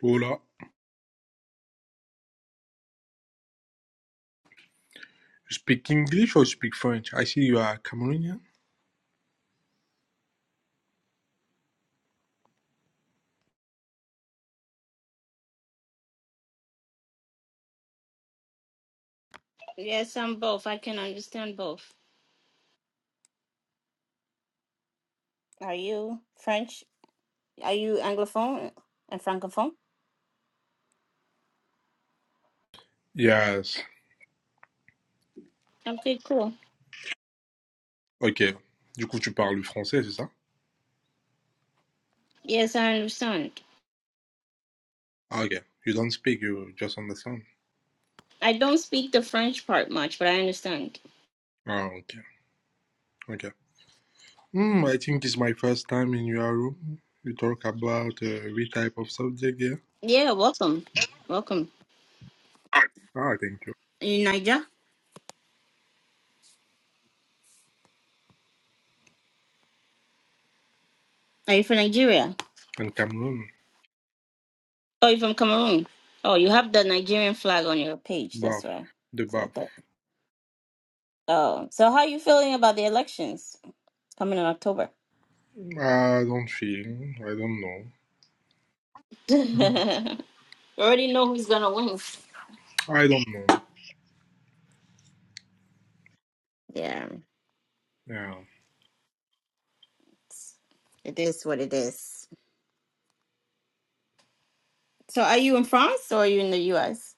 Hola. You speak English or you speak French? I see you are Cameroonian. Yes, I'm both. I can understand both. Are you French? Are you Anglophone and Francophone? Yes. Okay, cool. Ok. Du coup, tu parles le français, c'est ça? Yes, I understand. Ah, Ok. You don't speak, you just understand. I don't speak the French part much, but I understand. Ah, ok. Ok. Hmm, I think it's my first time in your room. You talk about uh, which type of subject here? Yeah, welcome. Welcome. Are Ah, thank you. you Niger? Are you from Nigeria? And Cameroon? Oh, you're from Cameroon. Oh, you have the Nigerian flag on your page. That's Bath. why. The That's what I bath. thought. Oh, so how are you feeling about the elections coming in October? I don't feel. I don't know. We already know who's gonna win. I don't know. Yeah, Yeah. it is what it is. So are you in France or are you in the US?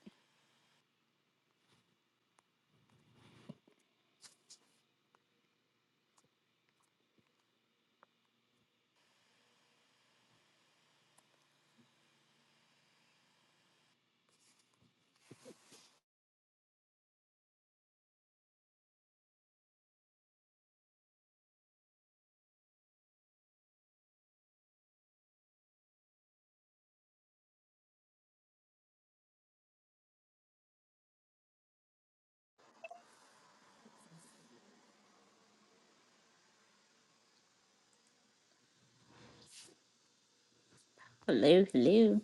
Hello, hello.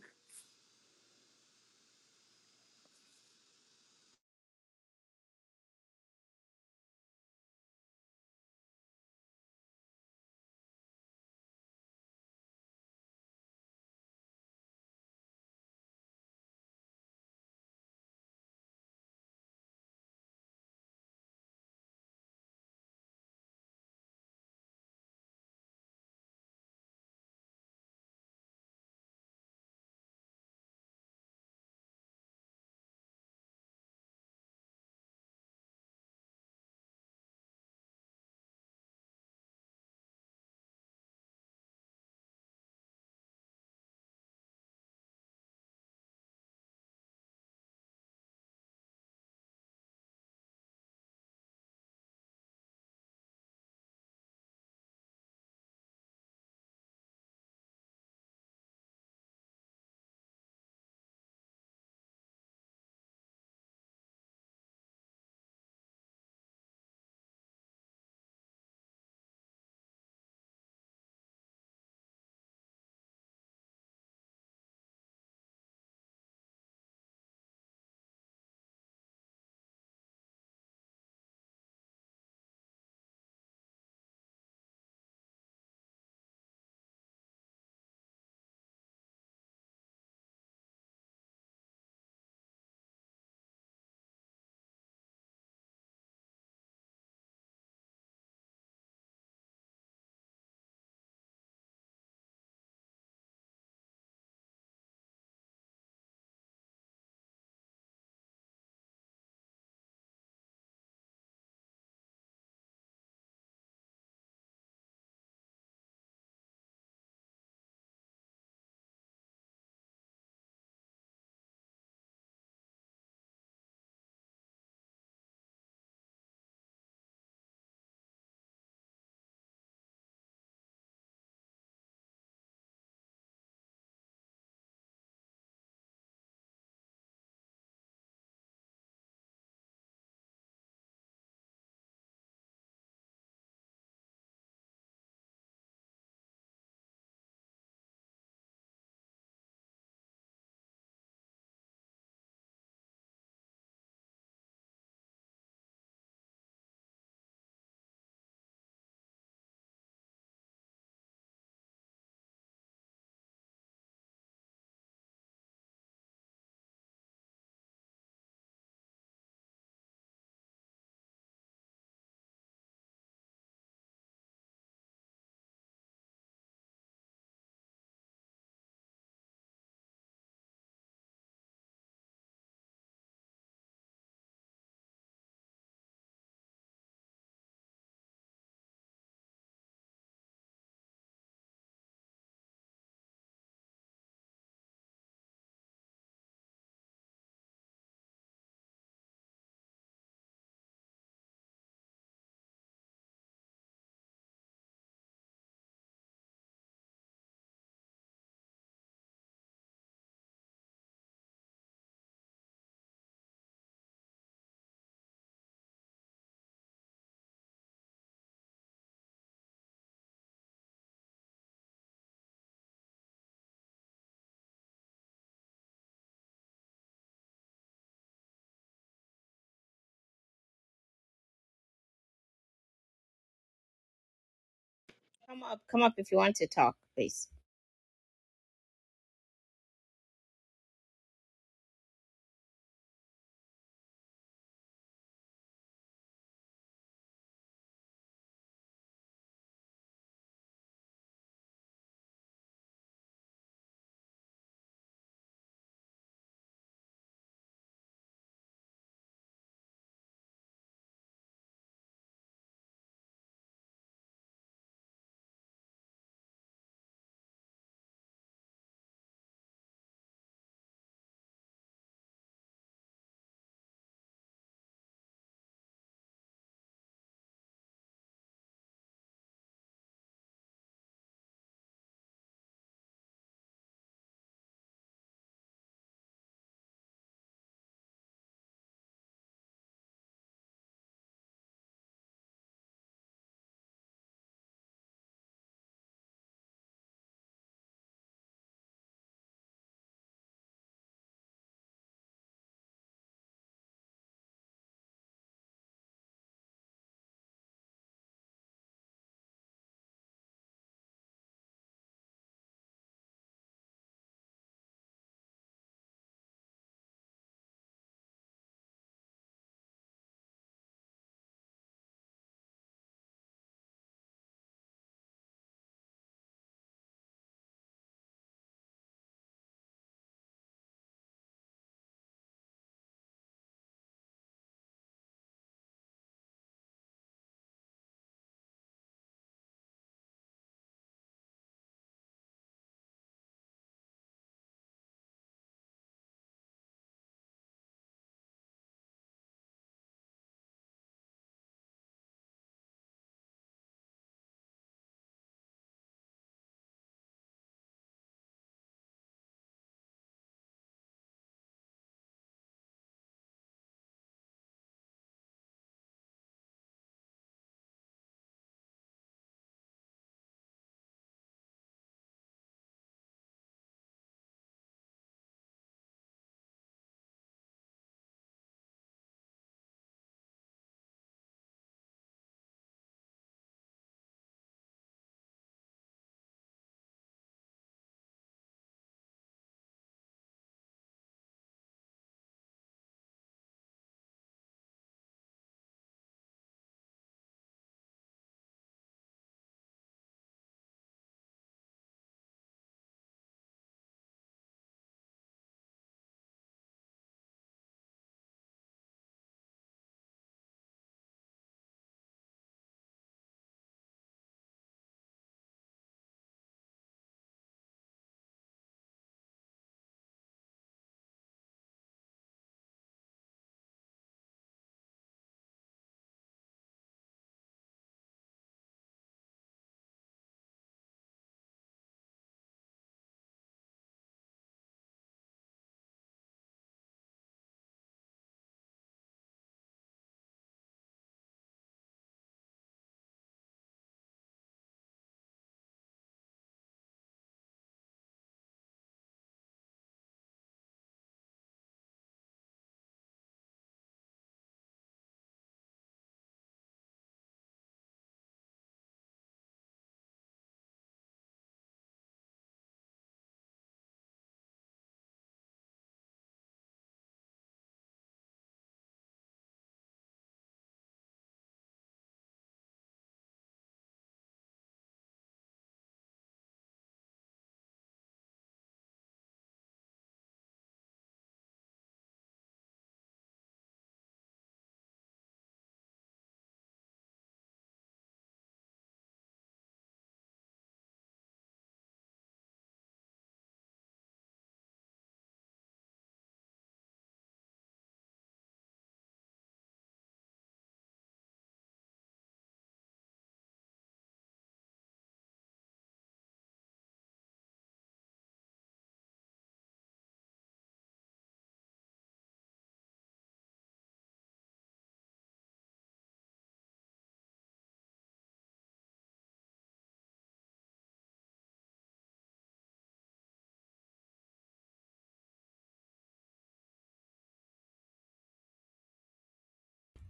Come up, come up if you want to talk, please.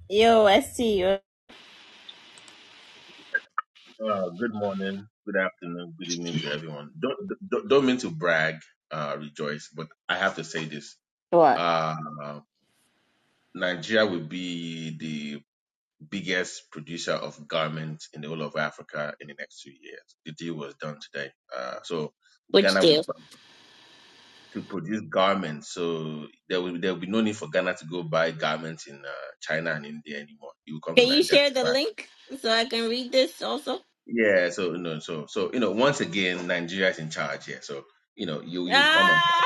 Yo, I see you. Uh, good morning, good afternoon, good evening to everyone. Don't don't, don't mean to brag, uh, rejoice, but I have to say this. What? Uh, Nigeria will be the biggest producer of garments in the whole of Africa in the next two years. The deal was done today. Uh, so Which Ghana will deal? bu- to produce garments, so there will there will be no need for Ghana to go buy garments in uh, China and India anymore. It will come to Can you share the Nigeria. link so I can read this also? Yeah, so no, so so you know, once again, Nigeria is in charge here. So you know, you you come and Ah!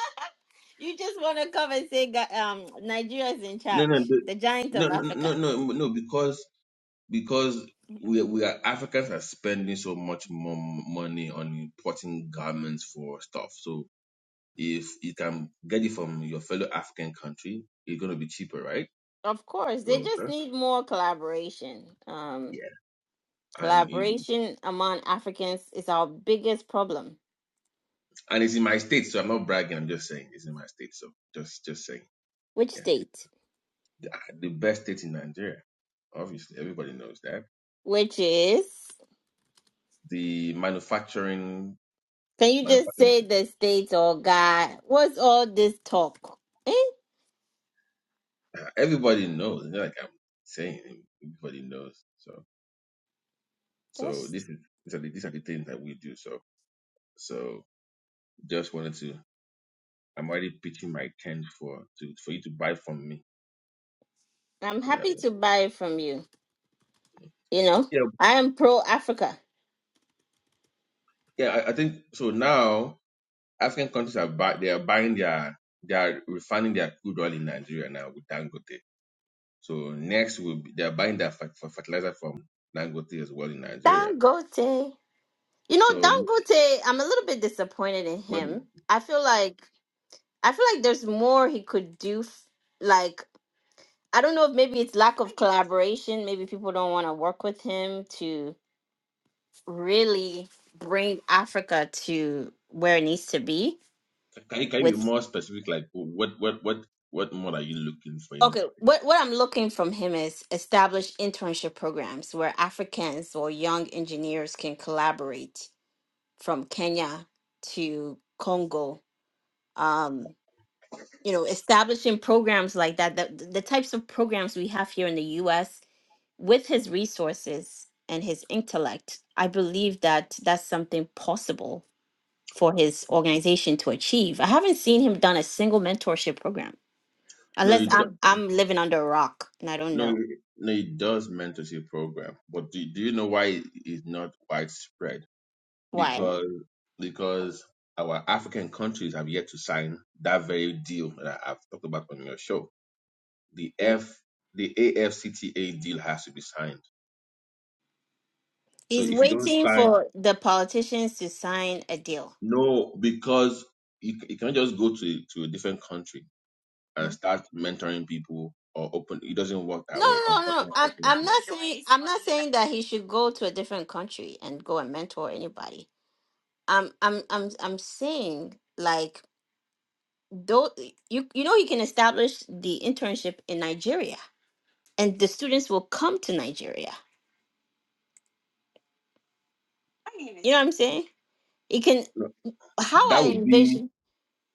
you just want to come and say Ga- um, Nigeria is in no, no, charge, the- the giant no, of no, Africa. no, no, no, because because we we are Africans are spending so much more money on importing garments for stuff. So if you can get it from your fellow African country, it's gonna be cheaper, right? Of course, they just Closer. need more collaboration. Um, Yeah. And you, collaboration among Africans is our biggest problem. and it's in my state, so I'm not bragging. I'm just saying it's in my state. So just just saying. Which yeah. state? the best state in Nigeria. Obviously, everybody knows that. Which is? The manufacturing, Can you just manufacturing, say the states or God? What's all this talk? Eh? everybody knows. It's not like I'm saying it. everybody knows. So, so That's, this is these are the these are the things that we do. So, so just wanted to. I'm already pitching my tent for to for you to buy from me. I'm So that happy to buy it from you. You know, yeah, I am pro Africa. yeah. I, I think so. Now African countries are buy, they are buying their they are refining their crude oil in Nigeria now with Dangote So next will be, they're buying that fer- fer- fertilizer from Dangote as well in Nigeria. Dangote. You know, So Dangote, I'm a little bit disappointed in when him. I feel like I feel like there's more he could do. f- Like I don't know if maybe it's lack of collaboration. Maybe people don't want to work with him to really bring Africa to where it needs to be can you, can you be With more specific? Like what what what what more are you looking for? In, Okay, what, what I'm looking from him is establish internship programs where Africans or young engineers can collaborate from Kenya to Congo. Um, you know, establishing programs like that, the, the types of programs we have here in the US with his resources and his intellect, I believe that that's something possible for his organization to achieve. I haven't seen him done a single mentorship program no, unless it do, I'm I'm living under a rock and I don't no it- know no it does mentorship program, but do, do you know why it is not widespread? why. Because because our African countries have yet to sign that very deal that I've talked about on your show. The F the AFCTA deal has to be signed. So He's if you don't waiting sign for the politicians to sign a deal. No, because you, c- you can't just go to to a different country Hmm. and start mentoring people or open. It doesn't work No, that way. no, no. no. Unfortunately, I'm I'm unfortunately. not saying I'm not saying that he should go to a different country and go and mentor anybody. I'm I'm I'm I'm saying like though you you know you can establish the internship in Nigeria and the students will come to Nigeria. You know what I'm saying? It can No, how that I would be envision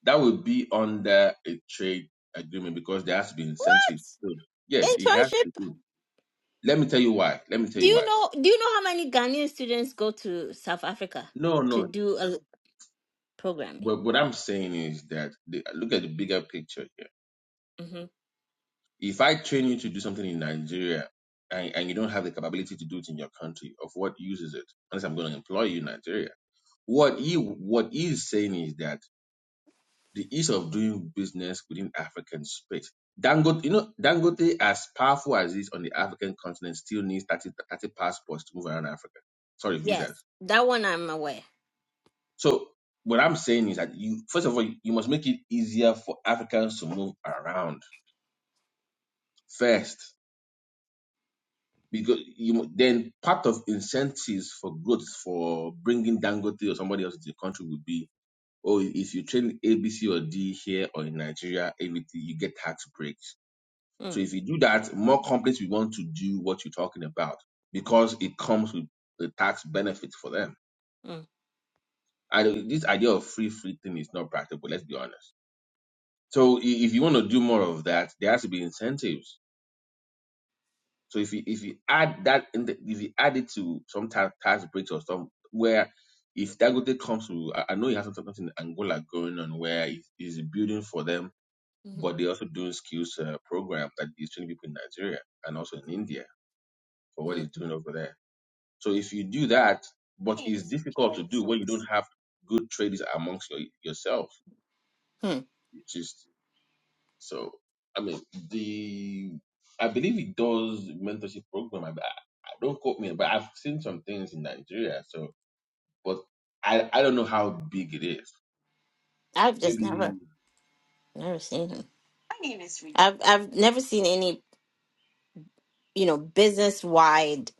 that would be under a trade agreement because there has to be incentives. So, what? yeah, it has Internship to be. Let me tell you why. Let me tell Do you you why. know do you know how many Ghanaian students go to South Africa No, to no. do a l- programming? What, what I'm saying is that the, look at the bigger picture here. hmm If I train you to do something in Nigeria and, and you don't have the capability to do it in your country, of what use is it? Unless I'm going to employ you in Nigeria What he what he is saying is that the ease of doing business within African space. Dangote, you know, Dangote, as powerful as it is on the African continent, still needs 30 30 passports to move around Africa. Sorry, Yes, visas. that one I'm aware. So what I'm saying is that you first of all you must make it easier for Africans to move around first. Because you mu- then part of incentives for growth for bringing Dangote or somebody else into the country would be oh, if you train A, B, C, or D here or in Nigeria, everything you get tax breaks. So Mm, if you do that, more companies will want to do what you're talking about because it comes with the tax benefits for them. mm, And this idea of free free thing is not practical. Let's be honest. So if you want to do more of that, there has to be incentives. So if you if you add that in the, if you add it to some tax tax breaks or some where if Dagote comes to, I I know you have something in Angola going on where it is building for them mhm, but they're also doing skills uh, program that is training people in Nigeria and also in India for what mhm. it's doing over there. So if you do that, but it's difficult to do when you don't have good traders amongst your, yourself, Hmm. which is so. I mean, the I believe it does mentorship program. I, I I- don't quote me, but I've seen some things in Nigeria. So, but I I don't know how big it is. I've just Maybe. never never seen him. My name is Rita. I've I've never seen any you know business wide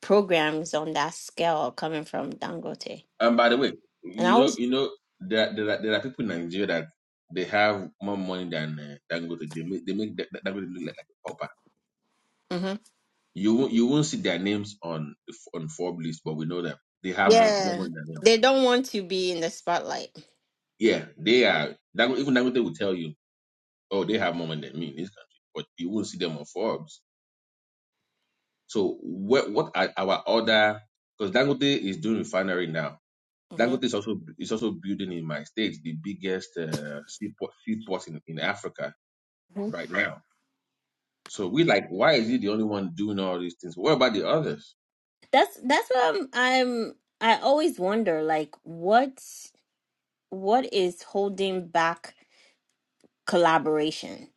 programs on that scale coming from Dangote, And by the way, and I you know, always you know, there there are, there are people in Nigeria that they have more money than uh, than go to they make they make that, that look like like a pauper. Mhm. You won't you won't see their names on the f- on Forbes list, but we know them. They have more, more yeah money than them. they don't want to be in the spotlight. Yeah, they are. Dango- Even Dangote will tell you, oh, they have more money than me in this country, but you won't see them on Forbes. So what what are our other? Because Dangote is doing refinery now. Mhm. Dangote is also is also building in my state the biggest uh, seaport seaport in, in Africa Mhm. right now. So we like, why is he the only one doing all these things? What about the others? That's that's what I'm, I'm I always wonder like what what is holding back collaboration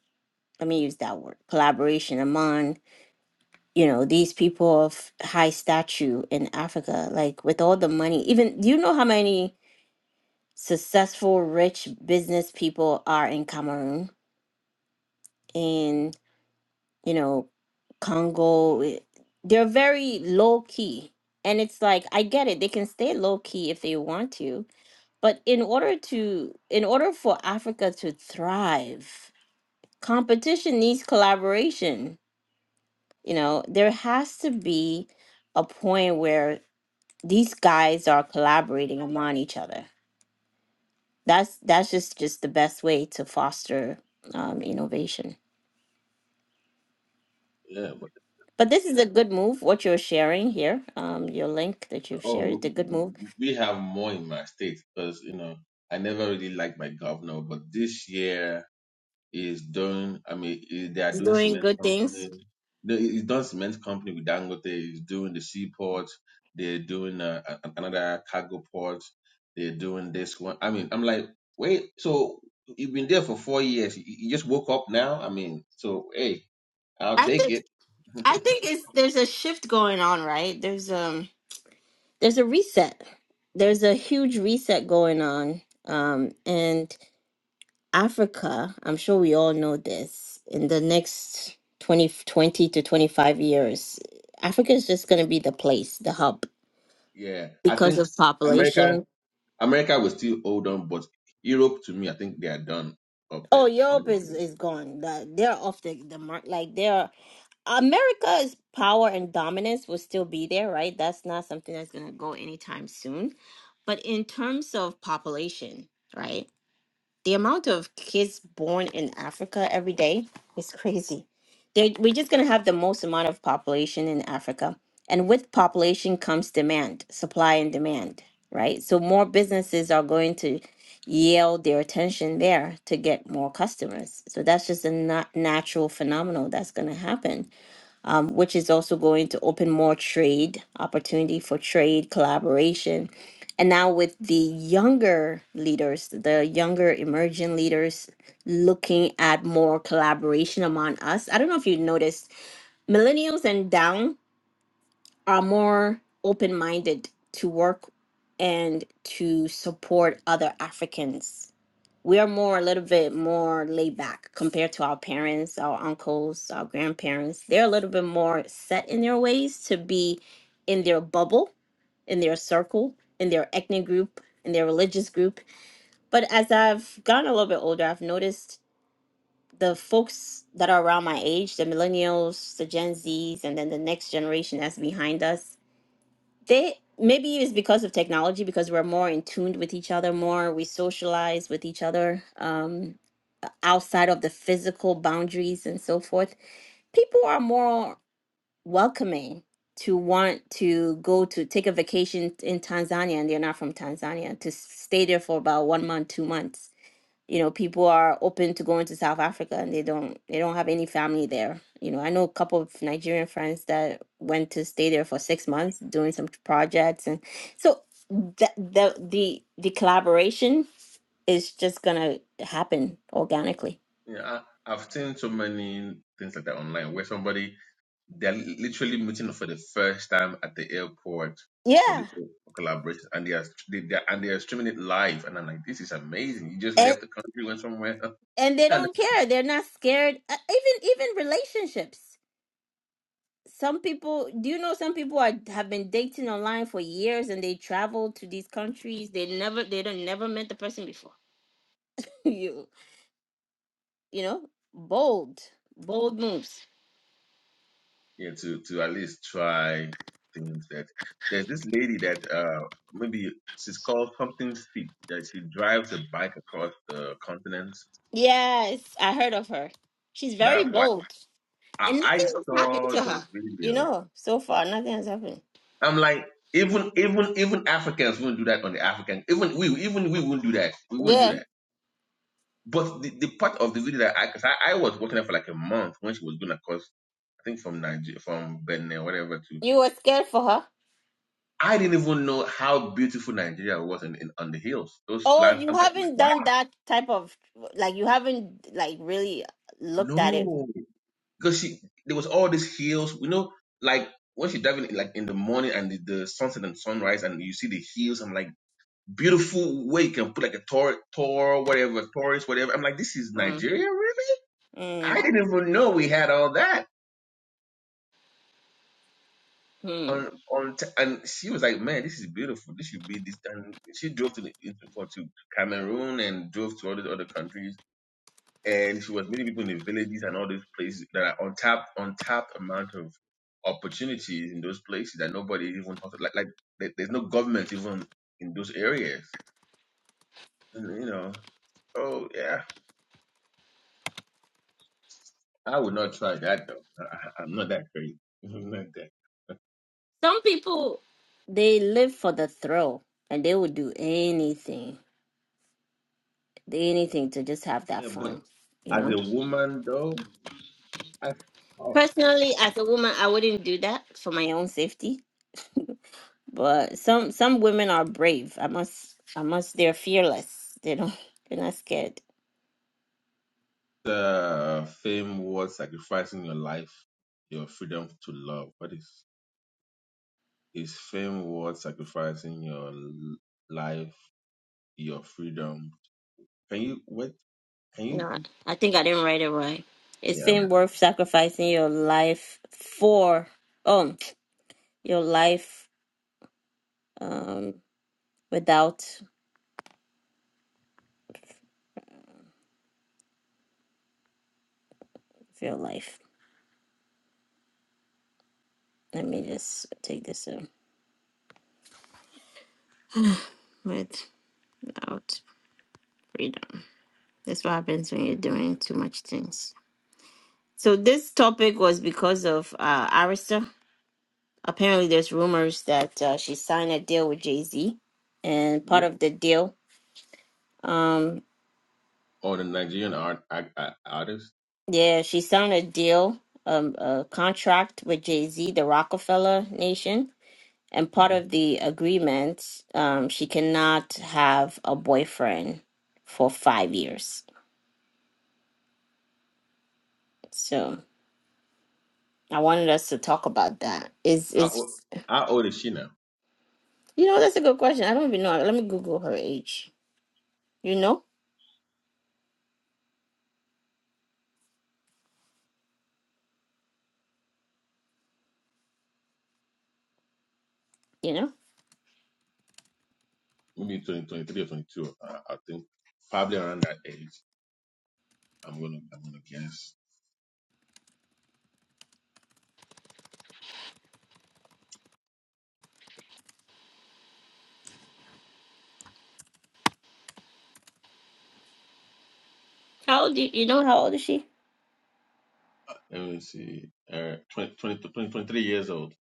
let me use that word collaboration among you know these people of high stature in africa like with all the money even do you know how many successful rich business people are in cameroon in you know congo eh, they're very low key and it's like i get it they can stay low key if they want to but in order to in order for africa to thrive competition needs collaboration. You know, there has to be a point where these guys are collaborating among each other. That's that's just just the best way to foster um, innovation. Yeah, but But this is a good move. What you're sharing here, um, your link that you've oh, shared, is a good move. we have more in my state because you know I never really liked my governor, but this year is doing, I mean, is, they are It's doing doing cement good things. company. They, he's done cement company with Dangote. He's doing the seaport. They're doing uh, a- another cargo port. They're doing this one. I mean, I'm like, wait, so you've been there for four years. You, you just woke up now? I mean, so hey, I'll I take think it. I think it's there's a shift going on, right? There's um there's a reset. There's a huge reset going on, um, and Africa, I'm sure we all know this, in the next 20 20 to 25 years, Africa is just going to be the place, the hub, Yeah, I because think of America, population. America will still hold on, but Europe, to me, I think they are done up Oh, there. Europe is, Honestly. is gone. The- They're off the, the mark. Like, they're. America's power and dominance will still be there, right? That's not something that's going to go anytime soon. But in terms of population, right? the amount of kids born in Africa every day is crazy. they we're just going to have the most amount of population in Africa. And with population comes demand, supply and demand, right? So more businesses are going to yield their attention there to get more customers. So that's just a na- natural phenomenon that's going to happen um, which is also going to open more trade opportunity for trade collaboration. And now with the younger leaders, the younger emerging leaders looking at more collaboration among us. I don't know if you noticed, millennials and down are more open-minded to work and to support other Africans we are more a little bit more laid back compared to our parents, our uncles, our grandparents. They're a little bit more set in their ways to be in their bubble, in their circle, in their ethnic group, in their religious group. But as I've gotten a little bit older, I've noticed the folks that are around my age, the millennials, the Gen Zs, and then the next generation that's behind us, they maybe it's because of technology because we're more in tuned with each other more we socialize with each other um, outside of the physical boundaries and so forth, people are more welcoming to want to go to take a vacation in Tanzania and they're not from Tanzania to stay there for about one month, two months. You know, people are open to going to South Africa and they don't they don't have any family there. You know, I know a couple of Nigerian friends that went to stay there for six months doing some projects and so the the the, the collaboration is just gonna happen organically. Yeah, I, I've seen so many things like that online where somebody they're li- literally meeting for the first time at the airport for the Yeah. collaboration, and they are they, they are, and they are streaming it live, and I'm like, this is amazing. You just and left the country, went somewhere, else. and they and don't care they're not scared Uh, even even relationships some people do you know some people are have been dating online for years and they travel to these countries they never they don't never met the person before you you know bold bold moves yeah, to to at least try things that there's this lady that uh maybe she's called something feet that she drives a bike across the continent. yes i heard of her she's very That why bold I, and I nothing has happened saw to the her you video know so far nothing has happened I'm like, even even even Africans wouldn't do that on the African. Even we even we wouldn't do that. We wouldn't do yeah that. But the, the part of the video that I, cause I, I was working there for like a month when she was going across, I think from Nigeria, from Benin or whatever to, you were scared for her I didn't even know how beautiful Nigeria was in, in on the hills. Those Oh, lands, you I'm like, haven't wow, done that type of like you haven't like really looked at it. no, because she there was all these hills. You know, like when she diving like in the morning and the, the sunset and sunrise, and you see the hills. I'm like beautiful way you can put like a tor, tor, whatever, Taurus, whatever. I'm like, this is Mm, Nigeria, really? I Mm. didn't even know we had all that mm. on on. T- and she was like, man, this is beautiful. This should be this. And she drove to the into- for- to Cameroon and drove to all these other countries. And she was meeting people in the villages and all these places that are untapped, untapped amount of opportunities in those places that nobody even talks like like there- there's no government even in those areas. And, you know, oh yeah. I would not try that though. I, I- I'm not that crazy. I'm not that. Some people, They live for the thrill and they would do anything, anything to just have that Yeah, but fun, you as know. a woman though, I thought personally, as a woman, I wouldn't do that. For my own safety, but some some women are brave. I must I must they're fearless. They don't they're not scared. uh, fame was sacrificing your life, your freedom to love. What is is fame worth sacrificing your l- life, your freedom? Can you what? Can you? No, I think I didn't write it right. It's Yeah. i been worth sacrificing your life for. Oh, your life um without your life. Let me just take this out. Without freedom. That's what happens when you're doing too much things. So this topic was because of uh Arista. Apparently, there's rumors that uh, she signed a deal with Jay Z, and part who- of the deal. um. Or the Nigerian art, art, art artist? Yeah, she signed a deal, um, a contract with Jay Z, the Rockefeller Nation, and part Mhm. of the agreement, um, she cannot have a boyfriend for five years. So I wanted us to talk about that. Is How, old- is how old is she now? you know that's a good question. I don't even know. Let me Google her age. You know, you know Maybe twenty twenty three or 22. I, I think probably around that age. I'm gonna I'm gonna guess. how old? You, you know how old is she? Let me see. Uh, 20, twenty, twenty, twenty-three years old.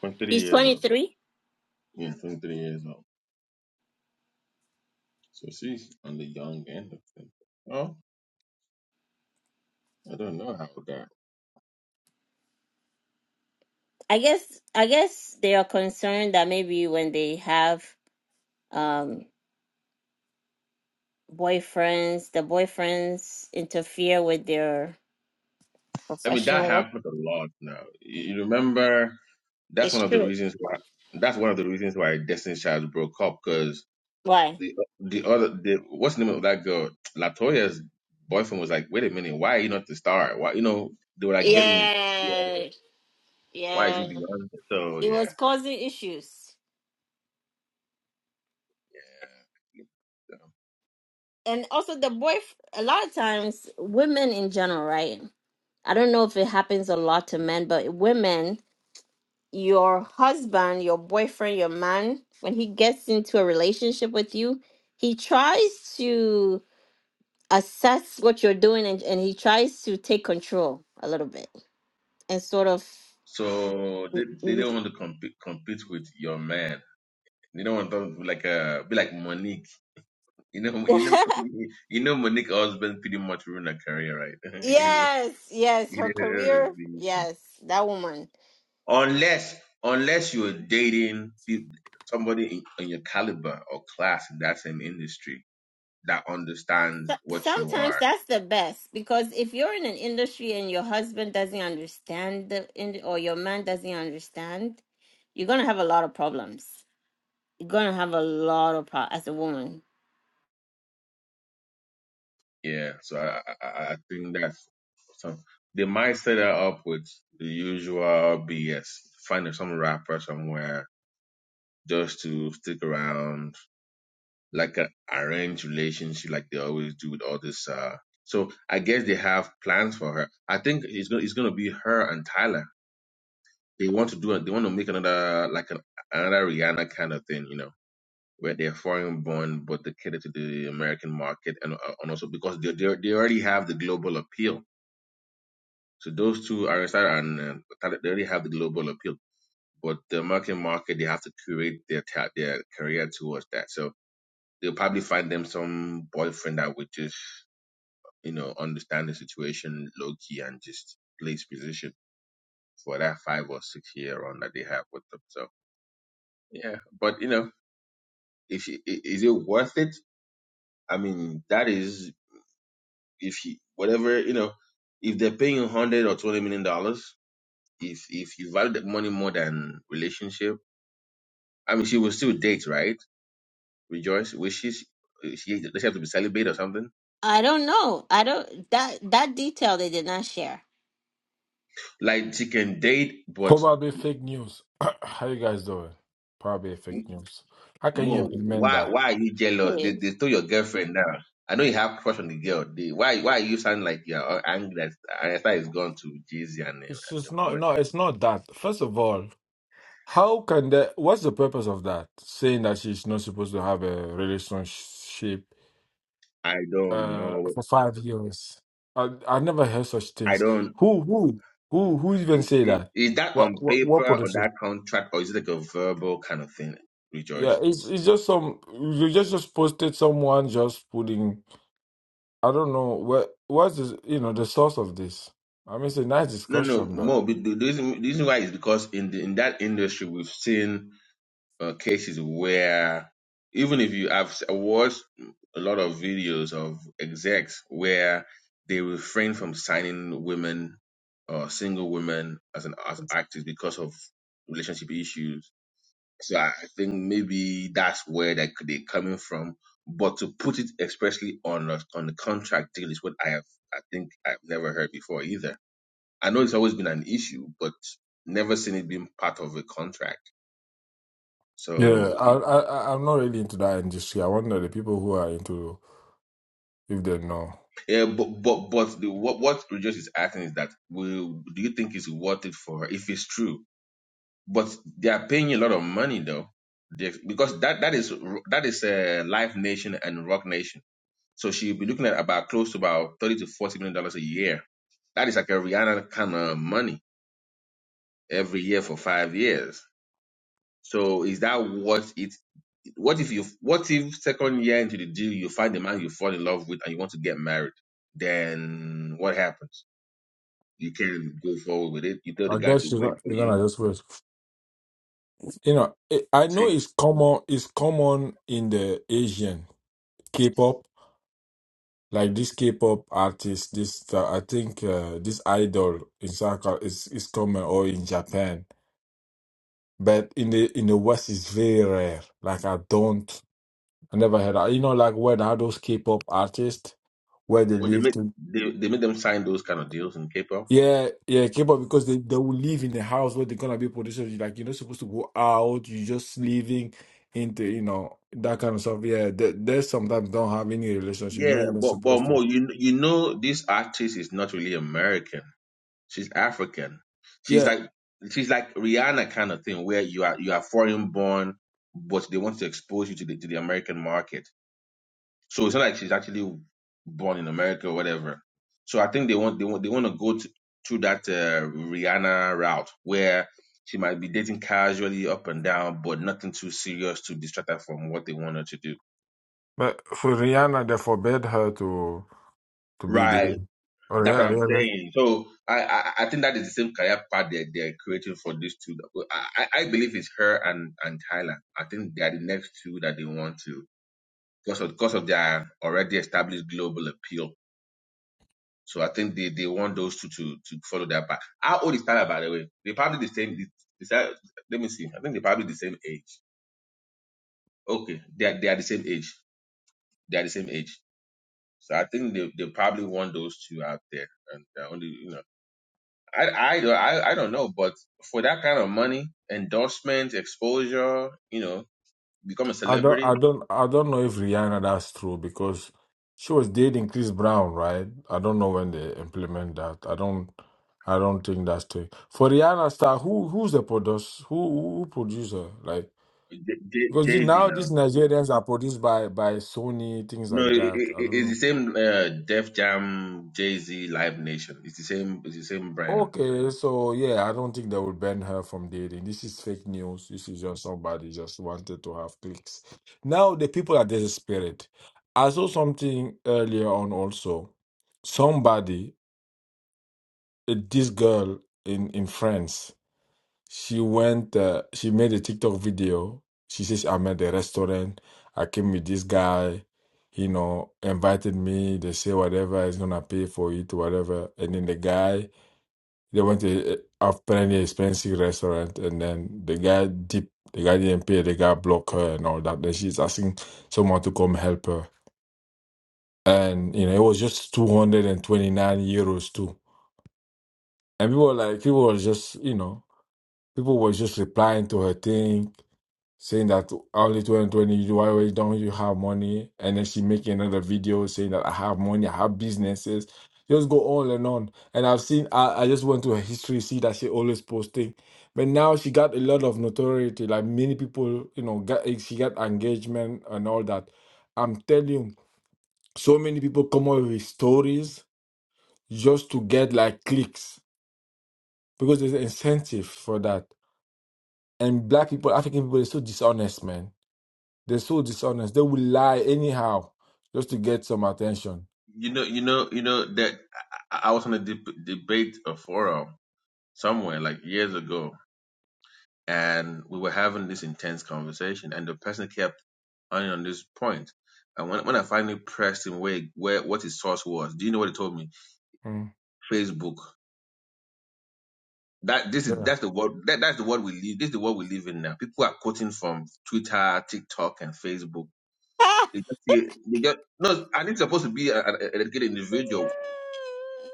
23 She's years twenty old. three. Yeah, 23 years old. So she's on the young end of things. Well, I don't know how that. I guess. I guess they are concerned that maybe when they have um boyfriends, the boyfriends interfere with their I mean, that professional work. happens a lot now. You you remember that's one It's of the true. reasons why that's one of the reasons why Destiny's Child broke up because Why? the the other the what's the name of that girl Latoya's boyfriend was like, wait a minute, why are you not the star? Why you know they were like getting yeah, Yeah, why is he yeah. beyond? it? So It yeah, was causing issues. And also the boy a lot of times women in general, right? I don't know if it happens a lot to men, but women, your husband, your boyfriend, your man, when he gets into a relationship with you, he tries to assess what you're doing and, and he tries to take control a little bit. and sort of So they, they don't want to compete compete with your man. You don't want to like uh be like Monique. You know you know you know Monique husband pretty much ruined her career, right? He was- yes yes he her didn't- career really- yes that woman unless unless you're dating pe- somebody in, in your caliber or class in that same industry that so, understands what you sometimes are that's the best because if you're in an industry and your husband doesn't understand the ind- or your man doesn't understand you're gonna have a lot of problems you're gonna have a lot of pro- as a woman Yeah, so I, I, I think that's some. They might set that up with the usual BS, finding some rapper somewhere just to stick around, like an arranged relationship, like they always do with all this. Uh, so I guess they have plans for her. I think it's gonna it's gonna be her and Tyler. They want to do it. They want to make another like an, another Rihanna kind of thing, you know, where they're foreign born but they cater to the American market and uh, and also because they they they already have the global appeal So those two, Aristotle and uh, Taleb, they already have the global appeal, but the American market, they have to curate their ta- their career towards that. So they'll probably find them some boyfriend that would just, you know, understand the situation low key and just play his position for that five or six year run that they have with them. So yeah, but you know, if you- i- is it worth it? I mean, that is if you whatever you know, if they're paying a hundred or twenty million dollars, if if you value that money more than relationship I mean, she will still date, right? Rejoice wishes. She does she have to be celibate or something? i don't know i don't that that detail they did not share Like she can date, but Probably fake news. How you guys doing? Probably fake news. How can you Mo, implement why that? why are you jealous? They Mhm. they told your girlfriend now. I know you have crush on the girl. They, why why are you sound like you're all angry that Anita is gone to Jeezy and uh, It's and the just boy? not no, it's not that. First of all, how can the what's the purpose of that? Saying that she's not supposed to have a relationship I don't uh know. for five years. I I never heard such I things. don't. Who who who who even say i- i- that? Is that on What what paper what on politician? that contract or is it like a verbal kind of thing? Yeah, Rejoice. it's it's just some you just just posted someone just putting I don't know what what's the, you know the source of this. I mean, it's a nice No, no, discussion, but Mo. The the reason, the reason why is because in the, in that industry we've seen uh, cases where even if you I've s- I watched a lot of videos of execs where they refrain from signing women or single women as an as actors because of relationship issues. So I I think maybe that's where they could be coming from. But to put it expressly on a, on the contract deal is what I have I think I've never heard before either. I know it's always been an issue, but never seen it being part of a contract. yeah, So I I I- I'm not really into that industry. I wonder the people who are into if they know. Yeah, but but but the what what Rejoice is asking is that will do you think it's worth it for her if it's true? But they are paying you a lot of money though, They- because that that is that is uh, Live Nation and Rock Nation. So she'll be looking at about close to about thirty to forty million dollars a year. That is like a Rihanna kind of money every year for five years. So is that what it? What if you? What if second year into the deal you find the man you fall in love with and you want to get married? Then what happens? You can go forward with it. You tell the I guy guess to you're wait not, for you're you. gonna just wait. You know, it, I know Say, it's common. It's common in the Asian K-pop, like this K-pop artist. This uh, I think uh, this idol in South is is common, or in Japan. But in the in the West, it's very rare. Like I don't, I never heard. Of, You know, like where they have those K-pop artists where they well, they live make to. they, they make them sign those kind of deals in K-pop. Yeah, yeah, K-pop because they they will live in the house where they're gonna be producers. You're Like you're not supposed to go out. You're just living into you know that kind of stuff. Yeah, they, they sometimes don't have any relationship. You're Yeah, not even but but supposed to. more, you you know, this artist is not really American. She's African. She's Yeah, like she's like Rihanna kind of thing, where you are you are foreign born, but they want to expose you to the to the American market. So it's not like she's actually born in America or whatever. So I think they want they want they want to go to, through that uh, Rihanna route where she might be dating casually up and down, but nothing too serious to distract her from what they want her to do. but for Rihanna, they forbade her to to be the. Right. Oh, That's what I'm yeah, saying. So I I, I think that is the same career path they're they're creating for these two. I I I believe it's her and and Tyler. I think they are the next two that they want to because of because of their already established global appeal. So I think they, they want those two to, to follow their path. How old is Tyler, by the way? They're probably the same. Is that, let me see. I think they're probably the same age. Okay, they are, they are the same age. They are the same age. So I think they, they probably want those two out there. And they're only, you know, I, I, I, I don't know, but for that kind of money, endorsement, exposure, you know, become a I don't, celebrity, I don't, I don't know if Rihanna that's true because she was dating Chris Brown, right? I don't know when they implement that. I don't, I don't think that's true. For Rihanna star, who who's the produce? Who who who produce her? Like because Jay the- Z now now. these Nigerians are produced by by Sony things No, like it, it, that. I don't it's know. the same uh, Def Jam, Jay Z, Live Nation. It's the same. It's the same brand. Okay, so yeah, I don't think they will ban her from dating. This is fake news. This is just somebody just wanted to have clicks. Now the people are desperate. I saw something earlier on also. Somebody, uh, this girl in in France, she went. Uh, she made a TikTok video. She says, "I'm at the restaurant. I came with this guy. You know, invited me. They say whatever is gonna pay for it, whatever." And then the guy. They went to have plenty expensive restaurant, and then the guy deep, the guy didn't pay. The guy blocked her and all that. Then she's asking someone to come help her, and you know it was just two hundred and twenty nine euros too. And people were like, people were just, you know, people were just replying to her thing. saying that early 2020, why why don't you have money? And then she making another video saying that I have money, I have businesses. Just go on and on. And I've seen, I, I just went to her history, see that she always posting. But now she got a lot of notoriety. Like many people, you know, got, she got engagement and all that. I'm telling you, so many people come up with stories just to get like clicks because there's an incentive for that. And black people, African people, are so dishonest, man They're so dishonest. They will lie anyhow just to get some attention. You know, you know, you know that I, I was on a deb- debate a forum somewhere like years ago, and we were having this intense conversation, and the person kept on on this point. And when when I finally pressed him where where what his source was, do you know what he told me? Mm, Facebook. That this is Yeah. that's the world that, that's the world we live. This is the world we live in now. People are quoting from Twitter, TikTok, and Facebook. They just see they just no. And it's supposed to be a- a- an educated individual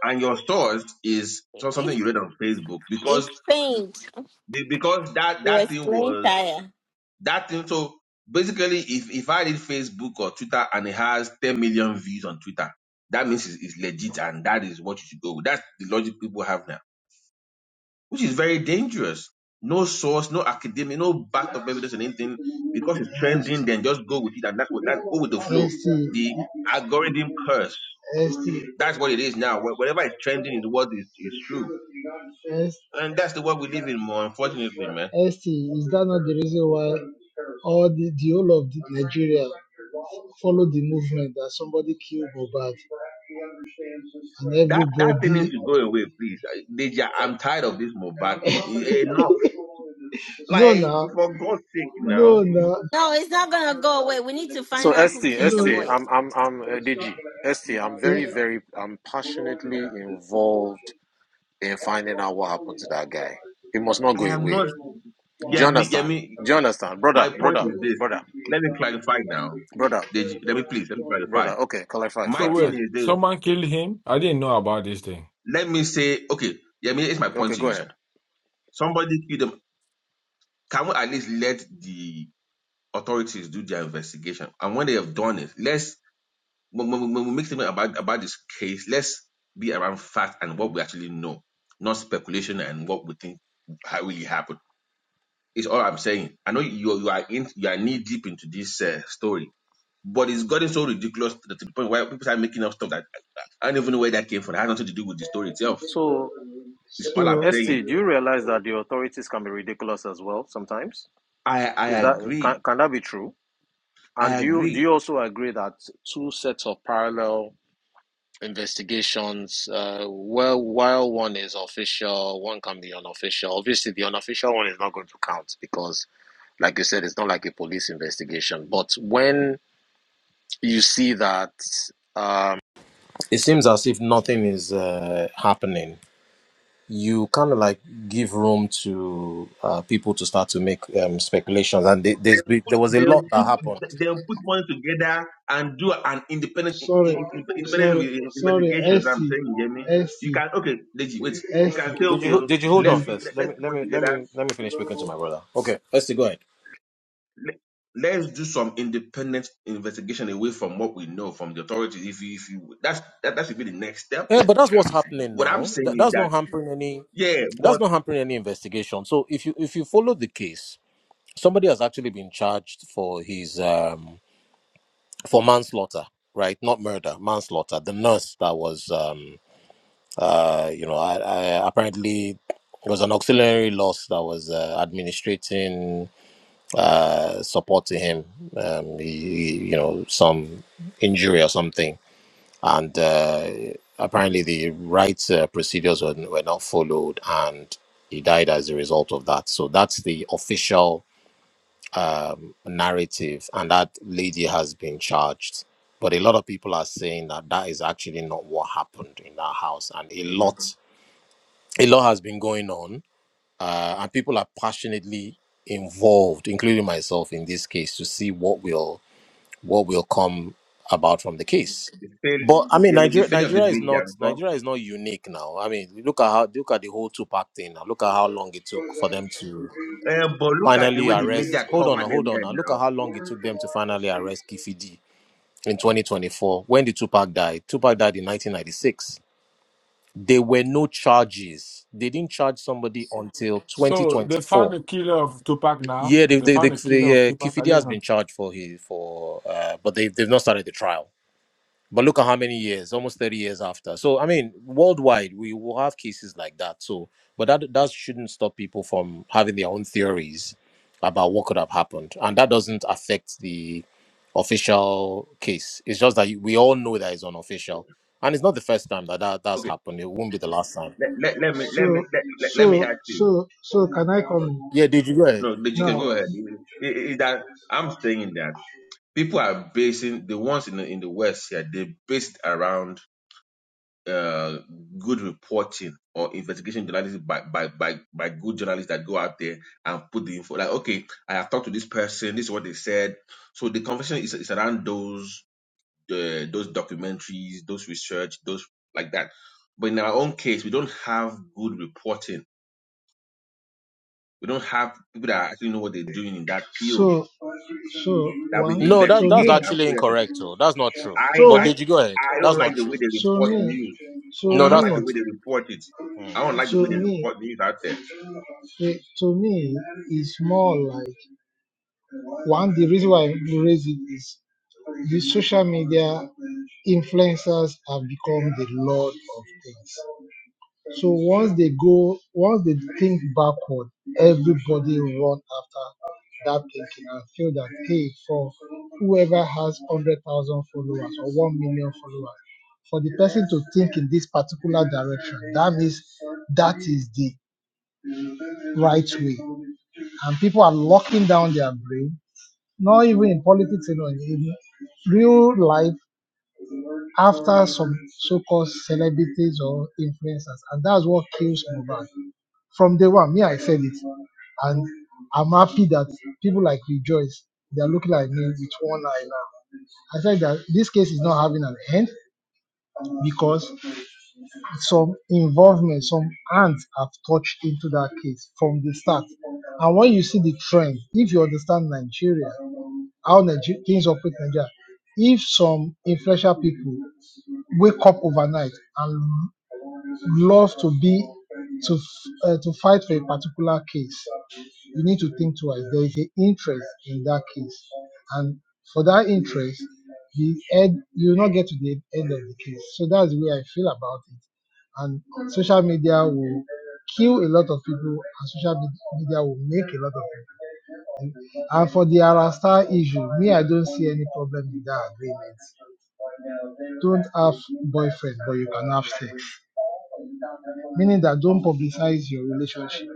and your thoughts is so something it's, you read on Facebook because it's faint it be- because that that was thing plain was tire that thing. So basically, if if I read Facebook or Twitter and it has 10 million views on Twitter, that means it's, it's legit and that is what you should go with. That's the logic people have now, which is very dangerous. No source, no academic, no back up evidence or anything because it's trending. Then just go with it and that's what that go with the flow. The algorithm curse. That's what it is now. Wh- Whatever is trending is what is, is true And that's the world we live in, more unfortunately, man. Esti, the, whole of That that thing needs to go away, please. I- Deja, I'm tired of this Mohbad thing. E- Enough. Like, for God's sake, now. No, it's not gonna go away. We need to So find out who ST, killed the no. ST, boy. I'm I'm I'm uh, DG. ST, I'm very very I'm passionately involved in finding out what happened to that guy. He must not I go am not. away. Do you Yemi, understand? Yemi, Do you understand, my brother, point brother, is this. brother, Let me clarify now. brother, Deji, let me please, let me clarify. brother? Okay, clarify, My So thing clarify. wait, is this. someone killed him? I didn't know about this thing. Let me say, okay, Yemi, it's my point Okay, to go you, ahead. sir. Somebody killed them. Can we at least let the authorities do their investigation? And when they have done it, let's when, when- when we make statement about, about this case, let's be around fact and what we actually know, not speculation and what we think ha- really happened. It's all I'm saying. I know you you are in you are knee deep into this uh, story, but it's gotten so ridiculous to the to the point where people start making up stuff that I don't even know where that came from. It had nothing to do with the story itself. So It's all I'm ST, saying. do you realize that the authorities can be ridiculous as well sometimes? I I Is that can, agree. can that be true? And I do you do agree you also agree that two sets of parallel investigations. Uh, well, while one is official, one can be unofficial. Obviously, the unofficial one is not going to count because, like you said, it's not like a police investigation. But when you see that, um, it seems as if nothing is uh, happening. You kind of like give room to uh, people to start to make um, speculations, and they, there's, there was a They'll lot that put happened. they'll put money together and do an independent in, sorry, in- in- independent re- investigation. I'm Esti, saying, you get me? You Esti. can okay, Deji, wait. You Esther. can say Did okay, you did you hold on let's put let, first? Let let's me put let money me let together. me let me finish speaking to my brother. Okay, let's go ahead. Let, Let's do some independent investigation away from what we know from the authorities. If you, if you that's that, that should be the next step Yeah, then but that's what's happening what I'm now. saying That, is that's that not hampering any. yeah, That's but not hampering any investigation. So if you if you follow the case, somebody has actually been charged for his um for manslaughter, right? Not murder, manslaughter. The nurse that was um uh you know I, I apparently it was an auxiliary loss that was uh, administrating uh support to him. Um, he, he, you know some injury or something and uh, apparently the right uh, procedures were, were not followed and he died as a result of that so that's the official narrative and that lady has been charged but a lot of people are saying that that is actually not what happened in that house and a Mhm. lot a lot has been going on uh, and people are passionately involved including myself in this case to see what will what will come about from the case. the fail, But I mean, yeah, I mean the Nigeria, failure of the Nigeria is media. not Because, Nigeria is not unique now. I mean, look at how look at the whole Tupac thing. Now. Look at how long it took for them to uh, but look at the finally way the arrest. media Hold cover on, now, hold them on. here Now look now. at how long it took them to finally arrest Kifidi in 2024 when the Tupac died. Tupac died in 1996. There were no charges. They didn't charge somebody until So they 2024. found the killer of Tupac now. Yeah, they, They they, they, found the killer of they, uh, Tupac. I Kifidi didn't has know. been charged for his for, uh, but they they've not started the trial But look at how many years, almost 30 years after. So, I mean, worldwide, we will have cases like that. So, but that, that shouldn't stop people from having their own theories about what could have happened. And that doesn't affect the official case. It's just that you- we all know that it's unofficial. And it's not the first time that, that that's Okay, happened. It won't be the last time. let, let, let me let so, me let, let, let me so, ask you. so, so, can I Okay, sorry. come Yeah, did you go ahead? No, but you can now? go ahead. Is that I'm saying that people are basing the ones in the in the West here. They based around uh good reporting or investigation journalism by by by by good journalists that go out there and put the info. Like, okay, I have talked to this person. This is what they said. So the conversation is is around those uh, those documentaries, those research, those like that. But in our own case, we don't have good reporting We don't have people that actually know what they're doing in that field So, so that we one. No, So that, that's investigate me. and actually put it. incorrect, though. That's not true. I But I So, did you go ahead? I That's don't like not the true. way they so report me. news. So No, I don't that's like the me. not way true. they report it. I Mm. don't like the way So they me. report news out there. eh, To me, is more like one. The reason why I raise it is the social media influencers have become the lord of things. So once they go, once they think backward, everybody run after that thinking and feel that hey, for whoever has hundred thousand followers or one million followers, for the person to think in this particular direction, that means that is the right way. And people are locking down their brain, not even in politics, you know, in real life, after some so-called celebrities or influencers, and that's what kills Mobile From day one, me, I said it. And I'm happy that people like Rejoice, they're looking at me with one eye now. I said that this case is not having an end because some involvement, some hands have touched into that case from the start. And when you see the trend, if you understand Nigeria, how Niger- things operate in Nigeria, if some influential people wake up overnight and love to be to f- uh, to fight for a particular case, you need to think twice. There is an interest in that case, and for that interest, the end you will not get to the end of the case. So that's the way I feel about it. And social media will kill a lot of people, and social media will make a lot of people. And for the Arasta issue, me, I don't see any problem with that agreement. Don't have boyfriend, but you can have sex, meaning that don't publicize your relationship.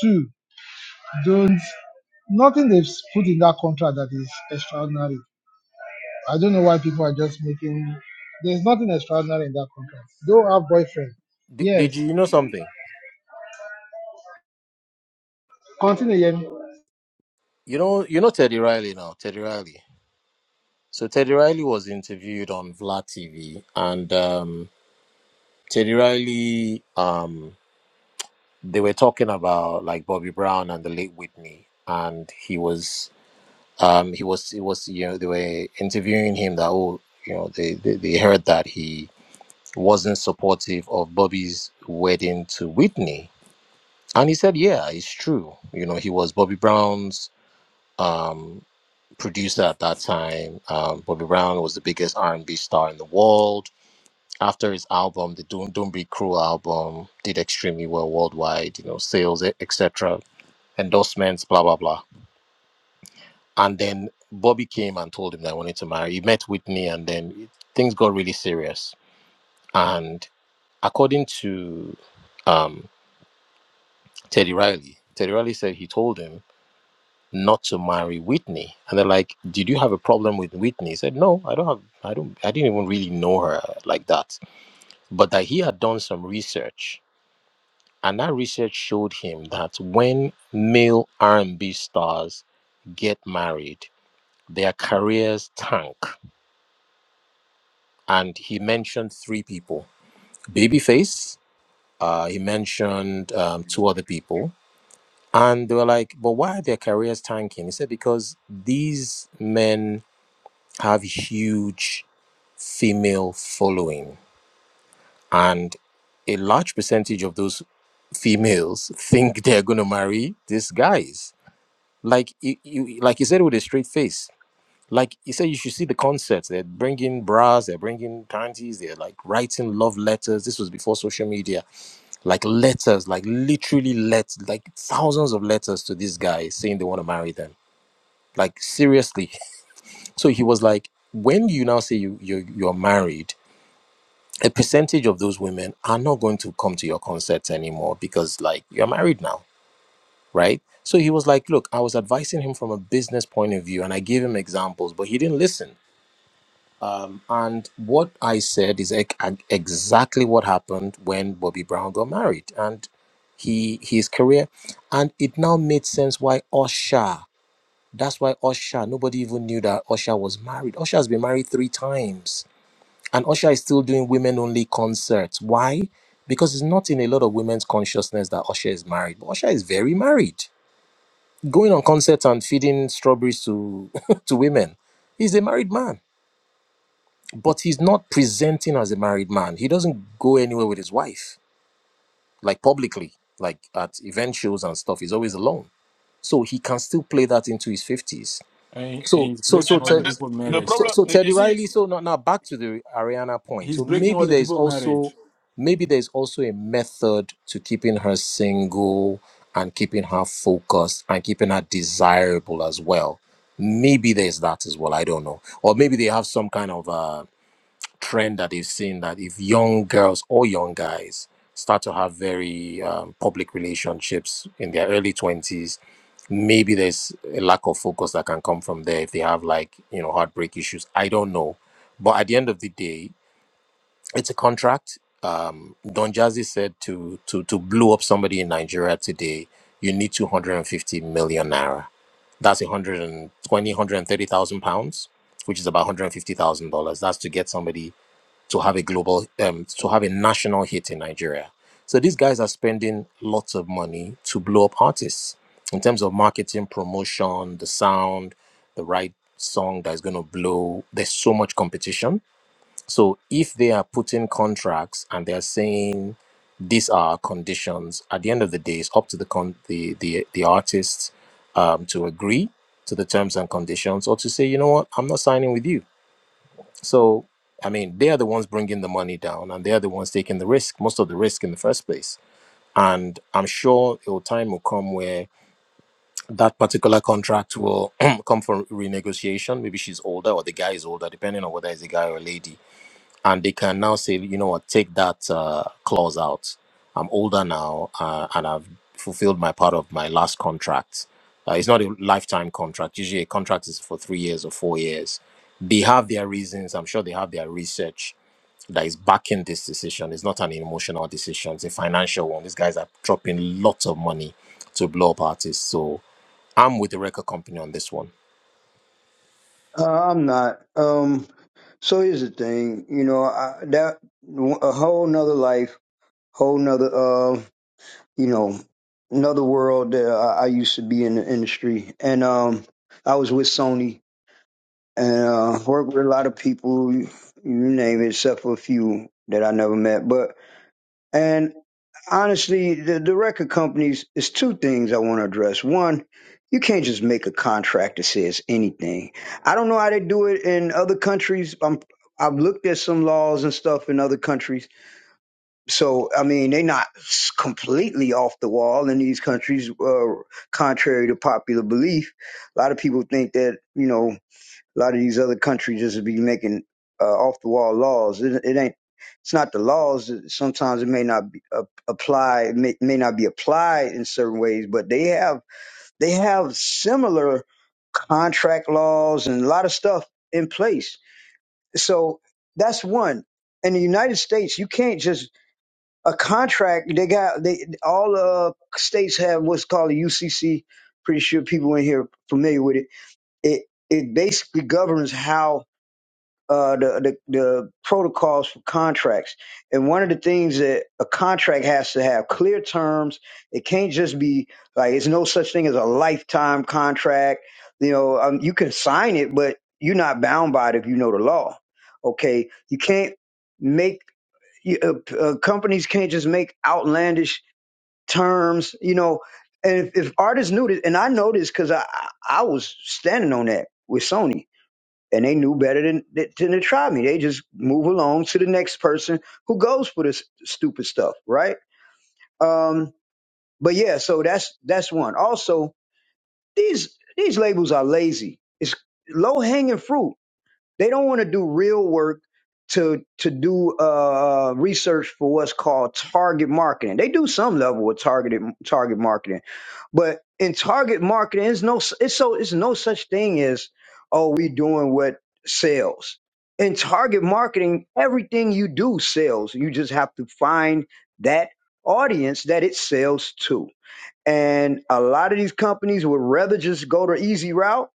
Two, don't. nothing they've put in that contract that is extraordinary. I don't know why people are just making. There's nothing extraordinary in that contract. Don't have boyfriend. Did, Yes. did you, you know something? Continue. Yemi. You know, you know Teddy Riley now, Teddy Riley. So Teddy Riley was interviewed on Vlad TV, and um, Teddy Riley, um, they were talking about like Bobby Brown and the late Whitney, and he was, um, he was, it was, you know, they were interviewing him that oh, you know, they they, they heard that he wasn't supportive of Bobby's wedding to Whitney, and he said, yeah, it's true. You know, he was Bobby Brown's. um producer at that time. Um, Bobby Brown was the biggest R&B star in the world. After his album, the Don't Don't Be Cruel album, did extremely well worldwide. You know, sales, etc., endorsements, blah blah blah. And then Bobby came and told him that he wanted to marry. He met Whitney, and then things got really serious. And according to um, Teddy Riley, Teddy Riley said he told him not to marry Whitney. And they're like, Did you have a problem with Whitney? He said, No, I don't have I don't I didn't even really know her like that. But that he had done some research. And that research showed him that when male R and B stars get married, their careers tank. And he mentioned three people. Babyface, uh, he mentioned um, two other people. And they were like, but why are their careers tanking? He said, because these men have huge female following. And a large percentage of those females think they're going to marry these guys. Like you, you, like you said with a straight face. Like you said, you should see the concerts. They're bringing bras, they're bringing panties, they're like writing love letters. This was before social media. Like letters, like literally let like thousands of letters to these guys saying they want to marry them. Like seriously. So he was like, when you now say you you you're married, a percentage of those women are not going to come to your concerts anymore because like you're married now right so he was like look i was advising him from a business point of view and i gave him examples but he didn't listen um, and what i said is ec- ag- exactly what happened when bobby brown got married and he his career and it now made sense why usher that's why usher nobody even knew that usher was married usher has been married three times and Usher is still doing women only concerts. Why? Because it's not in a lot of women's consciousness that Usher is married. But Usher is very married. Going on concerts and feeding strawberries to, to women. He's a married man. But he's not presenting as a married man. He doesn't go anywhere with his wife, like publicly, like at event shows and stuff. He's always alone. So he can still play that into his 50s. And, and So he's so Yeah, so breaking but other Ted, the, people's the marriage. so problem, so you Teddy see, Riley. So now now back to the Ariana point. He's So breaking maybe other there is people's also marriage. maybe there is also a method to keeping her single and keeping her focused and keeping her desirable as well. Maybe there's that as well. I don't know. Or maybe they have some kind of uh, trend that they've seen that if young girls or young guys start to have very um, public relationships in their early 20s maybe there's a lack of focus that can come from there if they have like you know heartbreak issues i don't know but at the end of the day it's a contract um, don jazzy said to to to blow up somebody in nigeria today you need 250 million naira that's 120 130000 pounds which is about $150000 that's to get somebody to have a global um, to have a national hit in Nigeria. So these guys are spending lots of money to blow up artists in terms of marketing, promotion, the sound, the right song that's going to blow. There's so much competition. So if they are putting contracts and they are saying these are our conditions, at the end of the day, it's up to the con- the the the artists um, to agree to the terms and conditions or to say, you know what, I'm not signing with you so, I mean, they are the ones bringing the money down and they are the ones taking the risk, most of the risk in the first place. And I'm sure a time will come where that particular contract will come for renegotiation. Maybe she's older or the guy is older, depending on whether it's a guy or a lady. And they can now say, you know what, take that uh, clause out. I'm older now uh, and I've fulfilled my part of my last contract. Uh, it's not a lifetime contract. Usually a contract is for three years or four years they have their reasons. I'm sure they have their research that is backing this decision. It's not an emotional decision, it's a financial one. These guys are dropping lots of money to blow up artists. So I'm with the record company on this one. Uh, I'm not. Um, so here's the thing, you know, I, that a whole nother life, whole nother, uh, you know, another world that I, I used to be in the industry, and um, I was with Sony and uh, worked with a lot of people, you name it, except for a few that I never met, but. and honestly, the, the record companies, it's two things I want to address. One, you can't just make a contract that says anything. I don't know how they do it in other countries. I'm, I've looked at some laws and stuff in other countries. So, I mean, they're not s- completely off the wall in these countries, uh, contrary to popular belief. A lot of people think that, you know, a lot of these other countries just be making uh, off the wall laws. It, it ain't. It's not the laws. Sometimes it may not be uh, apply. It may, may not be applied in certain ways, but they have they have similar contract laws and a lot of stuff in place. So that's one. In the United States, you can't just a contract. They got they all uh, states have what's called a UCC. Pretty sure people in here are familiar with it. It it basically governs how uh, the, the the protocols for contracts. And one of the things that a contract has to have clear terms. It can't just be like it's no such thing as a lifetime contract. You know, um, you can sign it, but you're not bound by it if you know the law. Okay, you can't make you, uh, uh, companies can't just make outlandish terms. You know, and if, if artists knew this, and I know this because I I I was standing on that with Sony and they knew better than, than to try me. They just move along to the next person who goes for this stupid stuff, right? Um, but yeah, so that's that's one. Also, these these labels are lazy. It's low hanging fruit. They don't want to do real work to to do uh, uh, research for what's called target marketing. They do some level of targeted target marketing, but in target marketing, it's no it's so it's no such thing as oh we doing what sells. In target marketing, everything you do sells. You just have to find that audience that it sells to. And a lot of these companies would rather just go the easy route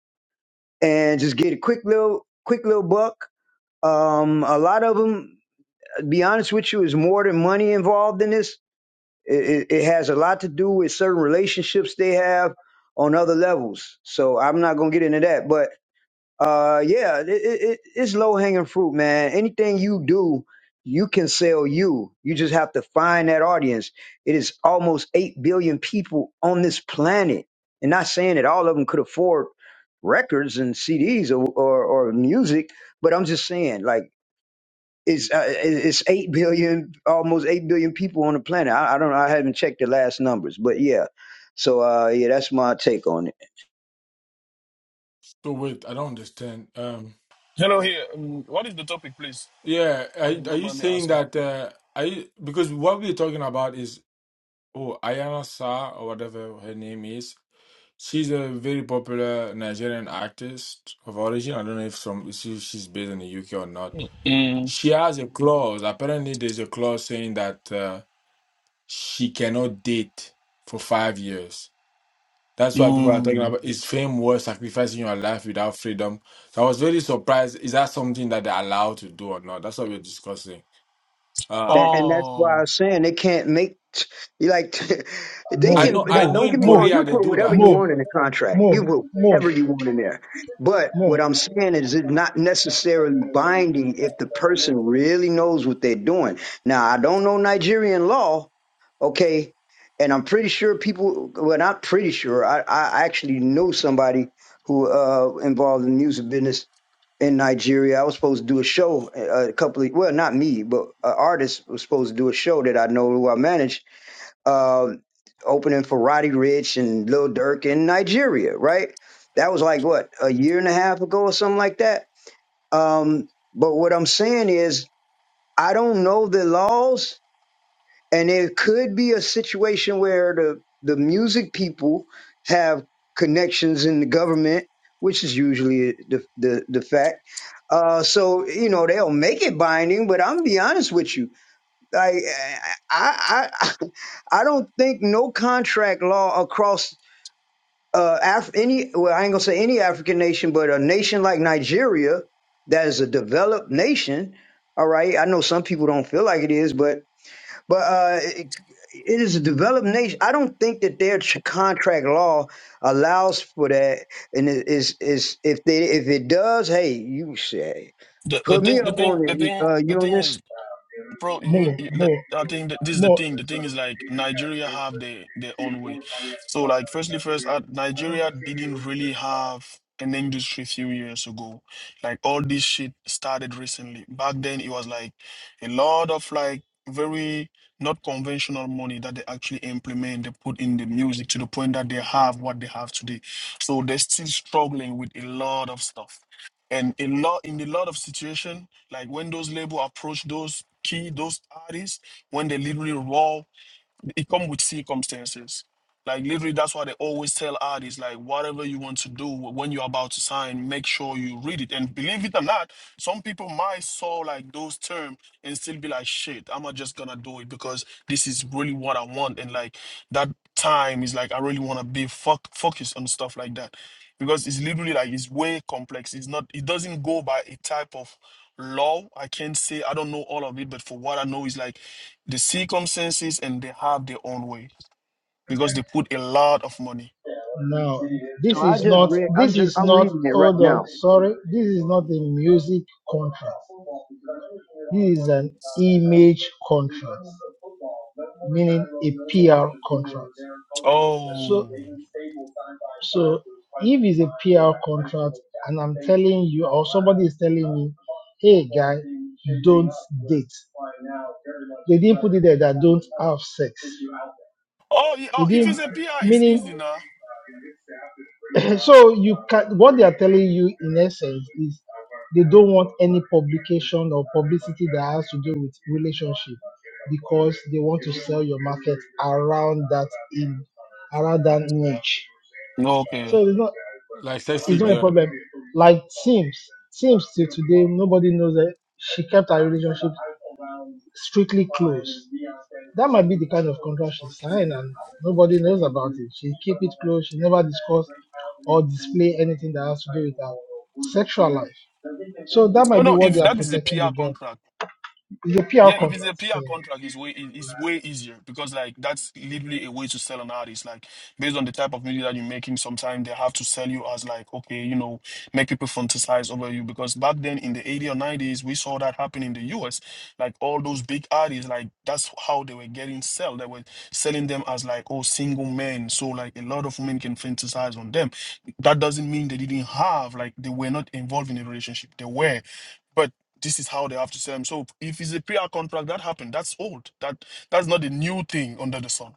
and just get a quick little quick little buck um, a lot of them, be honest with you, is more than money involved in this. It, it, it has a lot to do with certain relationships they have on other levels. So I'm not gonna get into that, but uh, yeah, it, it, it- it's low hanging fruit, man. Anything you do, you can sell you. You just have to find that audience. It is almost eight billion people on this planet, and not saying that all of them could afford records and CDs or or, or music, but I'm just saying like it's uh, it's eight billion, almost eight billion people on the planet. I, I don't know. I haven't checked the last numbers, but yeah. So uh, yeah, that's my take on it. So wait, I don't understand. Um, hello here. Um, what is the topic, please? yeah, If you are, are don't you mind me saying asking. that? Uh, are you, because what we're talking about is oh, Ayana Sa or whatever her name is. She's a very popular Nigerian artist of origin. I don't know if some she, she's based in the UK or not. Mm. She has a clause. Apparently, there's a clause saying that uh, she cannot date for five years. That's why people are talking Mm. about is fame worth sacrificing your life without freedom? So I was very surprised. Is that something that they're allowed to do or not? That's what we're discussing. Uh, And, and that's why Oh, I'm saying they can't make you like they I More, can. know. I Don't know more, don't get in me more, wrong. You Korea they put do whatever that. you more, want in the contract. more, You put more, whatever you want in there. But what more, I'm saying is, it's not necessarily binding if the person really knows what they're doing. Now, I don't know Nigerian law, okay, and I'm pretty sure people. Well, not pretty sure. I I actually know somebody who uh involved in the music business in Nigeria. I was supposed to do a show uh, a couple of well, not me, but an artist was supposed to do a show that I know who I managed um, opening for Roddy Rich and Lil Durk in Nigeria. Right, that was like what a year and a half ago or something like that. Um, but what I'm saying is, I don't know the laws and it could be a situation where the the music people have connections in the government, which is usually the the, the fact. Uh, so you know they'll make it binding, but I'm gonna be honest with you, like I I I I don't think no contract law across uh Af- any well I ain't gonna say any African nation, but a nation like Nigeria that is a developed nation. All right, I know some people don't feel like it is, but but uh, it, it is a developed nation. I don't think that their tr- contract law allows for that. And it is is if they if it does, hey, you say the, the put me thing, the up thing, on the it, thing, uh, the thing is. Eunice. bro you, more, you le- more, i think that this is the more. thing the thing is like nigeria have their their own way so like firstly first uh, nigeria didn't really have an industry few years ago like all this shit started recently back then it was like a lot of like very not conventional money that they actually implement they put in the music to the point that they have what they have today so they're still struggling with a lot of stuff and a lot in a lot of situation like when those label approach those key those artists when they literally raw it come with circumstances. Like literally, that's why they always tell artists like whatever you want to do when you're about to sign, make sure you read it. And believe it or not, some people might saw like those terms and still be like, shit, I'm not just gonna do it because this is really what I want. And like that time is like I really wanna be fuck focused on stuff like that. Because it's literally like it's way complex. It's not it doesn't go by a type of law. I can't say I don't know all of it, but for what I know is like the circumstances and they have their own way because they put a lot of money. Now, So this I is just not. read. I'm This just is I'm not. reading it right Hold on. now. Sorry. This is not a music contract. This is an image contract. meaning a PR contract. So, Oh, so if it's a PR contract and I'm telling you, or somebody is telling me, hey guy, don't date. They didn't put it there that don't have sex. oh, yeah, They oh if it's didn't a PR, it's meaning easy now. so you can what they are telling you in essence is they don't want any publication or publicity that has to do with relationship because they want to sell your market around that in around that niche. Okay. So it's not Like sexy it's not a girl. problem. Like Sims, Sims till today nobody knows that she kept her relationship strictly closed. That might be the kind of contract she signed and nobody knows about it. She keep it close. She never discuss or display anything that has to do with her sexual life. So that Oh might be no, what they if are that is a protecting the PR girl contract. from. It's a Yeah, PR if it's a contract. So PR contract, it's way it's way easier because like that's literally a way to sell an artist. Like based on the type of music that you're making, sometimes they have to sell you as like okay, you know, make people fantasize over you. Because back then in the '80s or 90s, we saw that happen in the US. Like all those big artists, like that's how they were getting sell. They were selling them as like oh single men. So like a lot of women can fantasize on them. That doesn't mean they didn't have like they were not involved in a relationship. They were. but this is how they have to sell them. So if it's a pre prayer contract, that happened. That's old. That that's not a new thing under the sun.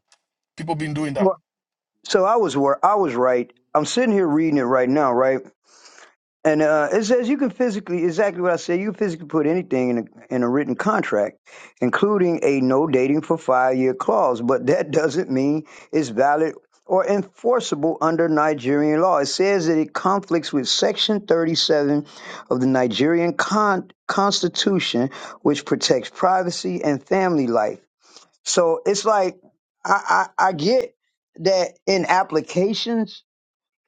People been doing that. Well, So I was wor- I was right. I'm sitting here reading it right now, right? And uh, it says you can physically, exactly what I said, you can physically put anything in a, in a written contract, including a no dating for five year clause, but that doesn't mean it's valid or enforceable under Nigerian law. It says that it conflicts with Section 37 of the Nigerian con- Constitution, which protects privacy and family life. So it's like, I, I, I get that in applications,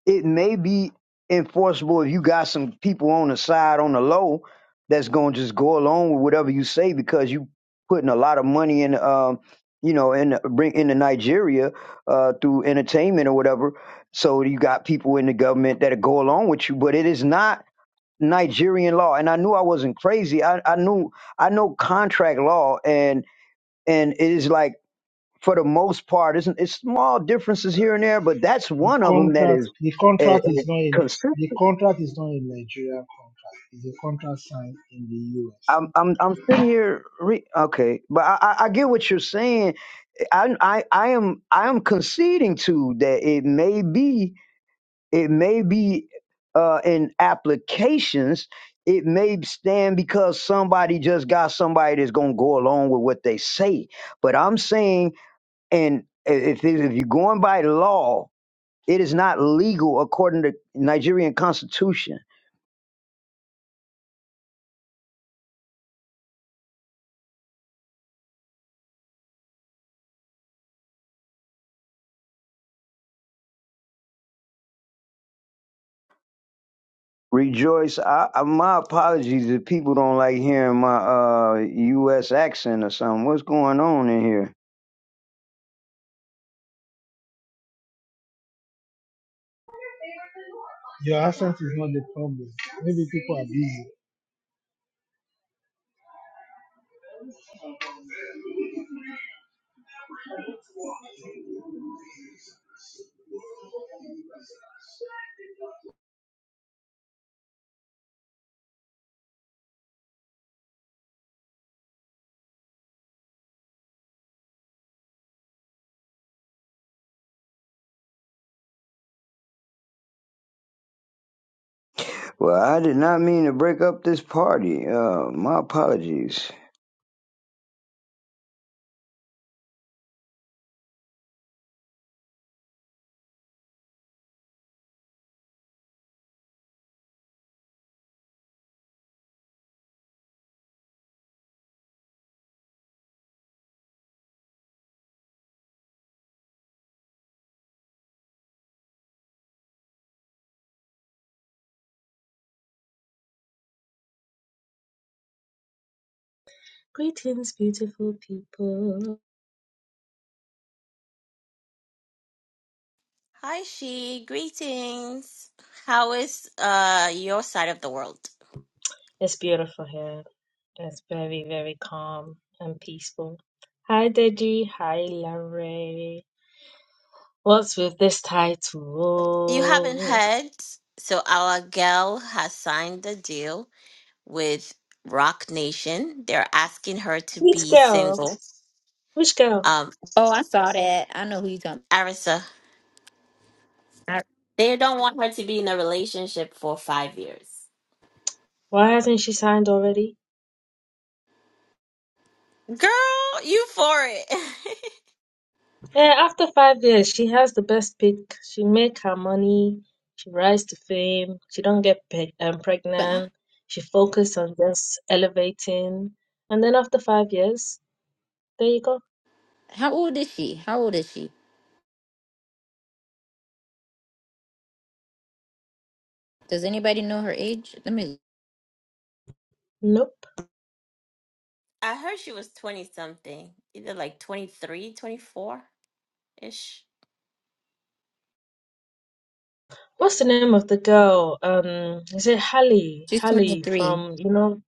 it may be enforceable if you got some people on the side on the low that's going to just go along with whatever you say because you putting a lot of money in um you know in bring into Nigeria uh through entertainment or whatever so you got people in the government that go along with you but it is not Nigerian law and I knew I wasn't crazy I I knew I know contract law and and it is like for the most part. It's, it's small differences here and there, but that's the one of them that contract, is the uh, contract is not in consistent. the contract is not a Nigerian contract. It's a contract signed in the US. I'm I'm I'm sitting here. Re- okay, but I, I I get what you're saying. I I I am I am conceding to that it may be it may be uh, in applications. It may stand because somebody just got somebody that's gonna go along with what they say. But I'm saying, and if if you're going by law, It is not legal according to Nigerian constitution. Rejoice, I, I, my apologies if people don't like hearing my uh U.S. accent or something. What's going on in here? Your accent is not the problem. Maybe people are busy. Well, I did not mean to break up this party. Uh, my apologies. Greetings, beautiful people. Hi, she. Greetings. How is uh your side of the world? It's beautiful here. It's very, very calm and peaceful. Hi, Deji. Hi, Larry. What's with this You haven't title? heard, so our gal has signed the deal with Rock Nation. They're asking her to Which be girl? single. Which girl? Um, Oh, I saw that. I know who you talking. Arisa, I- they don't want her to be in a relationship for five years. Why hasn't she signed already? Girl, you for it. Yeah, after five years, she has the best pick. She make her money. She rise to fame. She don't get pe- um, But pregnant. She focus on just elevating. And then after five years, there you go. how old is she? How old is she? Does anybody know her age? Let me. Nope. I heard she was 20 something, either like 23, 24 ish. What's the name of the girl? Um, is it Halle? She's twenty Halle three. from you know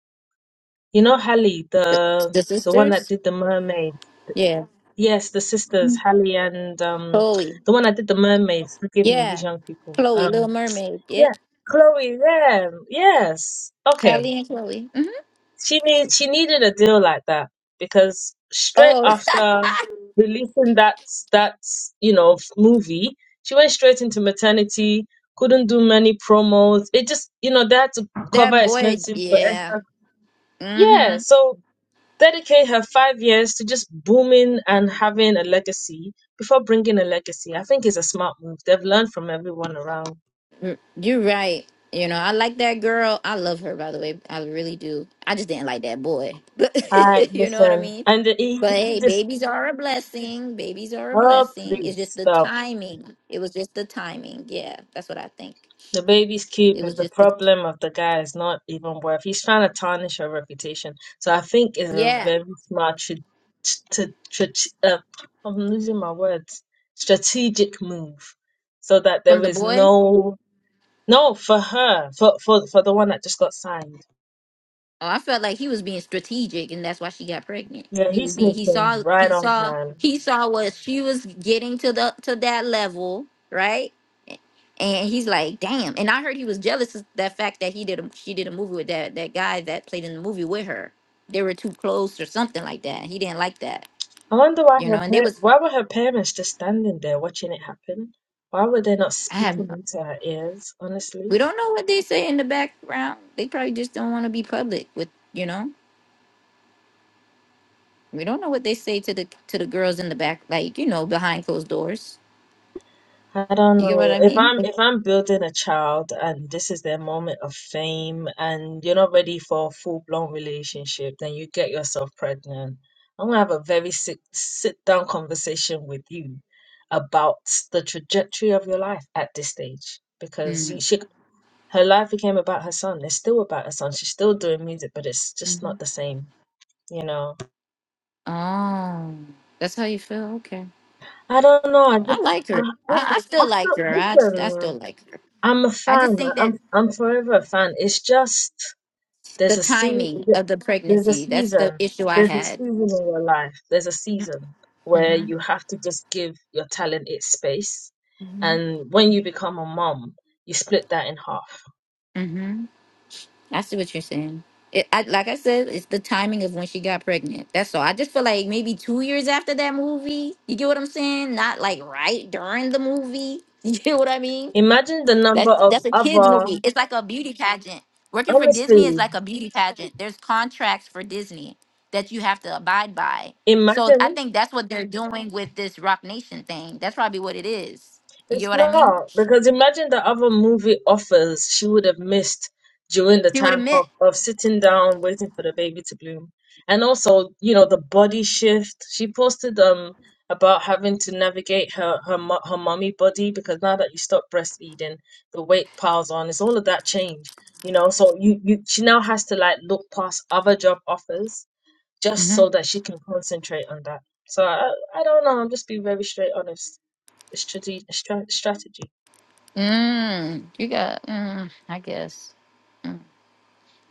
you know Halle The, the the the one that sisters? did the mermaid. Yeah, Yes, the sisters Halle and um Chloe. the one that did the mermaids. Forgive me, these Yeah, young people. Chloe, Little Um, Mermaid. yeah, Yep, Chloe. Yeah, yes. Okay. Hallie and Chloe. hmm She need she needed a deal like that because straight Oh, after releasing that that you know f- movie, she went straight into maternity. Couldn't do many promos. It just you know they had to cover that boy. expenses for Yeah. Esther. Yeah, Mm-hmm. so dedicate her five years to just booming and having a legacy before bringing a legacy. I think it's a smart move. They've learned from everyone around. You're right. You know, I like that girl. I love her, by the way. I really do. I just didn't like that boy. All right, But you know what I listen, mean? and the, he, But he hey, just babies are a blessing. Babies are a oh blessing. please It's just the stop. timing. It was just the timing. Yeah, that's what I think. The baby's cute, It was but the just the problem of the guy is not even worth. He's trying to tarnish her reputation. So I think it's a yeah very smart tra- to uh, I'm losing my words. Strategic move, so that from there the is boy. no no for her for for for the one that just got signed. Oh, I felt like he was being strategic, and that's why she got pregnant. Yeah, He he was being he sneaked in saw right he on saw time. he saw what she was getting to the to that level, right? And he's like, damn. And I heard he was jealous of that fact that he did a, she did a movie with that that guy that played in the movie with her. They were too close or something like that. He didn't like that, I wonder why you know. her And they par- was why were her parents just standing there watching it happen? Why were they not I have. speaking into her ears? Honestly. We don't know what they say in the background. They probably just don't want to be public with, you know. We don't know what they say to the to the girls in the back, like you know, behind closed doors. I don't You get what know. I If mean? I'm if I'm building a child and this is their moment of fame and you're not ready for a full-blown relationship, then you get yourself pregnant. I'm gonna have a very sit sit down conversation with you about the trajectory of your life at this stage because hmm you, she her life became about her son. It's still about her son. She's still doing music, but it's just hmm not the same, you know. Oh, that's how you feel. Okay, I don't know. I I just like I, her. I, I still I like still her. I I still listen. like her. I'm a I just fan. think that I'm I'm forever a fan. It's just the there's a se- timing of the there's a pregnancy—that's the season. issue I There's a had. season in your life. There's a season where hmm you have to just give your talent its space. And when you become a mom, you split that in half. hmm I see what you're saying. It, I, like I said, it's the timing of when she got pregnant. That's all. I just feel like maybe two years after that movie. You get what I'm saying? Not like right during the movie. You get what I mean? Imagine the number That's of that's a kids movie. other It's like a beauty pageant. Working for Disney is honestly, like a beauty pageant. There's contracts for Disney that you have to abide by. So imagine I think that's what they're doing with this Rock Nation thing. That's probably what it is. You It's get what I mean? not because imagine the other movie offers she would have missed during the See what it time meant? of, of sitting down waiting for the baby to bloom. And also, you know, the body shift. She posted um about having to navigate her her mo- her mommy body because now that you stop breastfeeding, the weight piles on. It's all of that change, you know. So you you she now has to like look past other job offers just so that she can concentrate on that. So I I don't know. I'm just being very straight honest strate- stra- strategy. Mm, you got, mm, I guess. Mm.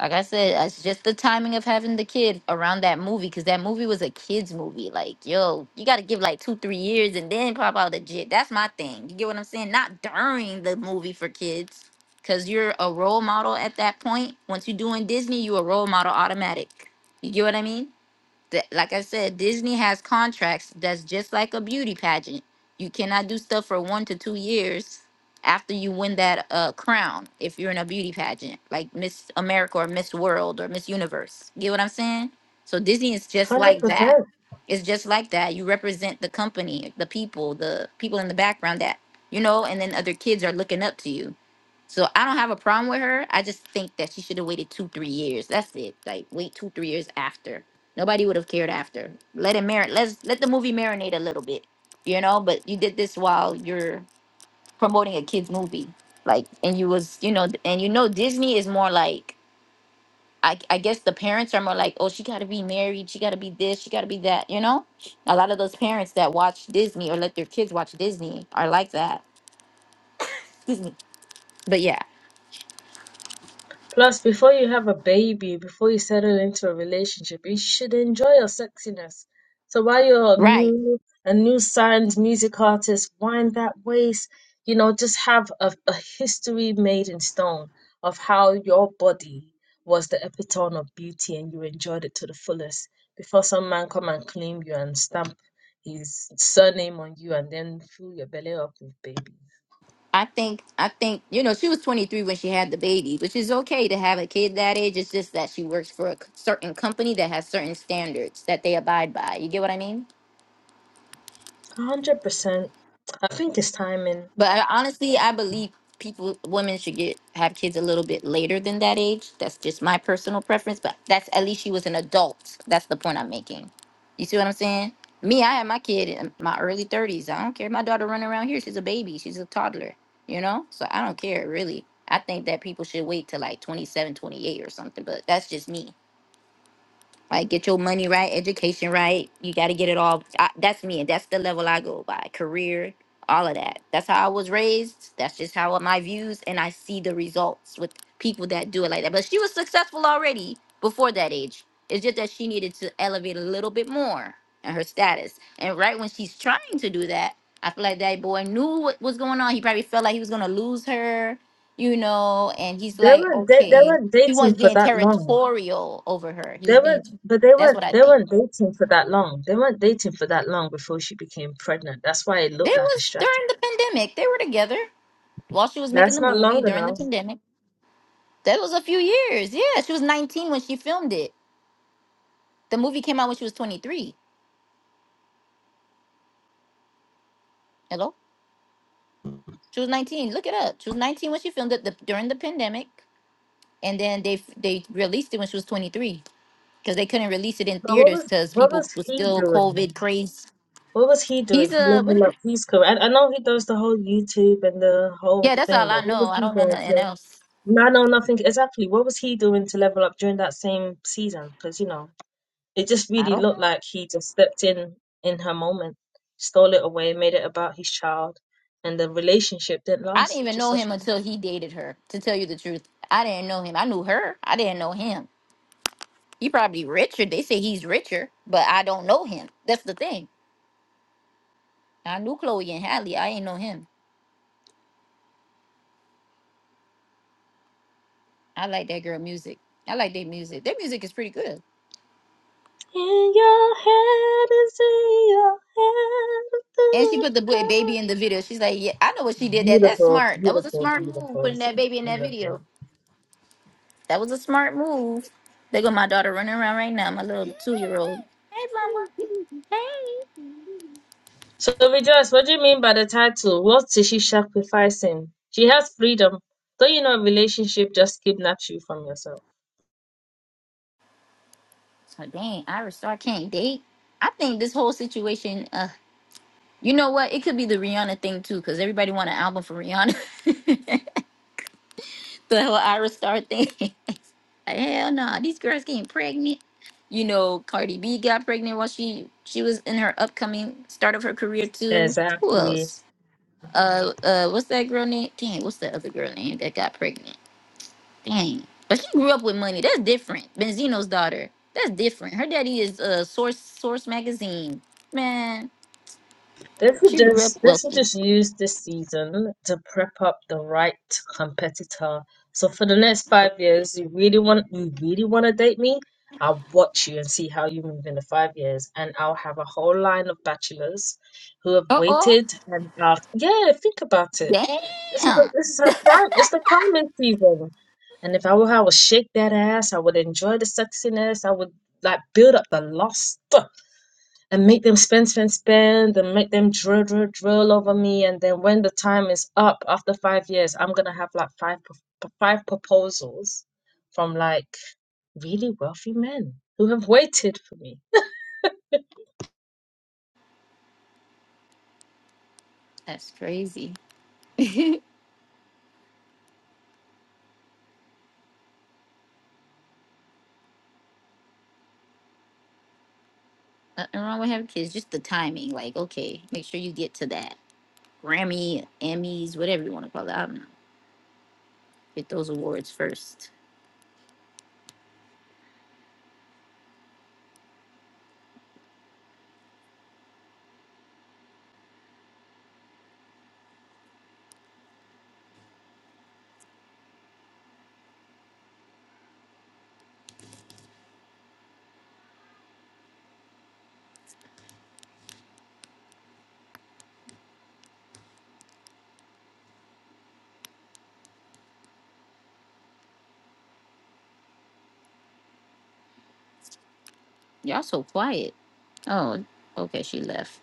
Like I said, it's just the timing of having the kid around that movie because that movie was a kid's movie. Like, yo, you got to give like two, three years and then pop out a jit. That's my thing. You get what I'm saying? Not during the movie for kids because you're a role model at that point. Once you're doing Disney, you a role model automatic. You get what I mean? that like I said, Disney has contracts that's just like a beauty pageant. You cannot do stuff for one to two years after you win that uh crown if you're in a beauty pageant, like Miss America or Miss World or Miss Universe. Get what I'm saying? So Disney is just like that. 100%. It's just like that. You represent the company, the people, the people in the background that you know, and then other kids are looking up to you. So I don't have a problem with her. I just think that she should have waited two, three years. That's it. Like wait two, three years after. Nobody would have cared after. Let it marinate. Let's let the movie marinate a little bit. You know, but you did this while you're promoting a kids movie, like, and you was, you know, and you know Disney is more like, I, I guess the parents are more like, oh, she got to be married, she got to be this, she got to be that. You know, a lot of those parents that watch Disney or let their kids watch Disney are like that. Excuse me. But yeah, Plus, before you have a baby, before you settle into a relationship, you should enjoy your sexiness. So while you're right. new, a new signed music artist, wind that waist, you know, just have a, a history made in stone of how your body was the epitome of beauty and you enjoyed it to the fullest before some man come and claim you and stamp his surname on you and then fill your belly up with babies. I think I think you know she was 23 when she had the baby, which is okay to have a kid that age. It's just that she works for a c- certain company that has certain standards that they abide by. You get what I mean? 100%. I think it's timing. But I, honestly, I believe people, women should get have kids a little bit later than that age. That's just my personal preference. But that's at least she was an adult. That's the point I'm making. You see what I'm saying? Me, I had my kid in my early 30s. I don't care. My daughter running around here. She's a baby. She's a toddler. You know? So I don't care really. I think that people should wait till like 27, 28, or something. But that's just me. Like get your money right, education right. You got to get it all. I, that's me, and that's the level I go by. Career, all of that. That's how I was raised. That's just how my views, and I see the results with people that do it like that. But she was successful already before that age. It's just that she needed to elevate a little bit more in her status. And right when she's trying to do that, I feel like that boy knew what was going on. He probably felt like he was gonna lose her, you know. And he's They like, weren't da- they okay, weren't he was dating for being that long. territorial over her. He They was being weren't, but they that's weren't what I they think. weren't dating for that long. They weren't dating for that long before she became pregnant. That's why it looked There like a was strategy. during the pandemic. They were together while she was making That's the not movie long during the enough. pandemic. That was a few years. Yeah, she was 19 when she filmed it. The movie came out when she was 23. Hello, she was 19. Look it up. She was 19 when she filmed it the, during the pandemic, and then they they released it when she was 23 because they couldn't release it in But what theaters was because what people was was he still doing? COVID crazy. What was he doing? He's to a what- level up his career. I, I know he does the whole YouTube and the whole yeah. That's all thing, I but what know. was I he don't know doing nothing to? else. No, no, nothing. Exactly. What was he doing to level up during that same season? Because, you know, it just I don't really know. looked like he just stepped in in her moment, stole it away, made it about his child, and the relationship didn't I didn't last. It's even just know such him a. until he dated her. To tell you the truth, I didn't know him. I knew her. I didn't know him. He probably richer. They say he's richer, but I don't know him. That's the thing. I knew Chloe and Halle. I ain't know him. I like that girl music. I like their music. Their music is pretty good. In your head is in your head. And she put the boy baby in the video. She's like, yeah, I know what she did. That that's Beautiful, smart. That was a beautiful, smart move beautiful. putting that She's baby in that beautiful. video. That was a smart move. They got my daughter running around right now. My little two year old. Hey, mama. Hey. So, Rejoice, what do you mean by the title? What is she sacrificing? She has freedom. Don't you know a relationship just kidnaps you from yourself? So dang, Ira Star can't date. I think this whole situation, uh, you know what? It could be the Rihanna thing too, because everybody want an album for Rihanna. the whole Ira Star thing. like, hell no, these girls getting pregnant. You know, Cardi B got pregnant while she she was in her upcoming start of her career too. Who Exactly. else? Uh, uh, what's that girl name? Dang, what's that other girl name that got pregnant? Dang. But she grew up with money. That's different. Benzino's daughter. That's different. Her daddy is uh Source Source magazine. Man, This is she grew up just this is wealthy. just used this season to prep up the right competitor. So for the next five years, you really want you really want to date me? I'll watch you and see how you move in the five years, and I'll have a whole line of bachelors who have Uh oh. waited and asked. Yeah, think about it. This is the, Damn. this is her prime. It's the prime season. And if I were her, I would shake that ass. I would enjoy the sexiness. I would like build up the lust and make them spend, spend, spend, and make them drill, drill, drill over me. And then when the time is up after five years, I'm gonna have like five pro- five proposals from like really wealthy men who have waited for me. That's crazy. Nothing wrong with having kids, just the timing. Like, okay, make sure you get to that. Grammy, Emmys, whatever you want to call it. I don't know. Get those awards first. Y'all so quiet. Oh, okay, she left.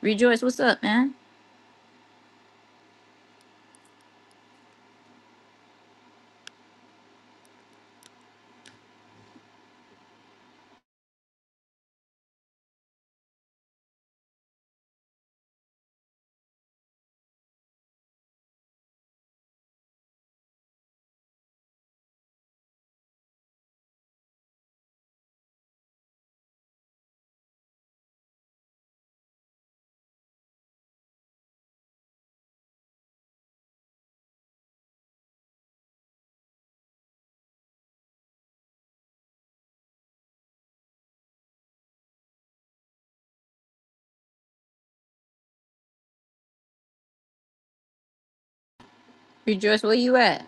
Rejoice, what's up, man? Rejoice, where you at?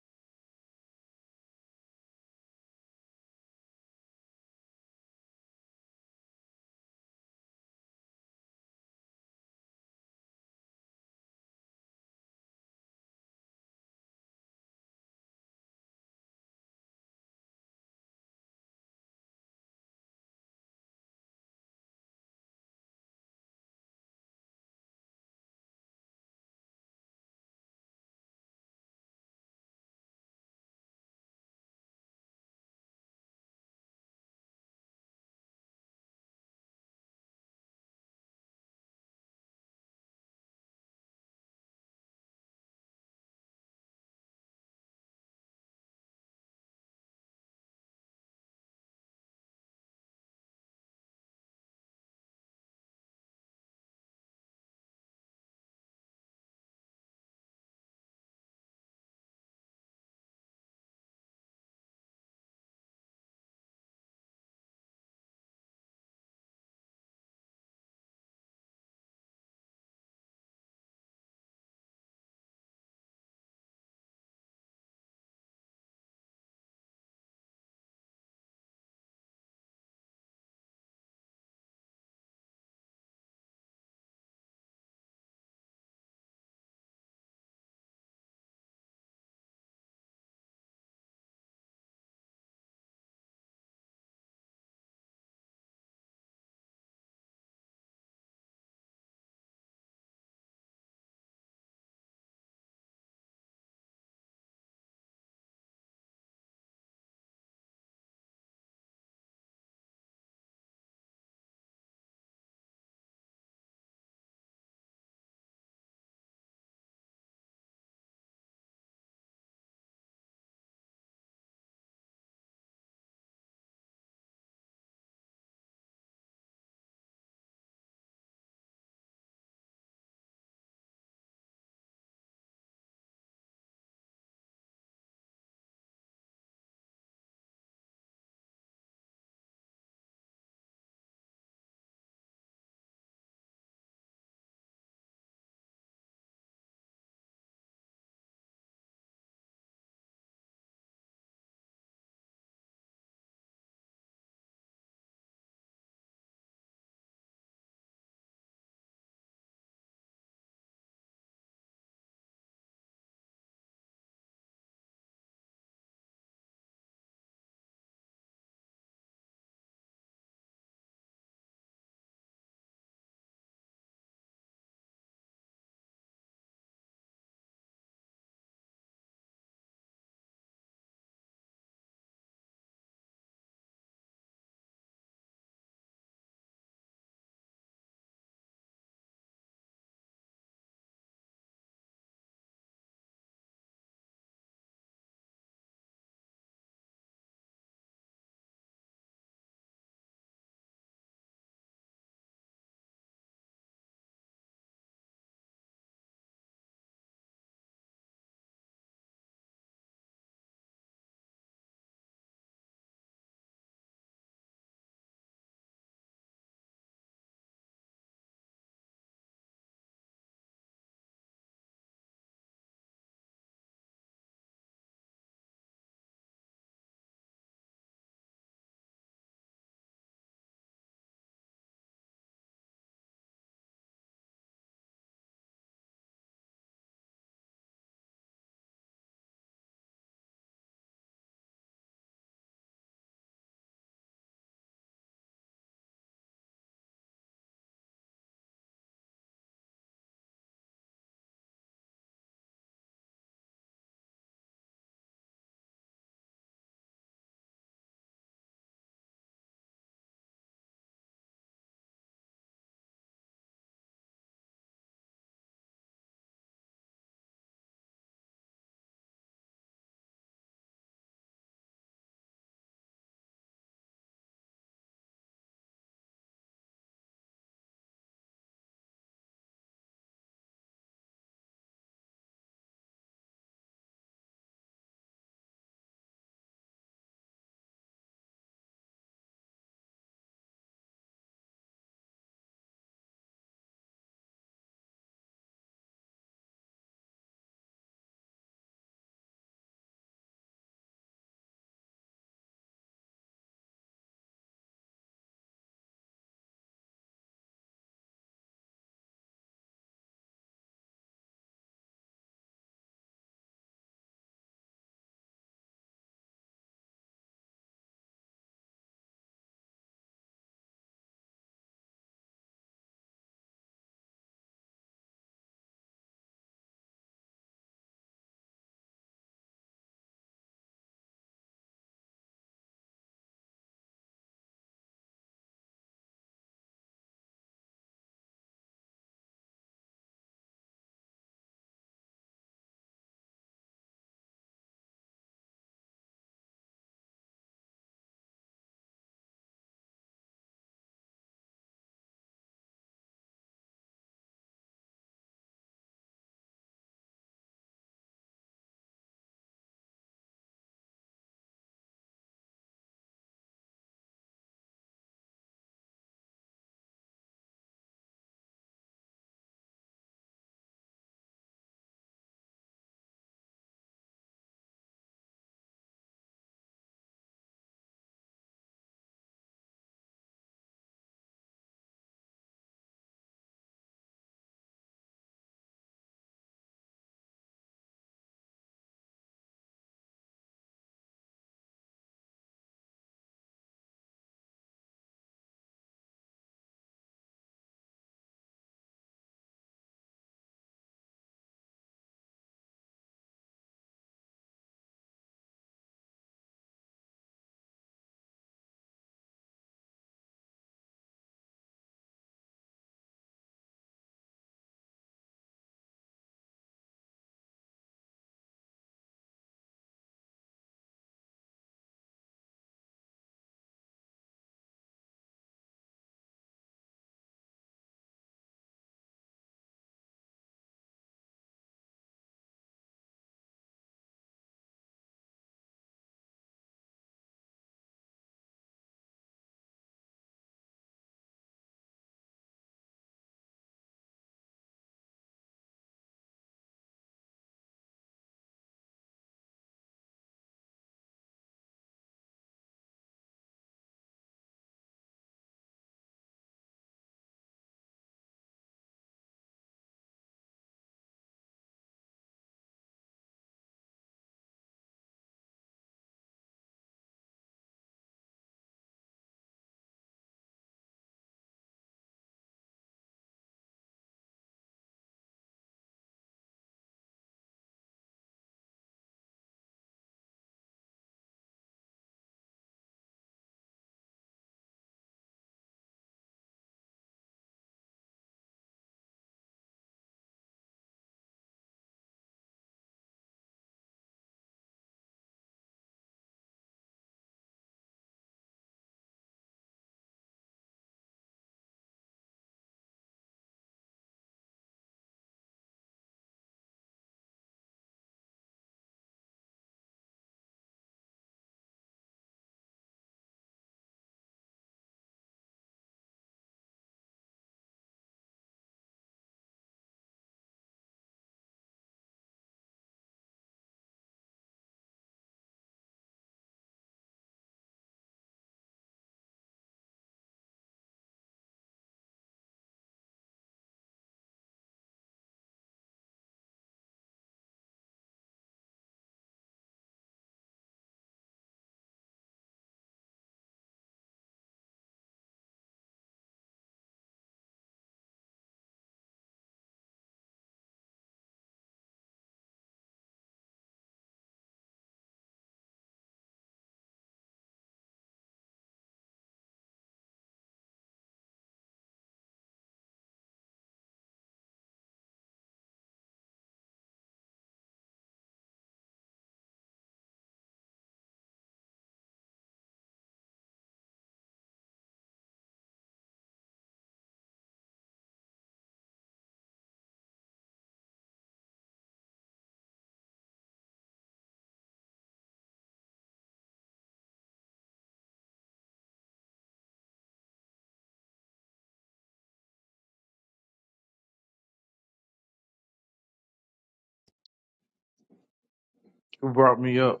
Who brought me up?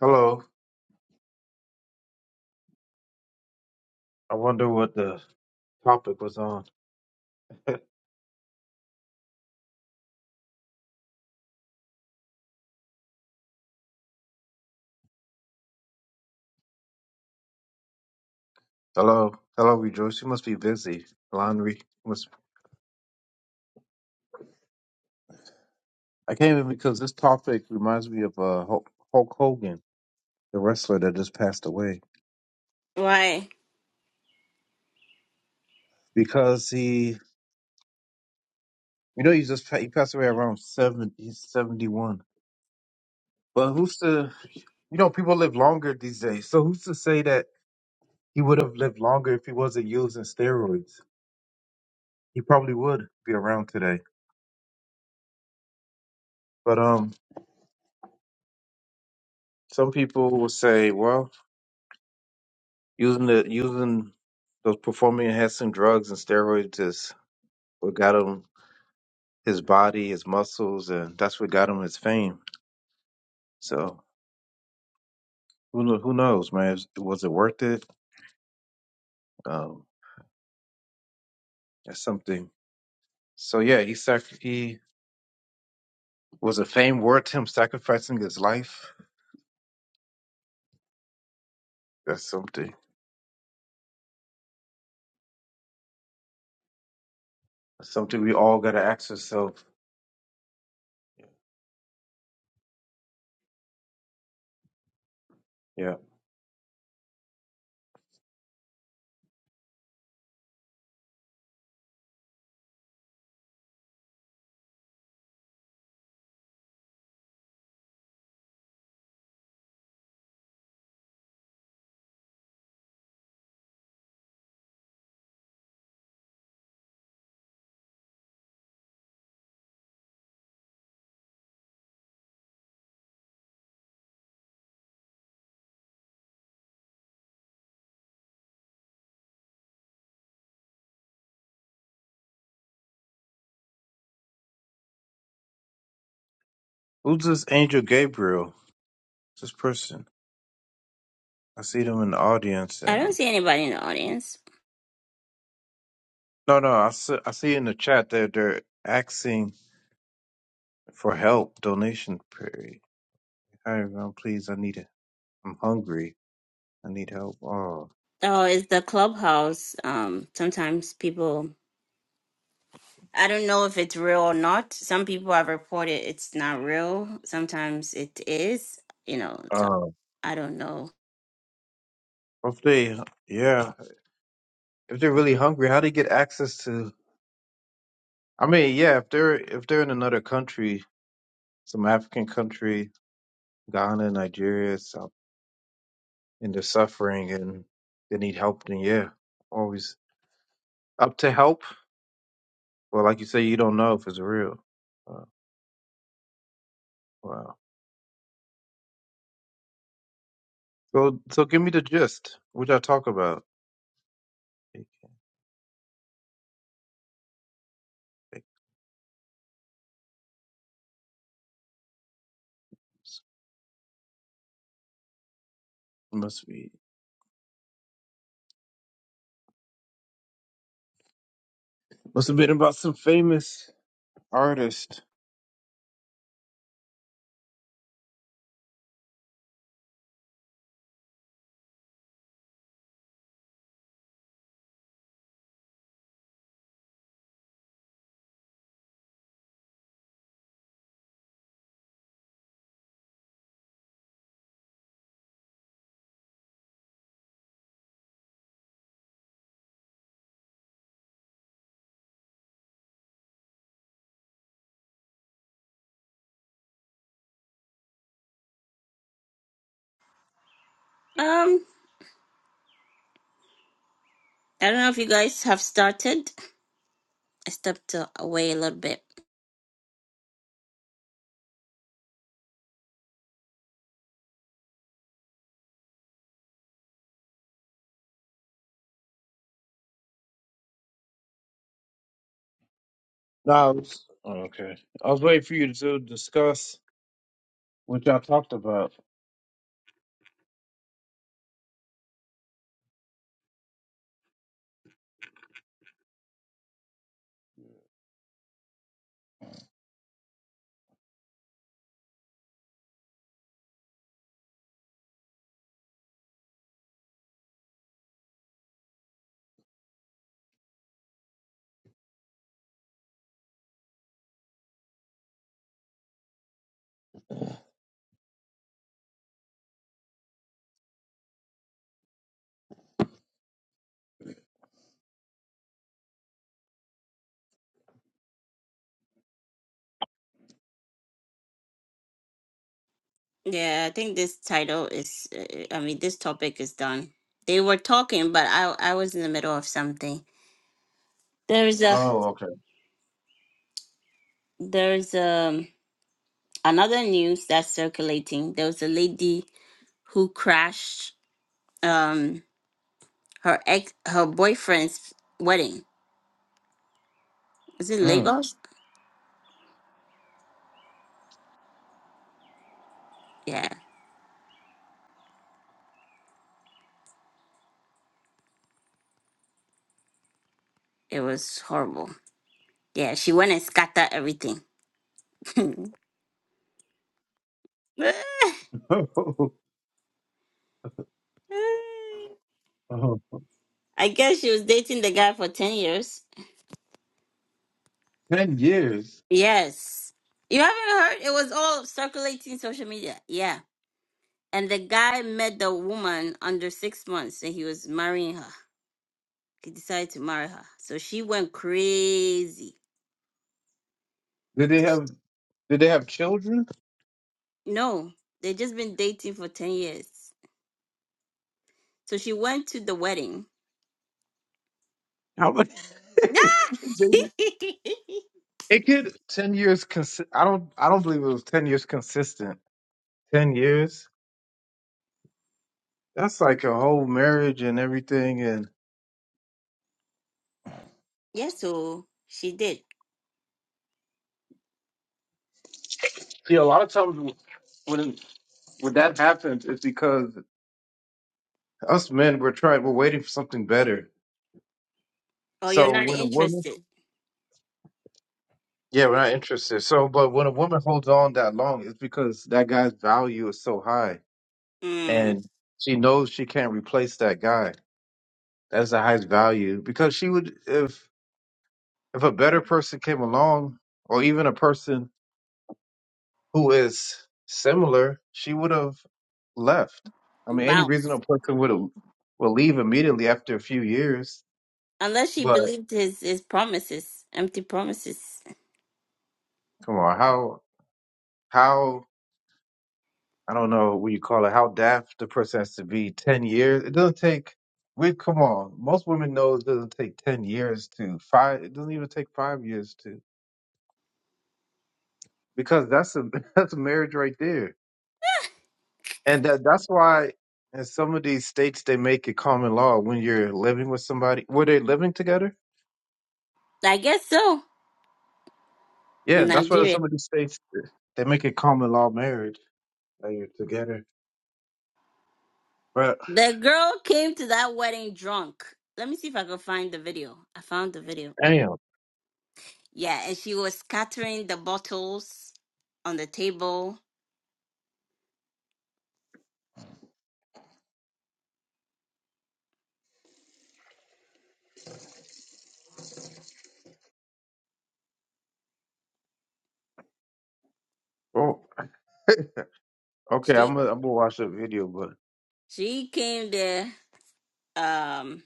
Hello. I wonder what the topic was on. Hello. Hello, Rejoice. You must be busy. Laundry. Must... I came in because this topic reminds me of uh, Hulk Hulk Hogan, the wrestler that just passed away. Why? Because he, you know, he just pa- he passed away around 70, he's 71. But who's to, you know, people live longer these days. So who's to say that he would have lived longer if he wasn't using steroids? He probably would be around today. But um, some people will say, well, Using the using those performing enhancing drugs and steroids is what got him his body, his muscles, and that's what got him his fame. So who kno- who knows, man? Was was it worth it? Um, that's something. So yeah, he sac- he was a fame worth him sacrificing his life. That's something. That's something we all gotta ask ourselves. Yeah, who's this angel Gabriel? This person. I see them in the audience, I don't and see anybody in the audience. no, no, I see, I see in the chat that they're asking for help donation period. Hi everyone, please I need it. I'm hungry. I need help. Oh, Oh, it's the clubhouse. Um, sometimes people, I don't know if it's real or not. Some people have reported it's not real. Sometimes it is, you know, so oh. I don't know. If they, yeah, if they're really hungry, how do they get access to? I mean, yeah, if they're if they're in another country, some African country, Ghana, Nigeria, South, and they're suffering and they need help, then yeah, always up to help. Well, like you say, you don't know if it's real. Uh, wow. So, so give me the gist. What y'all talk about? It must be. Must have been about some famous artist. Um, I don't know if you guys have started. I stepped uh, away a little bit. No, I was oh, okay. I was waiting for you to discuss what y'all talked about. Yeah, I think this title is, uh, I mean, this topic is done. They were talking, but I I was in the middle of something. There's a Oh, there's a another news that's circulating there was a lady who crashed um her ex her boyfriend's wedding was it okay. lagos yeah it was horrible yeah she went and scattered everything Mm. Oh, i guess she was dating the guy for 10 years Ten years. yes you haven't heard it was all circulating social media yeah and the guy met the woman under six months and he was marrying her he decided to marry her. So she went crazy. Did they have? Did they have children? No, they just been dating for 10 years. So she went to the wedding. How much? They did- it could ten years. Consi- I don't. I don't believe it was ten years consistent. Ten years. That's like a whole marriage and everything. And yes, so she did. see, a lot of times when when that happens, it's because Us men, we're trying, we're waiting for something better. Oh, you're So not when a woman, interested. yeah, we're not interested. So, but when a woman holds on that long, it's because that guy's value is so high, Mm, and she knows she can't replace that guy. That's the highest value because she would, if if a better person came along, or even a person who is similar, she would have left. I mean, any bounce. reasonable person would have will leave immediately after a few years. Unless she But believed his, his promises, empty promises. come on, how how I don't know what you call it, how daft the person has to be. Ten years. It doesn't take. We come on. Most women know it doesn't take ten years to five. It doesn't even take five years to because that's a that's a marriage right there, and that that's why in some of these states they make it common law when you're living with somebody. Were they living together? I guess so. Yeah, that's why in Nigeria. some of these states they make it common law marriage that you're together. But The girl came to that wedding drunk. Let me see if I can find the video. I found the video. damn. Yeah, and she was scattering the bottles on the table. Oh, okay. I'm She gonna I'm gonna watch the video, but. she came there. Um,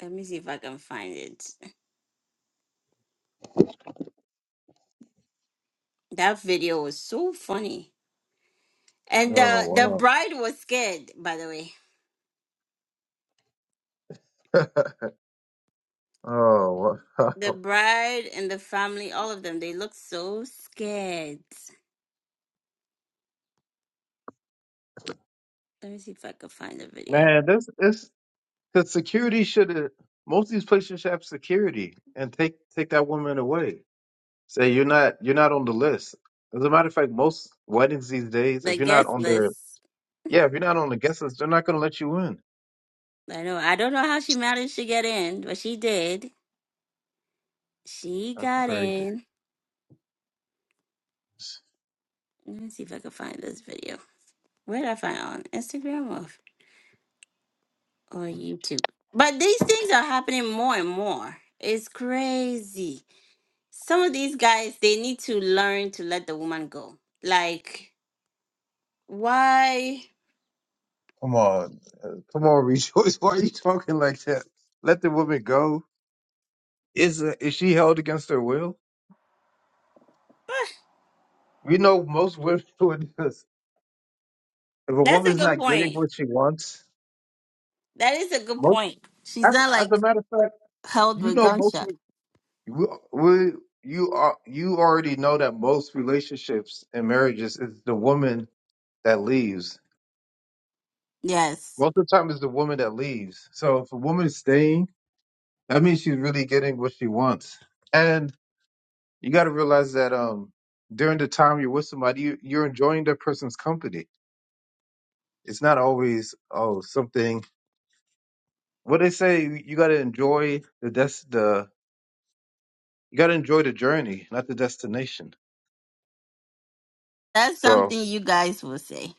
let me see if I can find it. That video was so funny. And the the Oh wow. bride was scared, by the way. oh The wow. bride and the family, all of them, they looked so scared. Let me see if I can find the video. Man, this this cause security should have most of these places should have security and take take that woman away. Say you're not you're not on the list. As a matter of fact, most weddings these days, The if you're not guest on their list. yeah, if you're not on the guest list, they're not gonna let you in. I know. I don't know how she managed to get in, but she did. She That's got crazy. in. Let me see if I can find this video. Where did I find it? on Instagram or f- or YouTube? But these things are happening more and more. It's crazy. Some of these guys they need to learn to let the woman go. Like why? Come on. Uh, Come on, Rejoice. Why are you talking like that? Let the woman go. Is uh, is she held against her will? Ah, We know most women would do this. If a That's a woman's good not getting point. what she wants, That is a good Most, point. She's as, not as a like matter of fact, held you with know most gunshot. re- we, we you are you already know that most relationships and marriages is the woman that leaves. Yes, Most of the time, it's the woman that leaves. So if a woman is staying, that means she's really getting what she wants. And you got to realize that um during the time you're with somebody, you, you're enjoying that person's company. It's not always oh something. What they say, you got to enjoy the des- the you got to enjoy the journey, not the destination. that's So something you guys will say.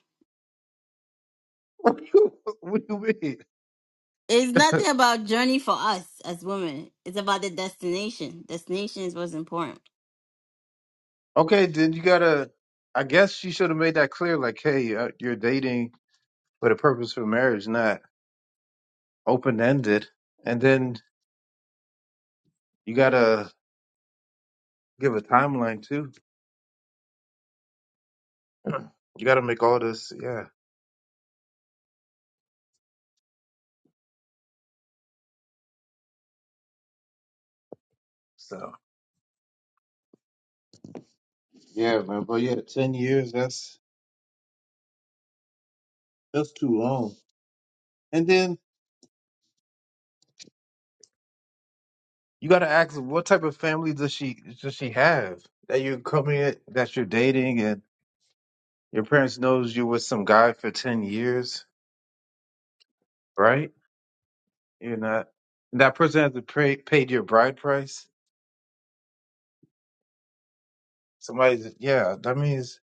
What do you what do you It's mean? nothing about journey for us as women. It's about the destination. Destination is what's important. okay, then you gotta. I guess she should have made that clear. Like, hey, uh, you're dating for the purpose of marriage, not open ended. And then you gotta give a timeline too. You gotta make all this. Yeah. So yeah, man. But yeah, ten years. That's that's too long. And then you gotta ask, what type of family does she does she have that you're coming at, that you're dating and your parents knows you with some guy for ten years, right? You're not. And that person has to pay paid your bride price. Somebody's yeah. That means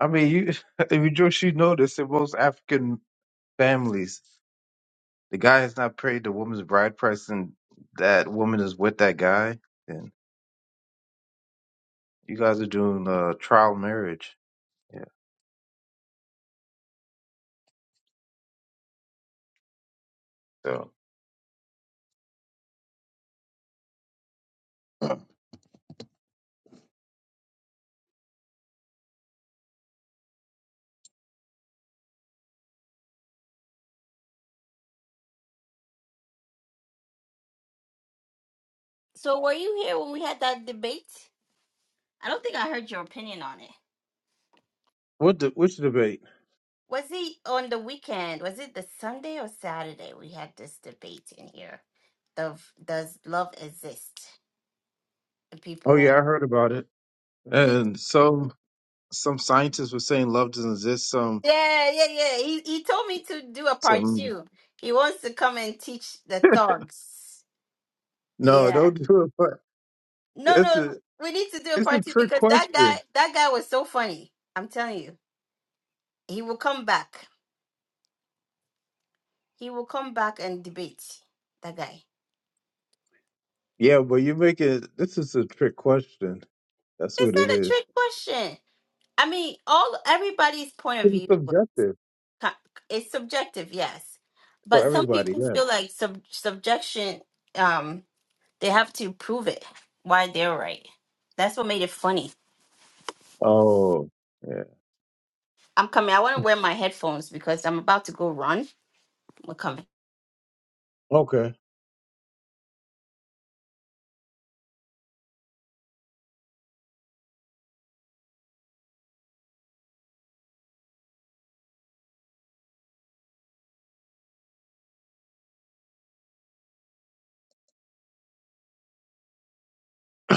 I mean you. If you just you notice in most African families, the guy has not paid the woman's bride price, and that woman is with that guy. Then you guys are doing uh, trial marriage. Yeah. So So were you here when we had that debate? I don't think I heard your opinion on it. what the which debate? Was it on the weekend? Was it the Sunday or Saturday we had this debate in here? Of does love exist? And Oh yeah, I people heard about it. did, And some some scientists were saying love doesn't exist. Some Yeah, yeah, yeah. He he told me to do a part some two. He wants to come and teach the thugs. no, Yeah. don't do it. But No, it's no, a we need to do a it's part a two trick because that question. guy that guy was so funny. I'm telling you. He will come back. He will come back and debate that guy. Yeah, but you make it. This is a trick question. That's It's what it not a is. trick question. I mean, all everybody's point of It's view co- subjective is subjective, yes, for but some everybody. people Yeah. feel like sub, subjection. Um, they have to prove it why they're right. That's what made it funny. Oh. Yeah. I'm coming. I want to wear my headphones because I'm about to go run. We're coming. Okay.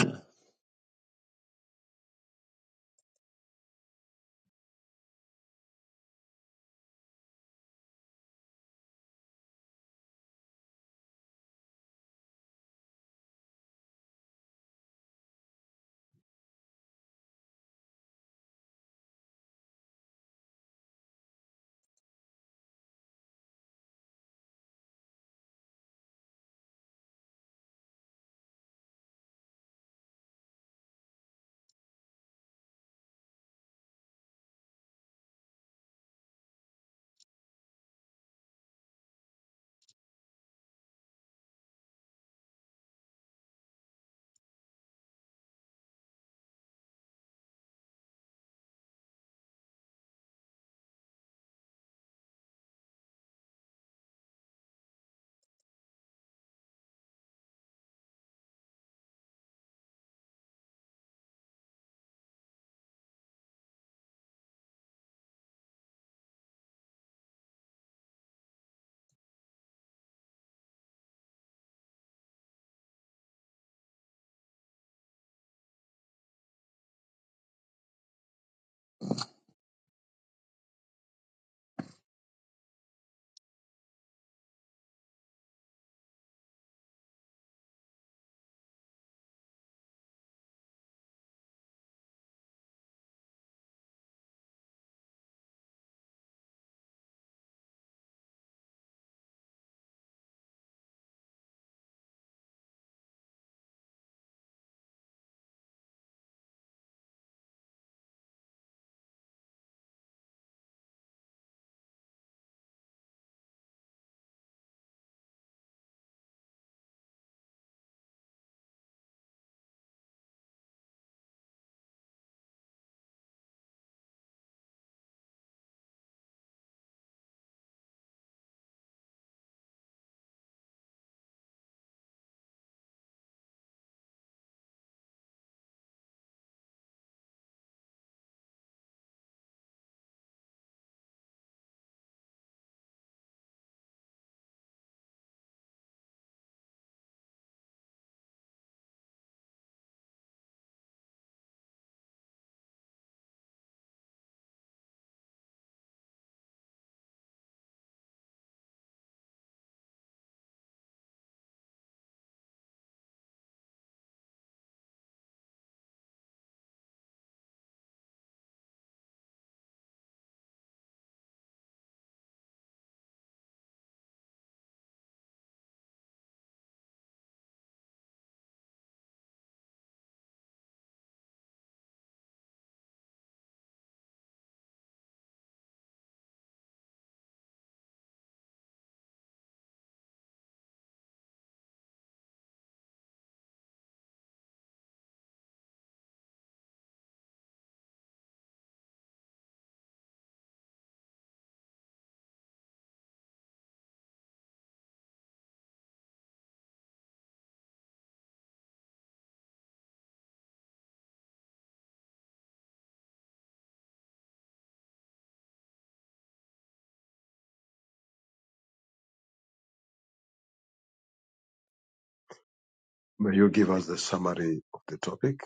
May you give us the summary of the topic.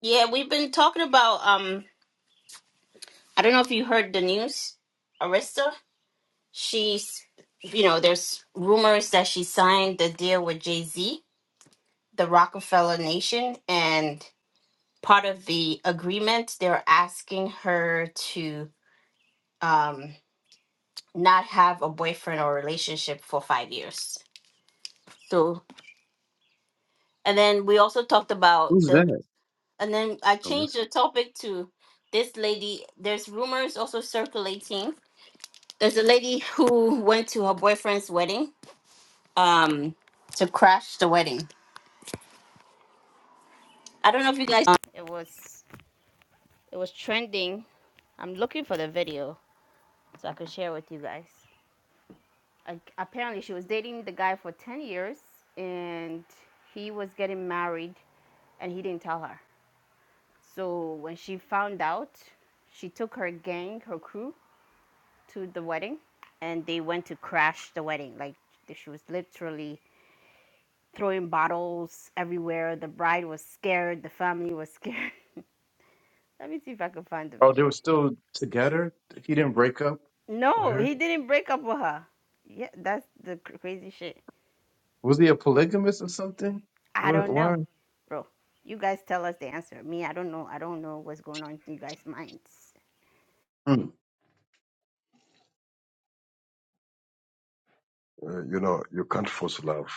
Yeah, we've been talking about. Um, I don't know if you heard the news. Arista. She's, you know, there's rumors that she signed the deal with Jay Z, the Rockefeller Nation, and part of the agreement, they're asking her to um, not have a boyfriend or relationship for five years. So, and then we also talked about Who's the, that? and then I Oh, changed the this. topic to this lady. There's rumors also circulating. There's a lady who went to her boyfriend's wedding um, to crash the wedding. I don't know if you guys. It was it was trending. I'm looking for the video so I can share with you guys. like, apparently she was dating the guy for 10 years and he was getting married and he didn't tell her. So when she found out, she took her gang, her crew to the wedding and they went to crash the wedding. Like she was literally throwing bottles everywhere. The bride was scared, the family was scared. Let me see if I can find the Oh, they were video. still together. He didn't break up with No, her. he didn't break up with her. Yeah, that's the cr- crazy shit. Was he a polygamist or something? I What? don't Why? know, bro. You guys tell us the answer. Me, I don't know. I don't know what's going on in you guys' minds. Hmm. Uh, you know, you can't force love.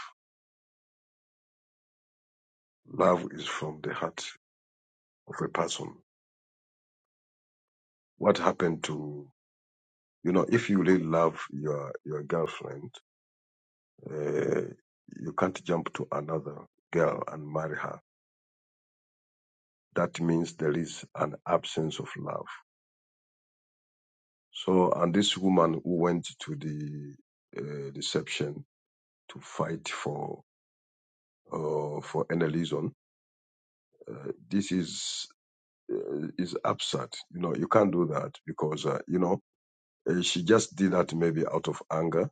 Love is from the heart of a person. What happened to, you know, if you really love your, your girlfriend, uh, you can't jump to another girl and marry her. That means there is an absence of love. So, and this woman who went to the uh, deception to fight for, uh, for any reason, uh, this is uh, is absurd. You know, you can't do that because uh, you know uh, she just did that maybe out of anger.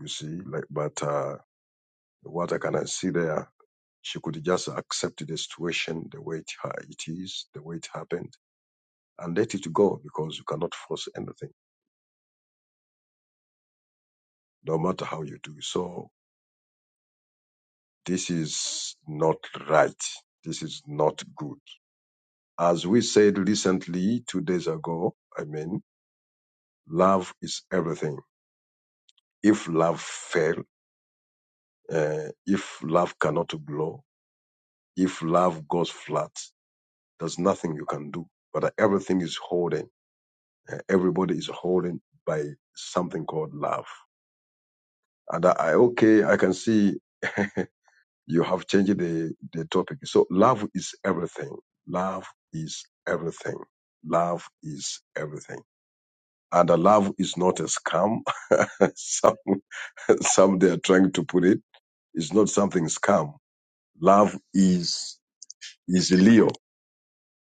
You see, like, but uh, what I can uh, see there, she could just accept the situation the way it, ha- it is, the way it happened, and let it go because you cannot force anything, no matter how you do. So this is not right. This is not good. As we said recently, two days ago, I mean, love is everything. If love fails Uh, if love cannot grow, if love goes flat, there's nothing you can do. But everything is holding. Uh, everybody is holding by something called love. And I, I- okay, I can see you have changed the, the topic. So love is everything. Love is everything. Love is everything. And the love is not a scam. some, some they are trying to put it. It's not something scam. Love is, is Leo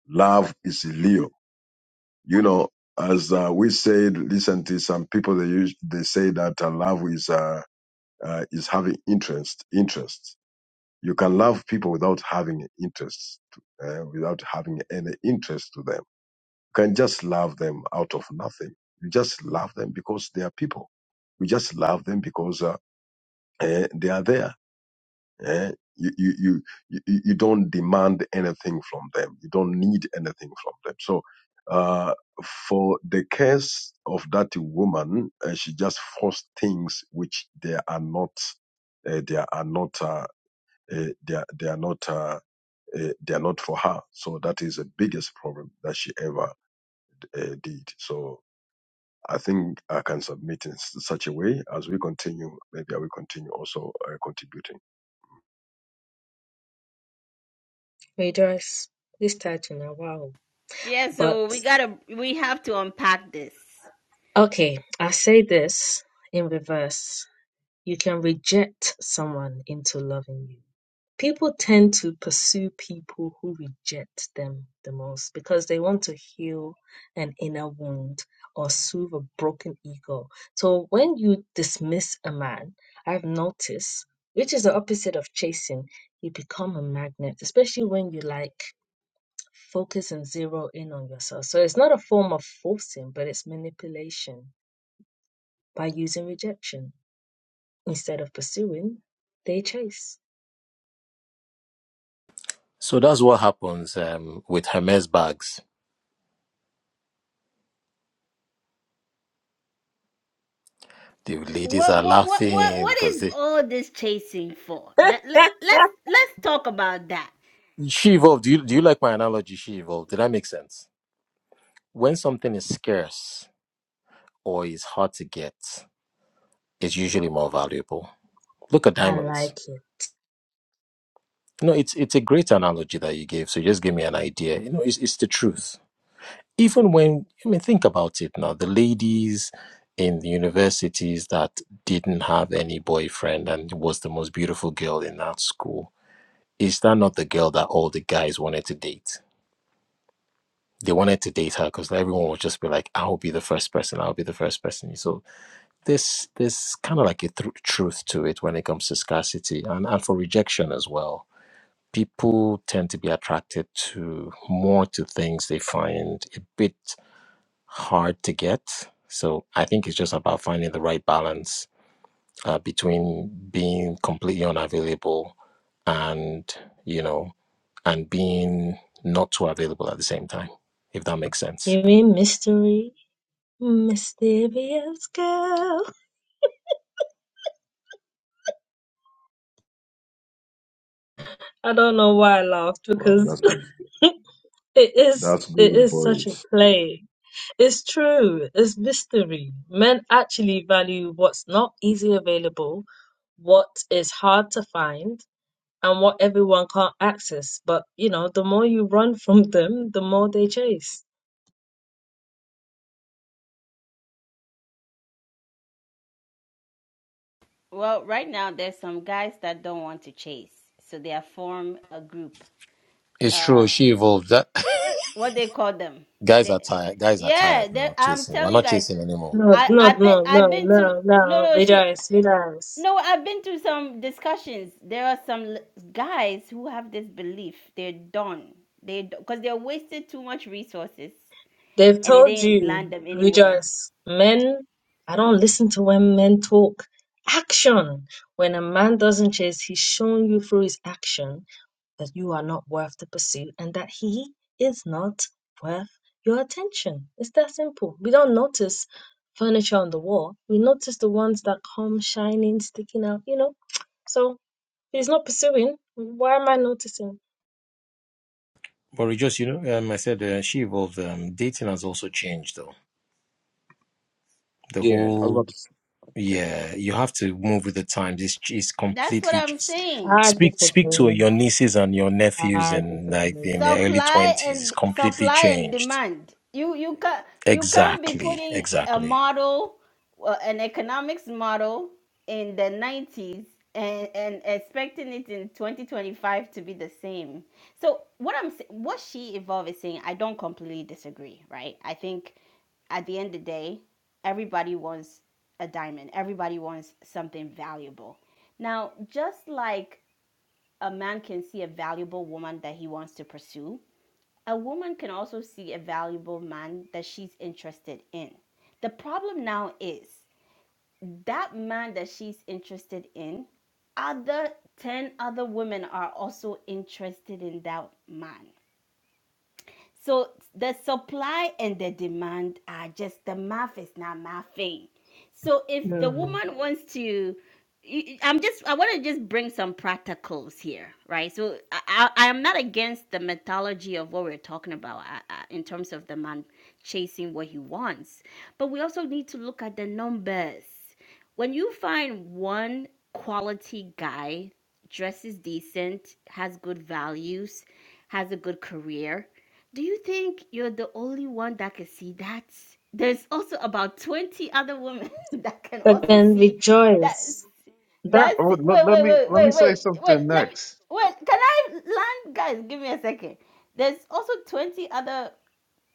Love is Leo. You know, as uh, we said, listen to some people. They use, they say that uh, love is uh, uh, is having interest. Interest. You can love people without having interest, uh, without having any interest to them. You can just love them out of nothing. You just love them because they are people. You just love them because uh, eh, they are there Eh? You, you, you, you, you don't demand anything from them. You don't need anything from them. So, uh, for the case of that woman, uh, she just forced things which they are not, uh, they are not, uh, uh, they are, they are not, uh, uh, they are not for her. So that is the biggest problem that she ever uh, did. So I think I can submit in s- such a way as we continue. Maybe I will continue also uh, contributing. Readers, this title now, wow. Yeah, But so we gotta we have to unpack this. okay, I say this in reverse. You can reject someone into loving you. People tend to pursue people who reject them the most because they want to heal an inner wound or soothe a broken ego. So when you dismiss a man, I've noticed, which is the opposite of chasing, you become a magnet, especially when you like focus and zero in on yourself. So it's not a form of forcing, but it's manipulation by using rejection. Instead of pursuing, they chase. So that's what happens um, with Hermes bags. The ladies What are what what what laughing what because is they. all this chasing for? I That let, let's let's talk about that. She evolved. Do you, do you like my analogy? She evolved. Did that make sense? When something is scarce or is hard to get, it's usually more valuable. Look at diamonds. like it. You know, it's it's a great analogy that you gave. So you just give me an idea. You know, it's it's the truth even when I mean think about it now, the ladies in the universities that didn't have any boyfriend and was the most beautiful girl in that school, is that not the girl that all the guys wanted to date? They wanted to date her because everyone would just be like, "I'll be the first person. I'll be the first person." So this this kind of like a thr truth to it when it comes to scarcity and and for rejection as well. People tend to be attracted to more to things they find a bit. hard to get. So I think it's just about finding the right balance uh, between being completely unavailable and, you know, and being not too available at the same time, if that makes sense. You mean mystery? Mysterious girl. I don't know why I laughed Wow, because that's it is That's it good is such a voice. play. It's true. It's mystery. Men actually value what's not easily available, what is hard to find, and what everyone can't access. But you know, the more you run from them, the more they chase. Well, right now there's some guys that don't want to chase, so they have formed a group. It's true. Uh, She evolved. That what they call them? guys are They, tired. Guys are tired yeah, they, now. I'm Chasing. We're telling you not guys, chasing anymore. No, I no, I been no, I've no, been to no, no no. no she Rejoice, rejoice. No, I've been to some discussions. There are some l- guys who have this belief they're done. They because they're wasted too much resources They've and it told didn't land you, them anywhere. rejoice. Men, I don't listen to when men talk. Action. When a man doesn't chase, he's showing you through his action that you are not worth the pursuit and that he is not worth your attention. It's that simple. We don't notice furniture on the wall. We notice the ones that come shining, sticking out, you know. So if he's not pursuing. Why am I noticing? But we just, you know, um, I said uh, she evolved. Um, dating has also changed, though. The Yeah, I whole love. s Okay. Yeah, you have to move with the times. It's it's That's what completely I'm just saying. I speak speak to disagree. your nieces and your nephews I in like disagree. in their early supply twenties. It's and completely supply and changed. demand you you can you can't be Exactly, putting a exactly. model uh, an economics model in the 90s and and expecting it in 2025 to be the same so what i'm sa- what she evolved is saying i don't completely disagree right i think at the end of the day everybody wants a diamond everybody wants something valuable now just like a man can see a valuable woman that he wants to pursue. A woman can also see a valuable man that she's interested in. The problem now is that man that she's interested in, other 10 other women are also interested in that man. So the supply and the demand are just the math is not mathing. So if the No. woman wants to, i y- I'm just I want to just bring some practicals here, right? So I I am not against the methodology of what we're talking about uh, uh, in terms of the man chasing what he wants, but we also need to look at the numbers. When you find one quality guy dresses decent, has good values, has a good career, do you think you're the only one that can see that? There's also about 20 other women that can also Again, see that. rejoice. That That's Oh, wait, let, let wait, me wait, let me wait, say wait, wait. something Let me next. wait. Can I land, guys? Give me a second. There's also 20 other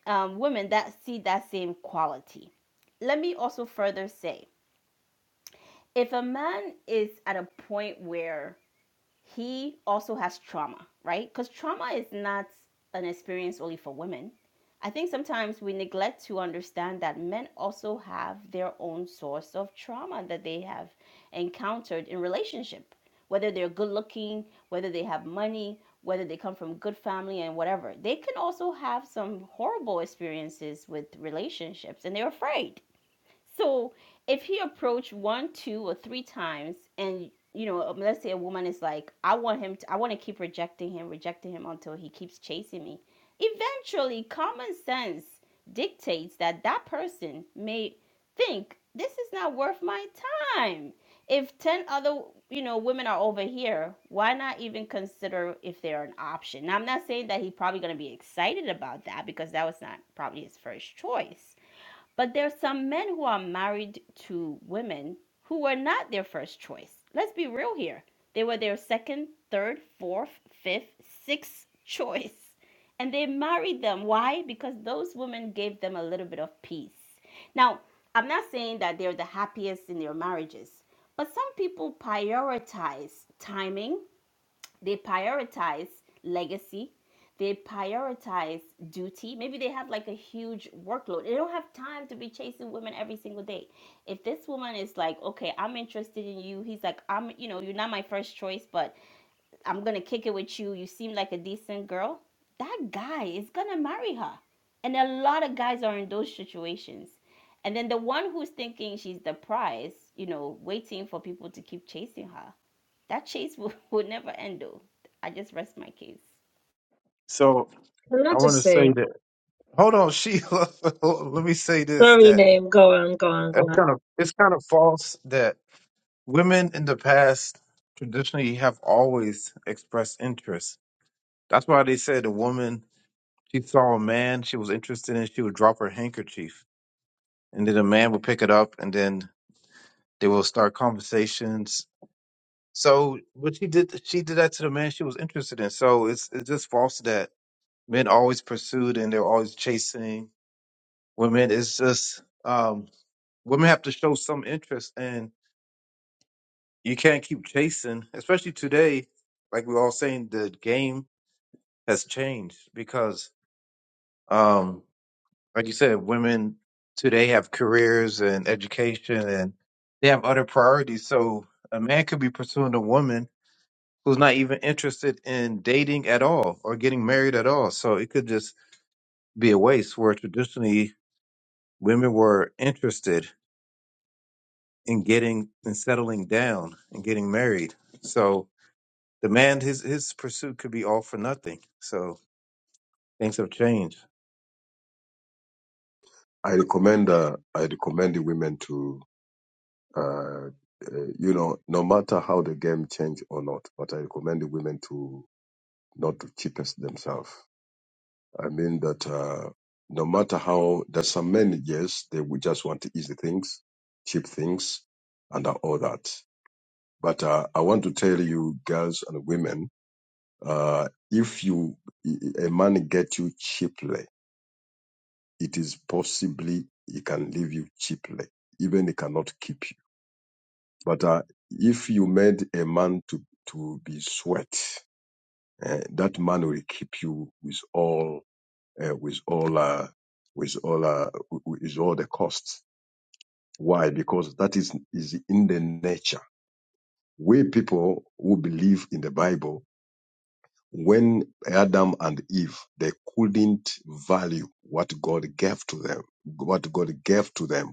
um, women that see that same quality. Let me also further say if a man is at a point where he also has trauma, right? Because trauma is not an experience only for women. I think sometimes we neglect to understand that men also have their own source of trauma that they have encountered in relationship, whether they're good looking, whether they have money, whether they come from good family and whatever. They can also have some horrible experiences with relationships and they're afraid so if he approached one, two, or three times, and you know, um, let's say a woman is like, I want him to, I want to keep rejecting him, rejecting him until he keeps chasing me. Eventually, common sense dictates that that person may think this is not worth my time. If 10 other, you know, women are over here, why not even consider if they're an option? Now, I'm not saying that he's probably going to be excited about that because that was not probably his first choice but there's some men who are married to women who were not their first choice. Let's be real here. They were their second, third, fourth, fifth, sixth choice. And they married them. Why? Because those women gave them a little bit of peace. Now, I'm not saying that they're the happiest in their marriages, but some people prioritize timing they prioritize legacy they prioritize duty maybe they have like a huge workload they don't have time to be chasing women every single day if this woman is like okay i'm interested in you he's like i'm you know you're not my first choice but i'm gonna kick it with you you seem like a decent girl that guy is gonna marry her and a lot of guys are in those situations and then the one who's thinking she's the prize you know waiting for people to keep chasing her that chase will, will never end though. I just rest my case. So can I I want just to say say? that. Hold on, Sheila. let me say this. Sorry, That name. Go on, go on, go that's on. kind of it's kind of false that women in the past traditionally have always expressed interest. That's why they said a woman, she saw a man she was interested in, she would drop her handkerchief, and then a man would pick it up, and then they will start conversations. So, but she did, she did that to the man she was interested in. So it's it's just false that men always pursued and they're always chasing women. It's just um, women have to show some interest, and you can't keep chasing, especially today. Like we're all saying, the game has changed because, um, like you said, women today have careers and education and they have other priorities. So a man could be pursuing a woman who's not even interested in dating at all or getting married at all. So it could just be a waste where traditionally women were interested in getting and settling down and getting married. So the man, his, his pursuit could be all for nothing. So things have changed. I recommend uh, I recommend the women to uh, uh, you know no matter how the game change or not, but I recommend the women to not to cheapest themselves. I mean that uh, no matter how there's some men yes they would just want easy things, cheap things, and all that. But uh, I want to tell you girls and women, uh, if you a man get you cheaply it is possibly he can leave you cheaply, even he cannot keep you. But uh, if you made a man to, to be sweat, eh, that man will keep you with all, uh, with all, uh, with all, uh, wi- wi- with all the costs. Why? Because that is, is in the nature. We people who believe in the Bible, when Adam and Eve, they couldn't value what God gave to them, what God gave to them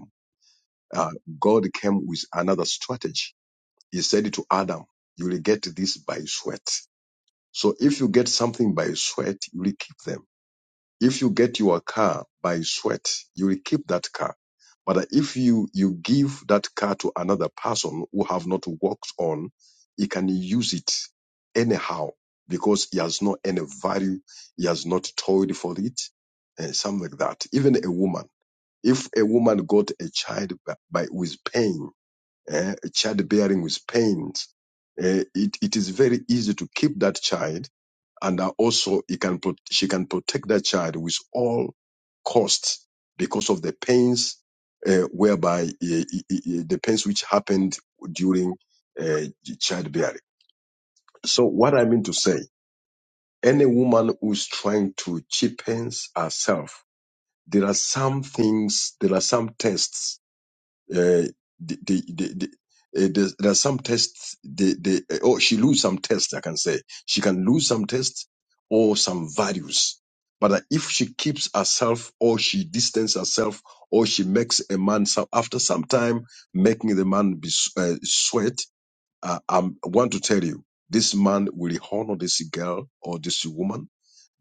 uh, God came with another strategy. He said to Adam, you will get this by sweat. So if you get something by sweat, you will keep them. If you get your car by sweat, you will keep that car. But if you, you give that car to another person who have not worked on, he can use it anyhow because he has not any value. He has not toiled for it and something like that. Even a woman, if a woman got a child by, by with pain, Eh, childbearing with pains. Eh, it, it is very easy to keep that child, and uh, also he can pro- she can protect that child with all costs because of the pains uh, whereby eh, eh, eh, the pains which happened during uh, childbearing. So what I mean to say, any woman who's trying to cheapen herself, there are some things, there are some tests uh, the, the, the, the, uh, there's, there are some tests. The, the, uh, oh, she lose some tests. I can say she can lose some tests or some values. But uh, if she keeps herself, or she distance herself, or she makes a man some, after some time making the man be s- uh, sweat, uh, I'm- I want to tell you, this man will honor this girl or this woman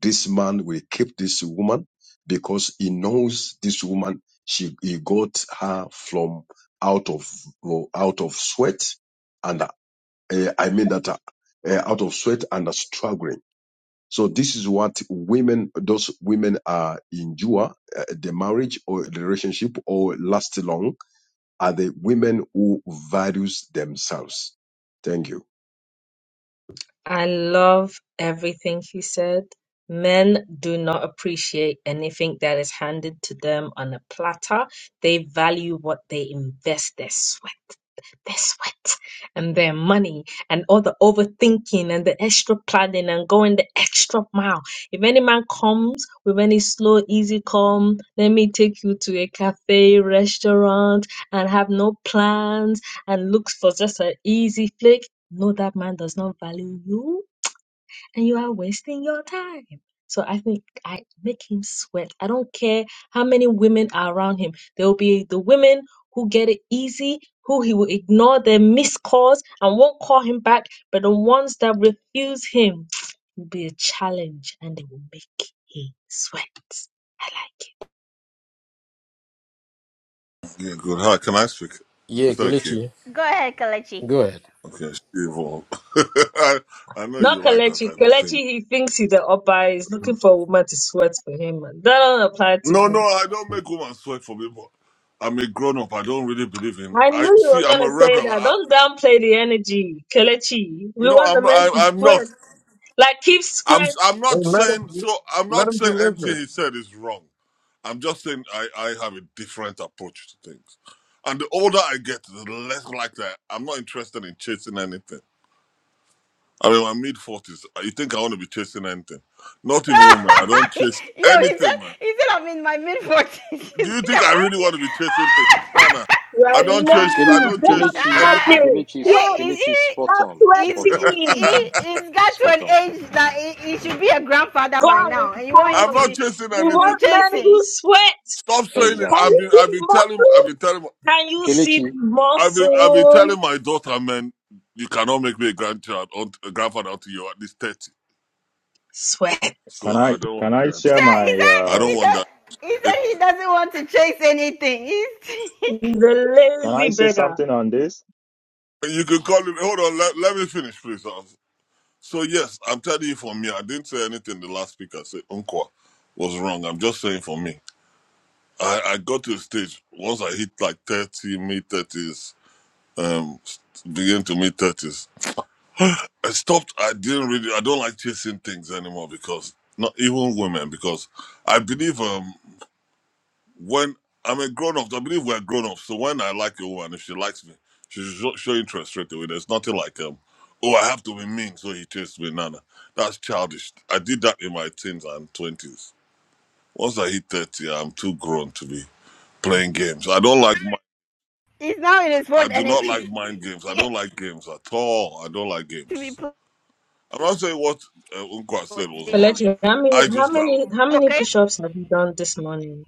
this man will keep this woman because he knows this woman. She he got her from out of out of sweat, and uh, I mean that uh, uh, out of sweat and uh, struggling. So this is what women, those women are endure uh, the marriage or the relationship or last long are the women who values themselves. Thank you. I love everything he said. Men do not appreciate anything that is handed to them on a platter. They value what they invest their sweat. their sweat and their money and all the overthinking and the extra planning and going the extra mile. If any man comes with any slow, easy come, let me take you to a cafe, restaurant, and have no plans and looks for just an easy flick, no, that man does not value you and you are wasting your time. So I think I make him sweat. I don't care how many women are around him. There will be the women who get it easy, who he will ignore their missed calls and won't call him back. But the ones that refuse him will be a challenge and they will make him sweat. I like it. Yeah, good. Hi, can I speak? Yeah, Yes, Thank you. Kelechi, Go ahead, Kalechi. Go ahead. Okay, Steve. um, I, I know Not you like that Kalechi. type of thing. Kalechi, he thinks he's the upper. He's looking for a woman to sweat for him. That don't apply to No, him. no, I don't make women sweat for me, but I'm a grown up. I don't really believe in. I knew I you see. were I'm gonna a say rebel. that. I, Don't downplay the energy, Kelechi. We no, want the I'm. I, men to I'm not. sweat. Like keep I'm. sweat. I'm not And let him, saying. So I'm let not him saying deliver. anything he said is wrong. I'm just saying I. I have a different approach to things, and the older I get, the less like that. I'm not interested in chasing anything. I am in my mid 40s. You think I want to be chasing anything? Not even woman. I don't chase Yo, he said anything, man. he said I'm in my mid forties. you Do you think think I really want to be chasing things? No, no. You I are don't Ah! chase. Kele- I lazy. don't Get chase Kelechi, on Ah! anything. sweating. Kelechi's Sweat. He's Kelechi's spot on, he he Stop spot on, he sweating. he's got to spot an on. age that he, he should be a grandfather by God now, is and you want him I'm to not fine. be chasing We to anything. be want men who chasing. sweat. Stop saying it. Can I've Exactly. you been. see I've been the telling. I've muscles? been telling. Can you see the Kelechi I've been. I've been muscles? telling my daughter, man, you cannot make me a grandchild, unt- a grandfather until you're at least 30. Sweat. Can So I I don't want can to I hear He share until. said he my said I uh, don't he want does. that. He said he doesn't want to chase anything. He's He's a can I lazy say beggar. something on this? You can call me. Hold on. Let, let me finish, please. So yes, I'm telling you for me, I didn't say anything the last speaker said Unqua was wrong. I'm just saying for me. I, I got to a stage once I hit like thirty, mid thirties, um s- begin to mid thirties. I stopped I didn't really I don't like chasing things anymore because not even women because I believe um when I'm a grown up, I believe we're grown up So when I like a woman, if she likes me, she should show show interest straight away. There's nothing like um, oh, I have to be mean, so he chased me. Nana, that's childish. I did that in my teens and twenties. Once I hit thirty, I'm too grown to be playing games. I don't like. mi- he's now in his I own do not energy. like mind games. I don't like games at all. I don't like games. I'm not saying what uh, Unqua said was wrong. position. Kelechi, how many I how just many how many Okay? push ups have you done this morning?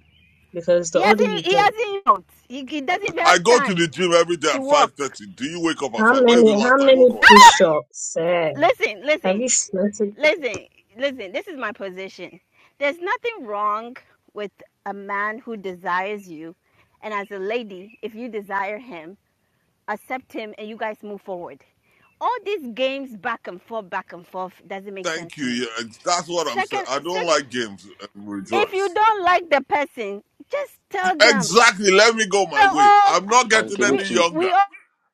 Because He the older hasn't you he get. hasn't worked. He, he doesn't even I have go to time the gym every day to at five work. thirty. Do you wake up at How five? When is many the how last time you many woke up at five? push ups? have listen, listen, you started? listen, listen. This is my position. There's nothing wrong with a man who desires you, and as a lady, if you desire him, accept him, and you guys move forward. All these games back and forth, back and forth, doesn't make sense Thank you. to me. Yeah, ex- that's what I'm saying. Second, I don't second, like games. And if you rejoice. don't like the person, just tell them. Exactly. Let me go my we're way. all I'm not and getting any we Kelechi, younger. we all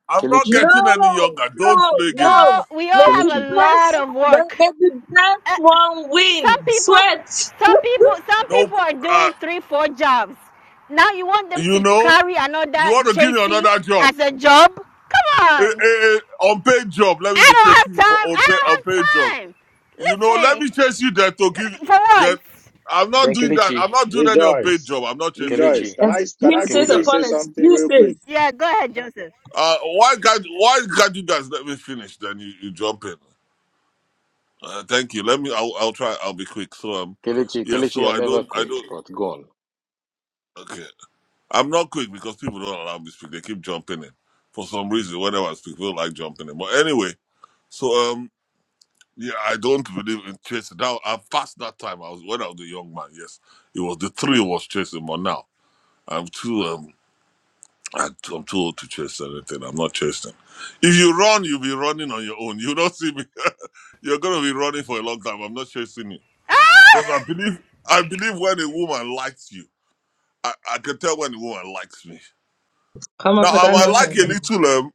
I'm not Kelechi, No, getting any younger. no, Don't play we games. no. all, we all May have the a Kelechi, lot best of may, work. may the Uh, best one some win. people, Sweat. some people, some Nope. people are Uh, doing three, four jobs. Now you want them you to know, carry you another want to give me chasing another job, as a job? Come eh, on! eh, eh, unpaid job. Let me I be don't chasing you have for time. I unpaid don't unpaid job. have time. You know, let Listen, me chase you there to give for what? that. I'm not then doing that. Kelechi, I'm not doing any unpaid Rejoice, job. I'm not chasing you. rejoice. Kelechi, Can I can I Excuses Yeah. quickly Kelechi, say upon something real quick? excuses. Yeah, go ahead, Joseph. Uh, why can't why can't you guys let me finish? Then you, you jump in. Uh, thank you. Let me. I'll, I'll try. I'll be quick. So um, Kelechi, yeah. Kelechi. So You're I never don't. I quick, don't. but gone. Okay. I'm not quick because people don't allow me to speak. They keep jumping in for some reason. Whenever I speak, people like jumping in. But anyway, so um, yeah, I don't believe in chasing. Now I fast that time. I was when I was a young man. Yes, it was the three was chasing. But now I'm too um. I- I'm too old to chase anything. I'm not chasing. If you run, you'll be running on your own. You don't see me. You're gonna be running for a long time. I'm not chasing you. Ah, Because I believe I believe when a woman likes you, I, I can tell when a woman likes me. Come on Now for I that might like nonsense, a man. little um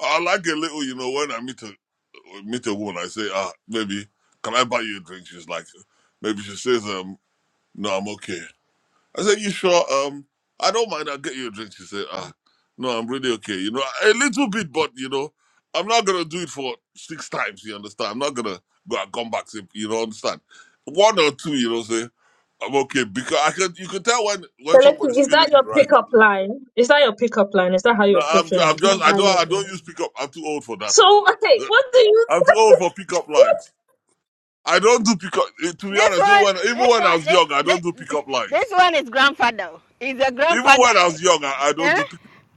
I like a little, you know, when I meet a meet a woman, I say, ah, maybe can I buy you a drink? She's like maybe she says, um, no, I'm okay. I said, "You sure? Um, I don't mind. I'll get you a drink." She said, "Ah, no, I'm really okay. You know, a little bit, but you know, I'm not gonna do it for six times. You understand? I'm not gonna go and come back. same- You know, understand? One or two, you know, say I'm okay because I can. You can tell when So when let's somebody's see, is that feeling you, your right? pickup line? Is that your pickup line? Is that how you No, approach I'm women? I'm Can just you I don't value it, I women? don't use pickup. I'm too old for that So as okay, well. what do you I'm too old for pickup lines. I don't do pickup. eh, To be this honest, even one, when even this when I one, was this, young, I don't do this, pickup this lines. one is grandfather. He's a Even grandfather. when I was young, I, I don't Eh? do pickup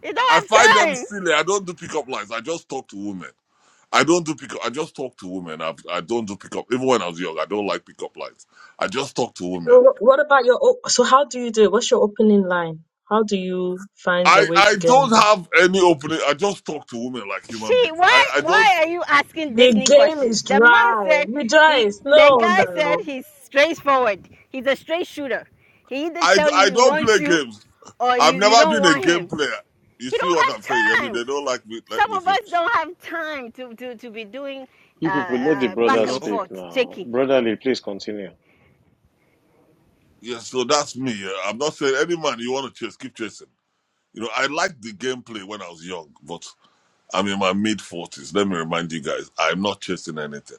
You I don't find have them time. silly. I don't do pickup lines. I just talk to women. I don't do pickup. I just talk to women. I've, I don't do pickup. Even when I was young, I don't like pickup lines. I just talk to so women. wh- what about your o- so how do you do it? What's your opening line? How do you find I, your way I to get don't in? have any opening. I just talk to women like human She, beings. I, why, I don't why are you asking The Disney game questions? is The man dry. said he, Rejoice. the No, guy no. said no. he's straightforward. He's a straight shooter. He either I, tell you I he don't wants play you games. or you, I've you never don't been a want game him. player. You He see don't what I'm saying? I have mean, time. they don't like me. Let Some me of us finish. don't have time to, to, to be doing uh, uh, You back and know? forth, checking. Yeah. So that's me. Yeah. I'm not saying any man you want to chase, keep chasing. You know, I liked the gameplay when I was young, but I'm in my mid 40s. Let me remind you guys, I'm not chasing anything.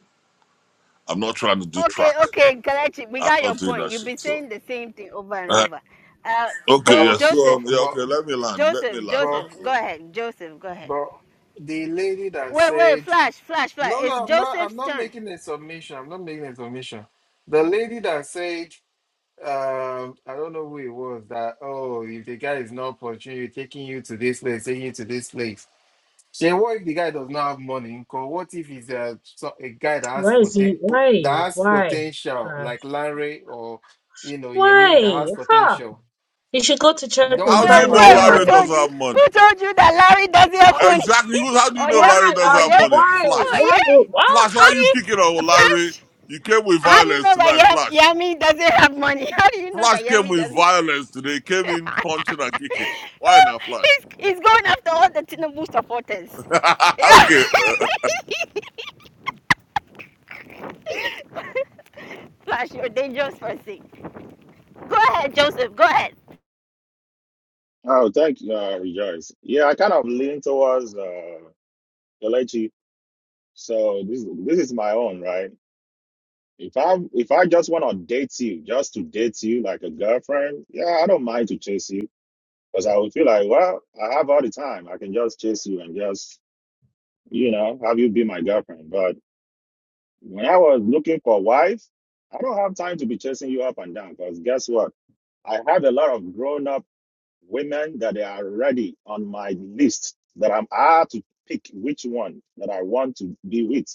I'm not trying to do Okay, track. okay, Kalechi, we I'm got your not doing point. that You've shit. been So, saying the same thing over and uh, over. Uh, okay, jo- But, yeah. So, but, Joseph, um, yeah, but, okay. Let me land. Let me Joseph, land but, now. Joseph, So, go ahead. Joseph, go ahead. but the lady that Wait, wait, said, flash, flash, flash. no, It's no, I'm not, I'm Joseph's not turn. making a submission. I'm not making a submission. The lady that said, um, I don't know who it was that, oh, if the guy is not opportunity, taking you to this place, taking you to this place. Say, what if the guy does not have money? Because what if he's a, so- a guy that has, Why is poten- he? po- Why? that has Why? potential, Uh, like Larry or, you know, Yemi, that Why? has Huh? potential? You should go to You church don't want and how to do Wait, you find a suffer know wait, with who Larry him. told woman. doesn't you? have money? Who told you that Larry doesn't have money? Exactly. Who's- How do you oh know yeah, Larry Why? doesn't oh have Um, yeah, money? why? Flash. oh Why? yeah. would- Ah! Flash. Why How are do you you, picking on Larry? Flash? You came with How do you violence know that tonight, Yam- Flash. Yami doesn't have money? How do you know that Flash came Yami with doesn't? violence today. Came in punching and kicking. Why not Flash? he's, he's going after all the Tinubu supporters. okay. Yeah. Flash, you're dangerous person. Go ahead, Joseph. Go ahead. Oh, thank you, uh, rejoice. Yeah, I kind of lean towards uh, Kelechi, so this this is my own, right? If I if I just want to date you, just to date you like a girlfriend, yeah, I don't mind to chase you because I would feel like, well, I have all the time. I can just chase you and just you know have you be my girlfriend, but. When I was looking for a wife, I don't have time to be chasing you up and down because guess what? I have a lot of grown up women that they are already on my list that I'm I have to pick which one that I want to be with.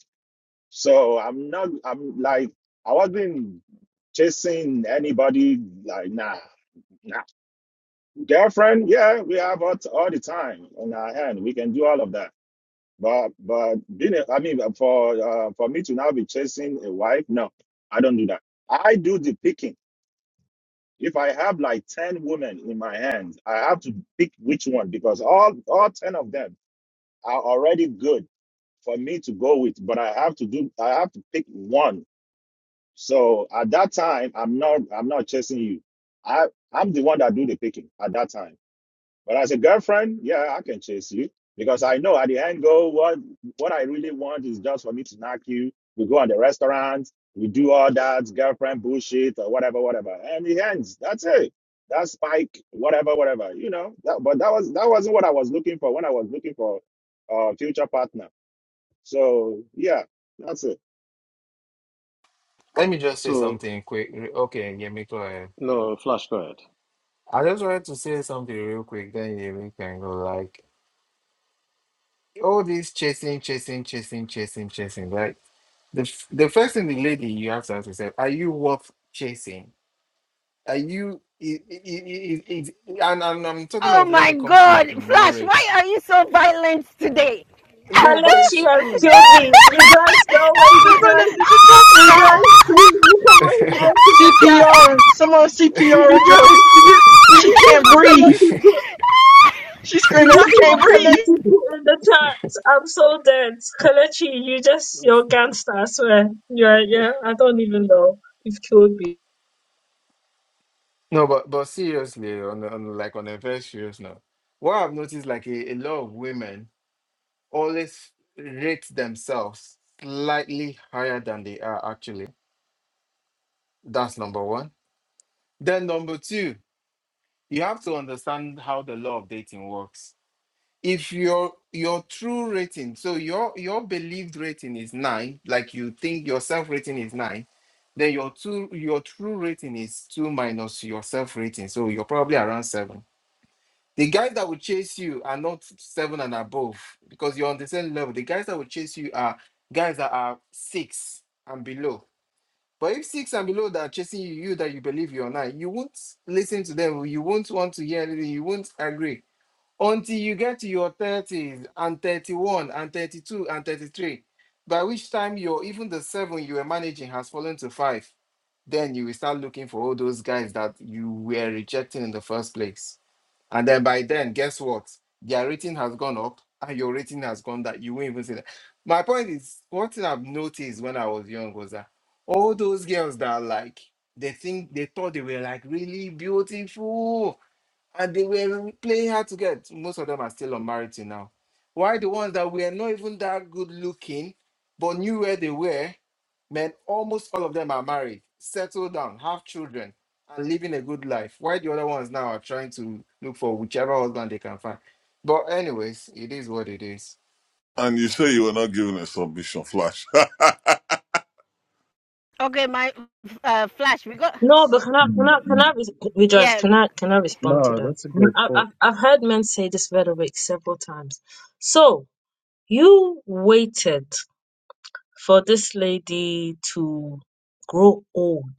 So I'm not, I'm like, I wasn't chasing anybody like nah nah girlfriend yeah we have all, all the time on our hand we can do all of that but but being a, I mean for uh, for me to now be chasing a wife, no, I don't do that. I do the picking. If I have like ten women in my hands, I have to pick which one because all all ten of them are already good for me to go with. But I have to do I have to pick one. So at that time, I'm not I'm not chasing you. I I'm the one that do the picking at that time. But as a girlfriend, yeah, I can chase you because I know at the end goal, what what I really want is just for me to knock you. We go on the restaurants, we do all that girlfriend bullshit or whatever, whatever, and it ends. That's it. That's Spike, whatever, whatever. You know, that, but that was that wasn't what I was looking for when I was looking for a future partner. So yeah, that's it. Let me just say something quick. Re- Okay, Yemi, go ahead. No, Flash, go ahead. I just wanted to say something real quick, then Yemi can go. Like, all this chasing, chasing, chasing, chasing, chasing. Like, the, f- the first thing the lady you have to ask yourself, are you worth chasing? Are you, i- i- i- i- i- and, and I'm talking Oh of when my it comes to God, like Flash, why marriage. are you so violent today? No, but it's Kalechi has true killed now. me. Rejoice. No way. She's a runner, Rejoice. she's a truck star. Rejoice. Please. You come on here to the chat. CPR, someone CPR, Rejoice. rejoice. Did you, did She you see can't what breathe. Kalechi put? She's Did screaming, you I see can't what breathe. Kalechi put in the chat? I'm so dead. Kalechi, you just, you're a gangster, I swear. Yeah, yeah, I don't even know. You've killed me. no, but but seriously, on, a- on a- like on a very serious note, what I've noticed, like a, a lot of women. always rate themselves slightly higher than they are actually. That's number one. Then number two, you have to understand how the law of dating works. If your your true rating, so your your believed rating is nine, like you think your self rating is nine, then your two your true rating is two minus your self rating, so you're probably around seven The guys that will chase you are not seven and above because you're on the same level. The guys that will chase you are guys that are six and below. But if six and below that are chasing you, you that you believe you're nine, you won't listen to them. You won't want to hear anything. You won't agree until you get to your 30s and 31 and 32 and 33. By which time you're even the seven you were managing has fallen to five. Then you will start looking for all those guys that you were rejecting in the first place. And then by then, guess what? Their rating has gone up and your rating has gone down. You won't even see that. My point is, one thing I've noticed when I was young was that all those girls that are like they think they thought they were like really beautiful and they were playing hard to get. Most of them are still unmarried till now. Why the ones that were not even that good looking but knew where they were Men, almost all of them are married, settle down, have children, and living a good life. Why the other ones now are trying to look for whichever husband they can find. But anyways, it is what it is. And you say you were not given a submission, Flash. okay, my uh, Flash, we got. No, but can I, Mm, can I, can mm, I, re- rejoice, Yeah. can I, can I respond to No, that? that's a good I, I've, point. I've heard men say this rhetoric several times. So, you waited for this lady to grow old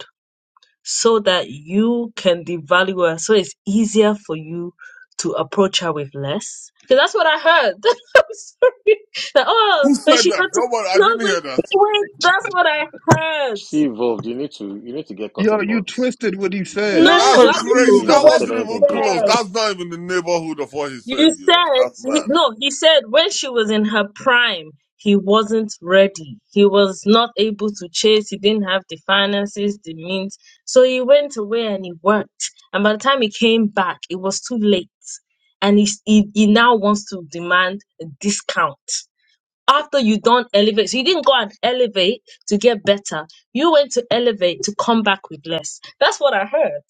so that you can devalue her so it's easier for you to approach her with less because that's what i heard i'm sorry that, oh Who but said she that? got to Nobody. I no didn't hear that. but wait that's what i heard She evolved. You need to you need to get Yo, cutting you boards. twisted what he Yeah, no said. that's i Misconstrued. crazy. listened You to That never what said wasn't he anything even close to close. that. said That's not even the neighborhood of what he said. You You know, that's said, mad. no, he said when she was in her prime, he wasn't ready. He was not able to chase. He didn't have the finances, the means. So he went away and he worked. And by the time he came back, it was too late. And he, he, he now wants to demand a discount. After you don't elevate, so you didn't go and elevate to get better. You went to elevate to come back with less. That's what I heard.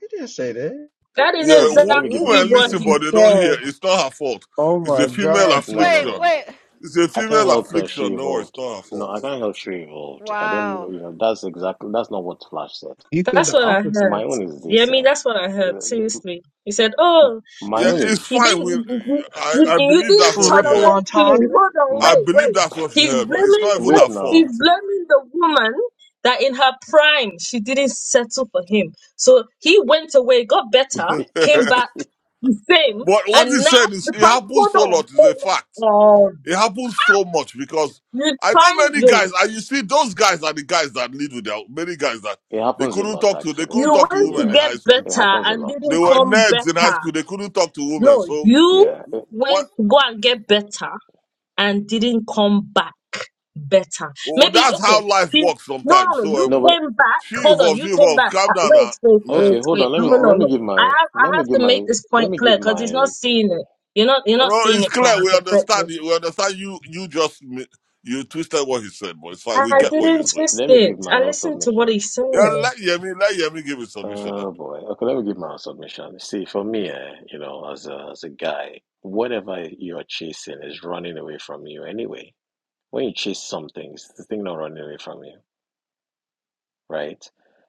He didn't say that. That is Yeah, Okay, let w- me give my exactly own women what listen, he but submission. they don't said. hear. It's not her fault. Oh It's a my female God. No, no, Wait, no. affliction. wait. It's a I can't female Oh, help her. She affliction. No, it's evolved. not her No, I fault. can't help she evolved. I wow. don't. You know, that's exactly that's not what Flash said. He said That's the what I opposite. My heard. own is Yeah, I this. mean, Uh, that's what I heard. the- Seriously, he said, the- "Oh, my Yeah, own you, it's is you fine. didn't, We, you, you I, you- I you believe that's didn't what she Triple heard. tolerate me." entendre. Hold on, my. I wait, believe wait. that's what she He's heard, but it's blaming, not even Wait wait, her fault. he's now. blaming the woman that in her prime she didn't settle for him. So he went away, got better, came back the same, But what and he now said is it because happens hold so on, lot is a hold fact. on, It happens so much because you I know trying many you guys, and you see, those guys are the guys that lead with their many guys that It they happens a couldn't lot, talk to. They actually. couldn't you talk to went to women in Yeah, get high school. it better happens a and lot. They didn't were come nerds in high better. school. They couldn't talk to women. No, So you Yeah. Eh, what? went to go and get better and didn't come back better. Oh, Maybe that's okay. how life See, works no, sometimes. no, no. So You No, um, but came back. she Hold on. evolved. She You came evolved. back. Calm Uh, down, Wait, now, wait, wait, man. okay. Hold on. wait. Let No, me no, let no, Wow. me no. give I my have, I let me have give to my make this let point me give clear because he's my not seeing it. You're not, you're not No, seeing it's it from clear. my We perspective. understand. you. We understand you. You just mi- you twisted what he said, but it's fine. We I get Okay, what you didn't say. twist let me give it. my I own listened to what submission. he said. Yeah, let Yemi, let Yemi give his submission. Oh boy. Okay, let me give my own submission. See, for me, eh, you know, as a, as a guy, whatever you are chasing is running away from you anyway. When you chase something, it's the thing not running away from you, right?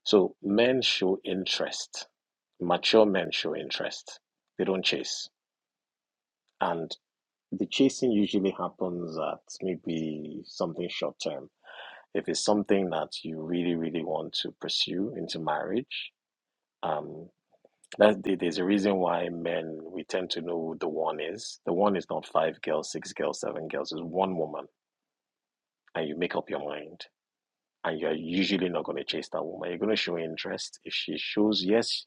So men show interest. Mature men show interest. They don't chase. And the chasing usually happens at maybe something short term. If it's something that you really, really want to pursue into marriage, um. That there's a reason why men we tend to know who the one is. The one is not five girls, six girls, seven girls. It's one woman, and you make up your mind, and you're usually not going to chase that woman. You're going to show interest. If she shows yes,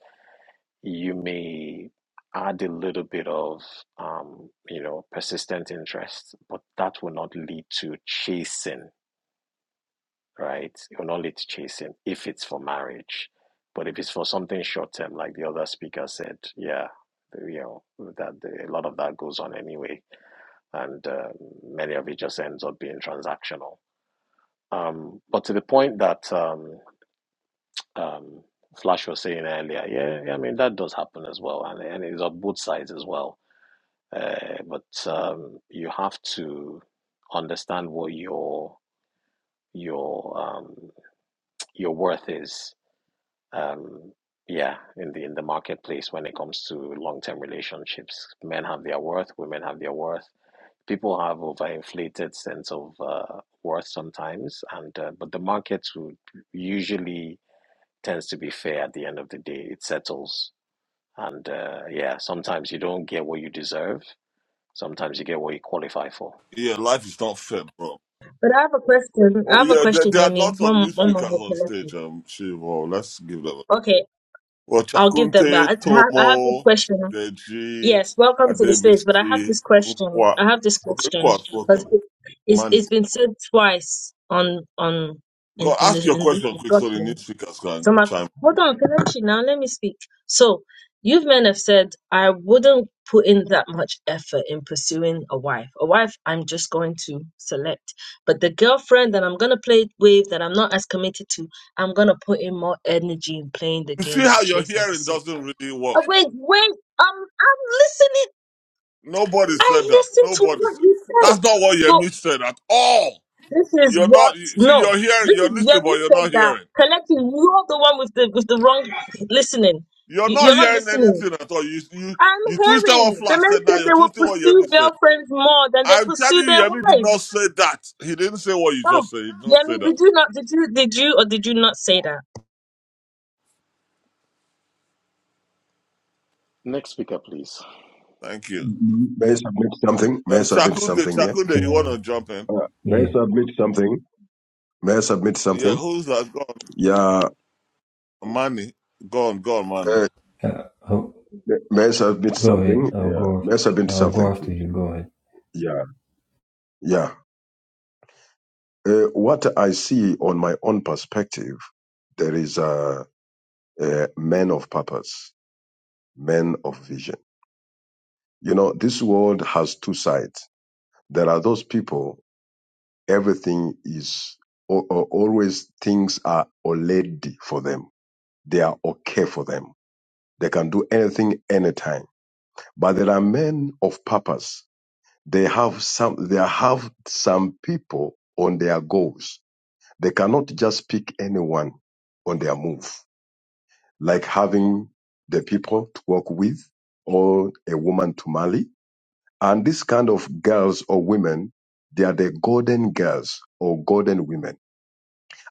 you may add a little bit of um, you know persistent interest, but that will not lead to chasing right? you're not lead chasing if it's for marriage. But if it's for something short term, like the other speaker said, yeah, you know, that the, a lot of that goes on anyway, and um, many of it just ends up being transactional. Um, but to the point that um, um, Flash was saying earlier, yeah, yeah, I mean that does happen as well, and and it's on both sides as well. Uh, but um, you have to understand what your your um, your worth is um, yeah, in the in the marketplace when it comes to long-term relationships. Men have their worth, women have their worth. People have overinflated sense of uh, worth sometimes, and uh, but the market would usually tends to be fair at the end of the day. It settles, and uh, yeah, sometimes you don't get what you deserve. Sometimes you get what you qualify for. Yeah, life is not fair, bro. But I have a question. I Oh have a yeah, there, question, there are Yemi. lots of One, new one more. speakers on Okay, stage. Um, Shivo, let's give them. A, okay. well, I'll give them Chakunte, back. I I have this Tomo, question. Deji, Yes, welcome to the stage. But I have Adebisi, this question. Nkwa. I have this Okay, Nkwa question has because spoken. it's Money. it's been said twice on on Go in in ask this your in this question quick so the new discussion. speakers can So my chime. hold on, can I actually now let me speak. So you men have said I wouldn't put in that much effort in pursuing a wife. A wife I'm just going to select, but the girlfriend that I'm gonna play with that I'm not as committed to, I'm gonna put in more energy in playing the You see game how to your chase and hearing pursue. doesn't really work. Uh, Wait, wait, um, I'm listening. Nobody said I that. listen to Nobody what said you said. that's not what So Yemi said at all. this is You're not. what You see, no. you're hearing, This you're is listening, Yemi but you're said not that hearing. collectively you're the one with the with the wrong listening. You're You, not you're not hearing listening. anything at all. You you I'm you twisted what hearing the Flash men said now. said You're they will twisting what pursue Yemi said. girlfriends more than they I'm telling pursue you, their Yemi did not wives. say that. He didn't say what you Oh, just said. He did not say Yemi, that. did you not? Did you? Did you or did you not say that? Next speaker, please. Thank you. mm, mm. May I submit something? May Uh, I submit Chakunde, something here? Chakunde, you want to Can I? jump in? Uh, may I Yeah. submit something? May I submit Yeah, something? who's that? Gone. Yeah. Money. Gone, gone, money. Uh, Uh, oh, may I submit go something? ahead. I'll Yeah. go. May After, I submit I'll go something, after please? you. Go ahead. Yeah. Yeah. Uh, what I see on my own perspective, there is a, a man of purpose, men of vision. You know, this world has two sides. There are those people, everything is or, or always things are already for them. They are okay for them. They can do anything anytime But there are men of purpose. They have some, they have some people on their goals. They cannot just pick anyone on their move, like having the people to work with or a woman to marry. And this kind of girls or women, they are the golden girls or golden women,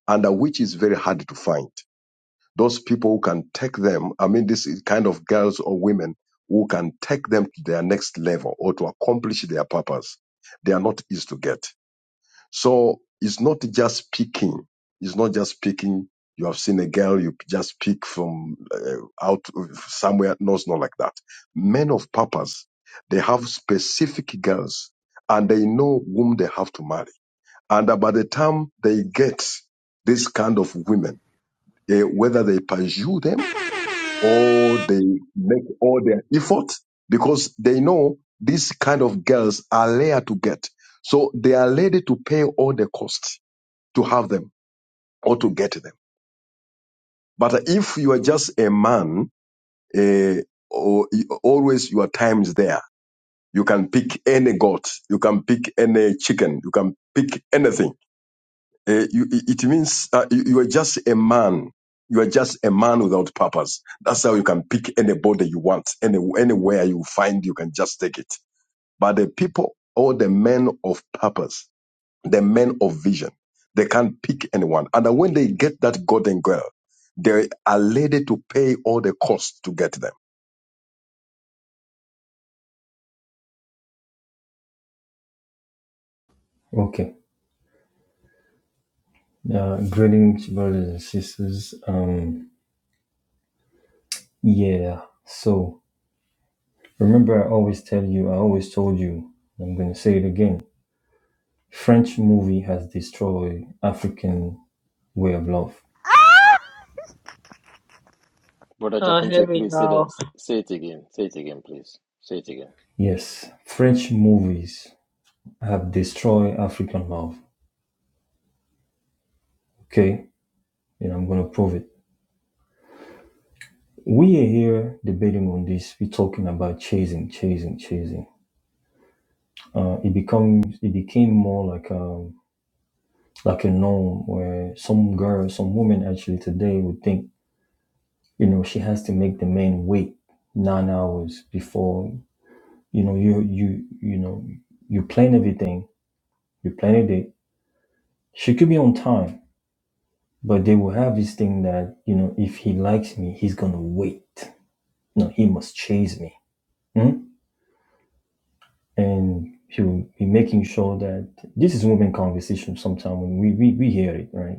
and uh, which is very hard to find. Those people who can take them, I mean, this is kind of girls or women who can take them to their next level or to accomplish their purpose. They are not easy to get. So it's not just picking. It's not just picking. You have seen a girl, you just pick from uh, out of somewhere. No, it's not like that. Men of purpose, they have specific girls and they know whom they have to marry. And uh, by the time they get this kind of women, eh, whether they pursue them or they make all their effort because they know these kind of girls are rare to get. So they are ready to pay all the cost to have them or to get them. But if you are just a man, eh, or always your time is there. You can pick any goat, you can pick any chicken, you can pick anything Eh, you, it it means uh, you, you are just a man. You are just a man without purpose. That's how you can pick anybody you want, any, anywhere you find, you can just take it. But the people or the men of purpose, the men of vision, they can't pick anyone. And then when they get that golden girl, they are ready to pay all the costs to get them. Okay. Uh, greetings, brothers and sisters. Um. Yeah. So remember, I always tell you. I always told you. I'm gonna say it again. French movie has destroyed African way of love. Brother Oh, here Chakunte, we please say go. that. Say it again. Say it again, please. Say it again. Yes, French movies have destroyed African love. Okay, and I'm gonna prove it. We are here debating on this. We're talking about chasing, chasing, chasing. uh, it becomes it became more like a like a norm where some girl, some woman actually today would think, you know, she has to make the man wait nine hours before, you know, you you you know, you plan everything, you plan a date. She could be on time, but they will have this thing that you know, if he likes me, he's gonna wait. No, he must chase me. Hmm? and he'll be making sure that this is women conversation sometimes when we, we we hear it right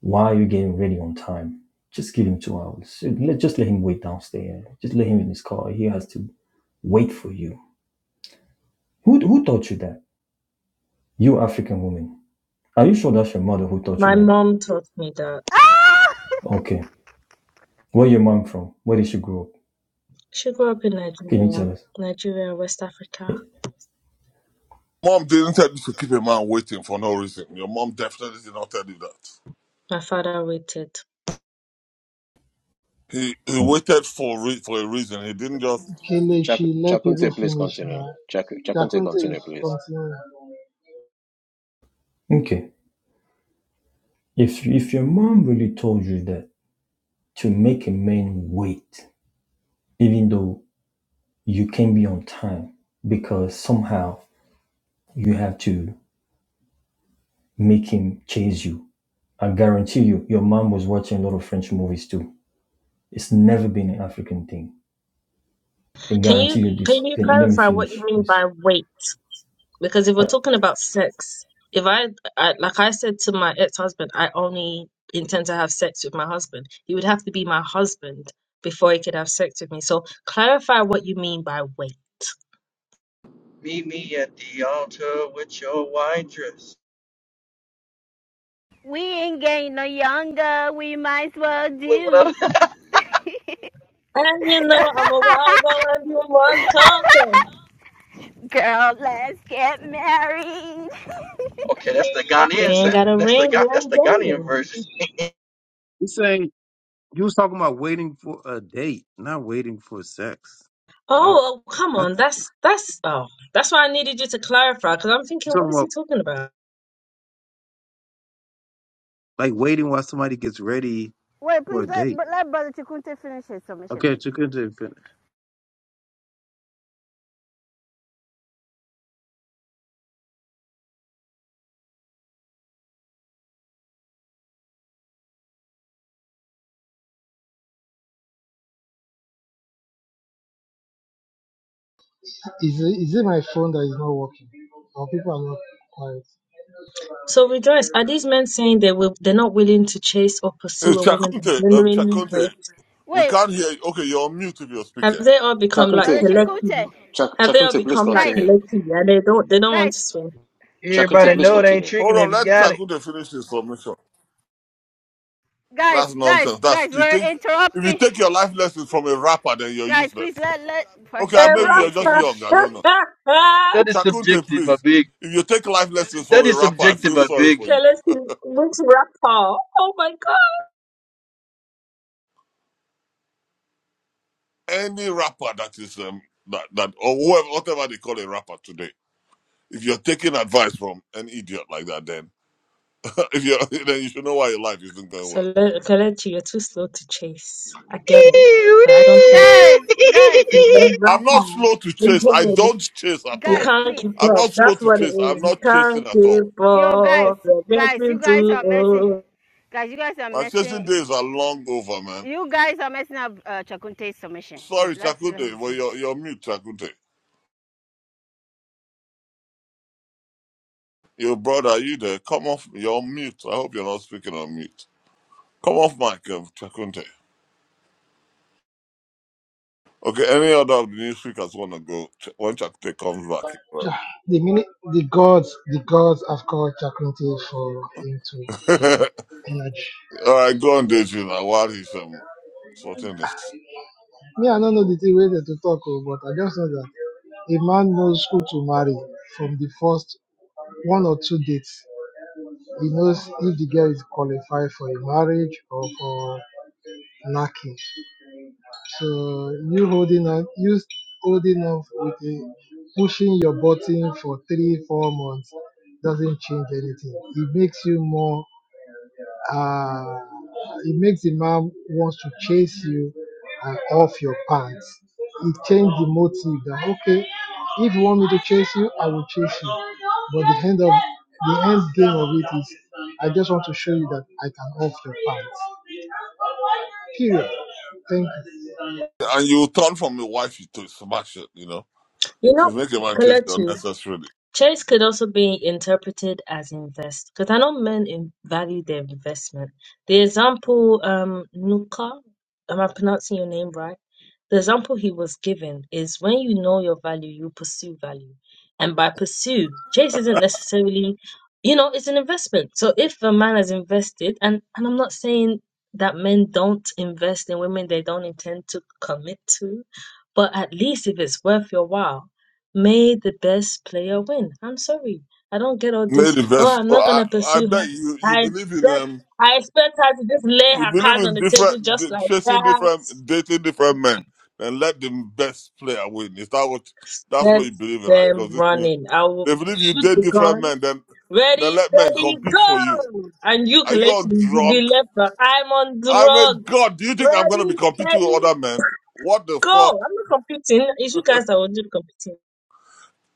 Why are you getting ready on time? Just give him two hours. Just let him wait downstairs. Just let him in his car. He has to wait for you. Who, who taught you that? You African woman. Are you sure that's your mother who taught you My that? mom taught me that. Ah! Okay. Where your mom from? Where did she grow up? She grew up in Can you Nigeria, tell us? Nigeria, West Africa. Eh, Mom didn't tell you to keep a man waiting for no reason. Your mom definitely did not tell you that. My father waited. He he oh, waited for re- for a reason. He didn't just. Chak Kelechi, let people Chakunte, please finish continue. now. Chak Chakunte, Takunte continue, is please. continuing. Okay. If if your mom really told you that to make a man wait, even though you can be on time, because somehow you have to make him chase you I guarantee you, your mom was watching a lot of French movies too. It's never been an African thing. I can Can you guarantee you this. can you Can you let me clarify what you finish, mean please? by wait? Because if we're Uh, talking about sex, if I, I like I said to my ex-husband, I only intend to have sex with my husband. He would have to be my husband before he could have sex with me. So clarify what you mean by wait. Meet me at the altar with your white dress. We ain't getting no younger. We might as well Look do. what up. And you know I'm a wild one, you must come from. Girl, let's get married. Okay, that's the If you Ghanaian ain't sound. got a That's the ring, Ghan- you that's ain't the Ghanaian getting it. version. He saying you was talking about waiting for a date, not waiting for sex. Uh, Oh, oh, come I on, th- that's that's oh, that's why I needed you to clarify because I'm he's thinking, what talking is he about talking about? like waiting while somebody gets ready Wait, for a please let, date. let Brother Chikunte finish his submission, Okay, please. to continue. Is it, is it my phone that is not working? Or people are not quiet? So rejoice. Are these men saying they will they're not willing to chase or Uh, pursue a woman Chakunte, they're uh, genuinely Chakunte, with? we Wait, can't hear you. Okay, you're on mute if you're Have speaking. they all become like Brother Chakunte, collective? Chikunte, Chak Have they all Chakunte, please become like guys, continue. collective and they don't they don't want guys, to swim? Chakunte, Everybody guys, please know we, it ain't continue. Hold tricking on, if you let got it. Chakute finish his submission. guys, That's guys, nonsense. That's guys, you we're think if you interrupting. take your life lessons from a rapper, then you're Guys, please useless. let let Okay, A She maybe you're Shikunte just rapper, young. finish. I don't know. That is Chakunte, subjective, a please. big. If you take life lessons from That a is rapper, I subjective, feel a sorry big. for you. collective, which rapper? Oh my god. Any rapper that is um that that or whoever whatever they call a rapper today, if you're taking advice from an idiot like that, then if you are then you should know why your life isn't going So well. Le- Kelechi, you're too slow to chase. I get it. But I don't think Guys, guys, He's a I'm not slow to chase. I rapper. don't chase at You all. guys, can't please, keep I'm up. not slow That's to what it chase. I'm is. You not chasing can't at all. keep yo, guys, up. You're guys, you getting guys too are messing. old. Guys, you guys are My chasing messing. days are long over, man. You guys are messing up uh, Chakunte's submission. Please Sorry, let let me Chakunde, but finish. you're, you're mute, Chakunde. Your brother, are you there? Come off, you're on mute. I hope you're not speaking on mute. Come off mic, um, Chakunde. Okay, any other of the new speakers want to go Ch- when Chakunde comes back? Yeah, The minute the gods, the gods have called Chakunti for him to get the energy. All right, go on, Deji, now, while he's um, sorting this. Me, I don't know the thing where they to talk, oh, but I just know that a man knows who to marry from the first one or two dates. He knows if the girl is qualified for a marriage or for knacking. So you holding up, you holding up with a, pushing your button for three, four months doesn't change anything. It makes you more. Uh, it makes the man wants to chase you and off your pants. It changed the motive that okay, if you want me to chase you, I will chase you. But the end of the end game of it is, I just want to show you that I can off your pants. Period. Thank you. And you turn from your wife to smash it, you know? You know, She's making my chest Kalechi. unnecessarily. Chase could also be interpreted as invest, because I know men in value their investment. The example, um, Nuka, am I pronouncing your name right? The example he was given is when you know your value, you pursue value. And by pursue, Chase isn't necessarily, you know, it's an investment. So if a man has invested, and, and I'm not saying that men don't invest in women they don't intend to commit to, but at least if it's worth your while May the best player win. I'm sorry. I don't get all Made this. the Oh, best. I'm Oh, not I, gonna I pursue bet her. you, you I believe in expect them. I expect her to just lay You her believe cards on in the table different just d- like chasing that. different dating different men, then let the best player win. Is that what that's Set what you believe in, right? Because them this new running. I will they believe you shoot date the different gun. men, then then Ready, let men steady, compete for you. go! And you Are you all Kelechi, you will be drunk? left back. I'm on I mean, drug. God, do you think I'm gonna be Ready, competing steady, with other men? What the fuck? go! I'm not competing. It's you guys that will do the competing.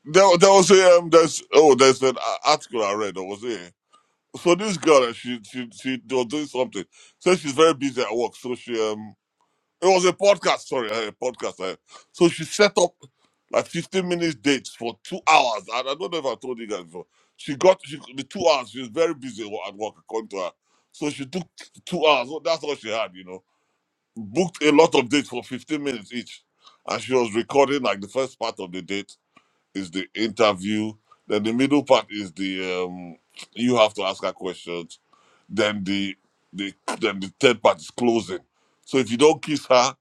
There, there was a um, there's oh there's an a- article I read. There was a so this girl uh, she she she was doing something. So she's very busy at work. So she um It was a podcast, sorry, a podcast. eh. So she set up like 15 minute dates for two hours. And I don't know if I told you guys before. She got she, the two hours. She was very busy wo- at work, according to her. So she took t- two hours. So That's all she had, you know. Booked a lot of dates for 15 minutes each. And she was recording like the first part of the date is the interview. Then the middle part is the um, you have to ask her questions. Then the the then the third part is closing. So if you don't kiss her,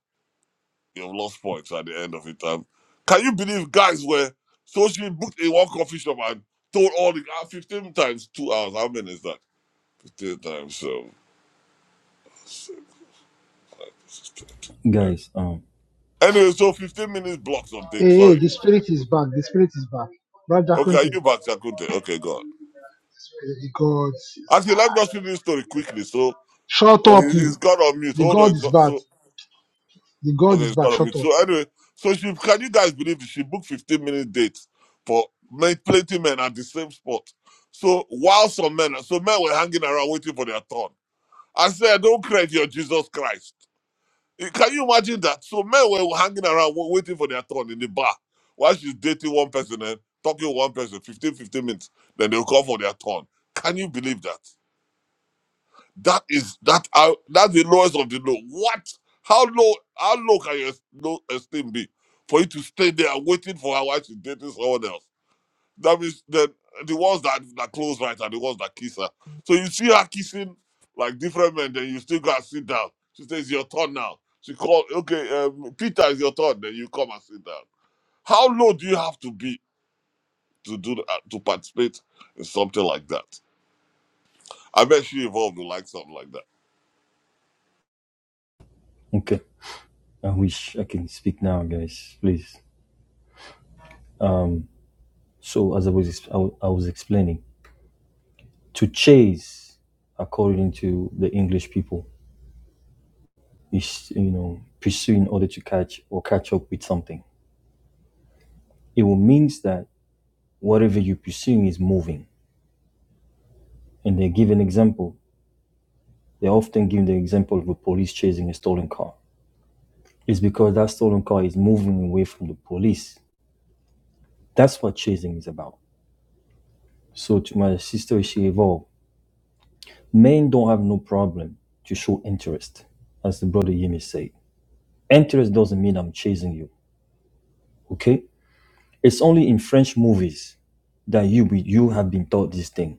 You've lost points at the end of it. Um, can you believe guys were so she booked in one coffee shop and told all the uh, 15 times two hours? How many is that? 15 times. So guys, um, anyway, so 15 minutes blocks of date. Hey, hey, Sorry. the spirit is back. The spirit is back. Brother Jackson, Okay, are the you back Shakunte. Okay, go on. spirit- the God is Actually, let me just back. finish this story quickly. So Shut oh, up, he- you. he's got on mute. The Hold on. God He's is got- back. So The God Okay, is it's back. got on me. Shut up. So anyway, so she can you guys believe it? she booked 15 minute date for men, plenty men at the same spot. So while some men, so men were hanging around waiting for their turn. I said, don't credit your Jesus Christ. Eh, Can you imagine that? So men were hanging around wa- waiting for their turn in the bar while she's dating one person and talking with one person, 15, 15 minutes. Then they'll call for their turn. Can you believe that? That is that. Uh, that's the lowest of the low. What? How low? How low can your low esteem be for you to stay there waiting for her while she's dating someone else? That means the the ones that that close right are the ones that kiss her. So you see her kissing like different men, then you still gotta sit down. She says your turn now. She called, okay, um, Peter, it's your turn. Then you come and sit down. How low do you have to be to do that, to participate in something like that? I bet she evolved to like something like that. okay. I wish I can speak now, guys. Please. Um, so as I was, I, I was explaining, to chase, according to the English people, is you know pursue in order to catch or catch up with something. It will means that whatever you're pursuing is moving. And they give an example. They often give the example of the police chasing a stolen car. It's because that stolen car is moving away from the police. That's what chasing is about. So to my sister, she evolved. Men don't have no problem to show interest, as the brother Yemi said. Interest doesn't mean I'm chasing you. Okay? It's only in French movies that you be, you have been taught this thing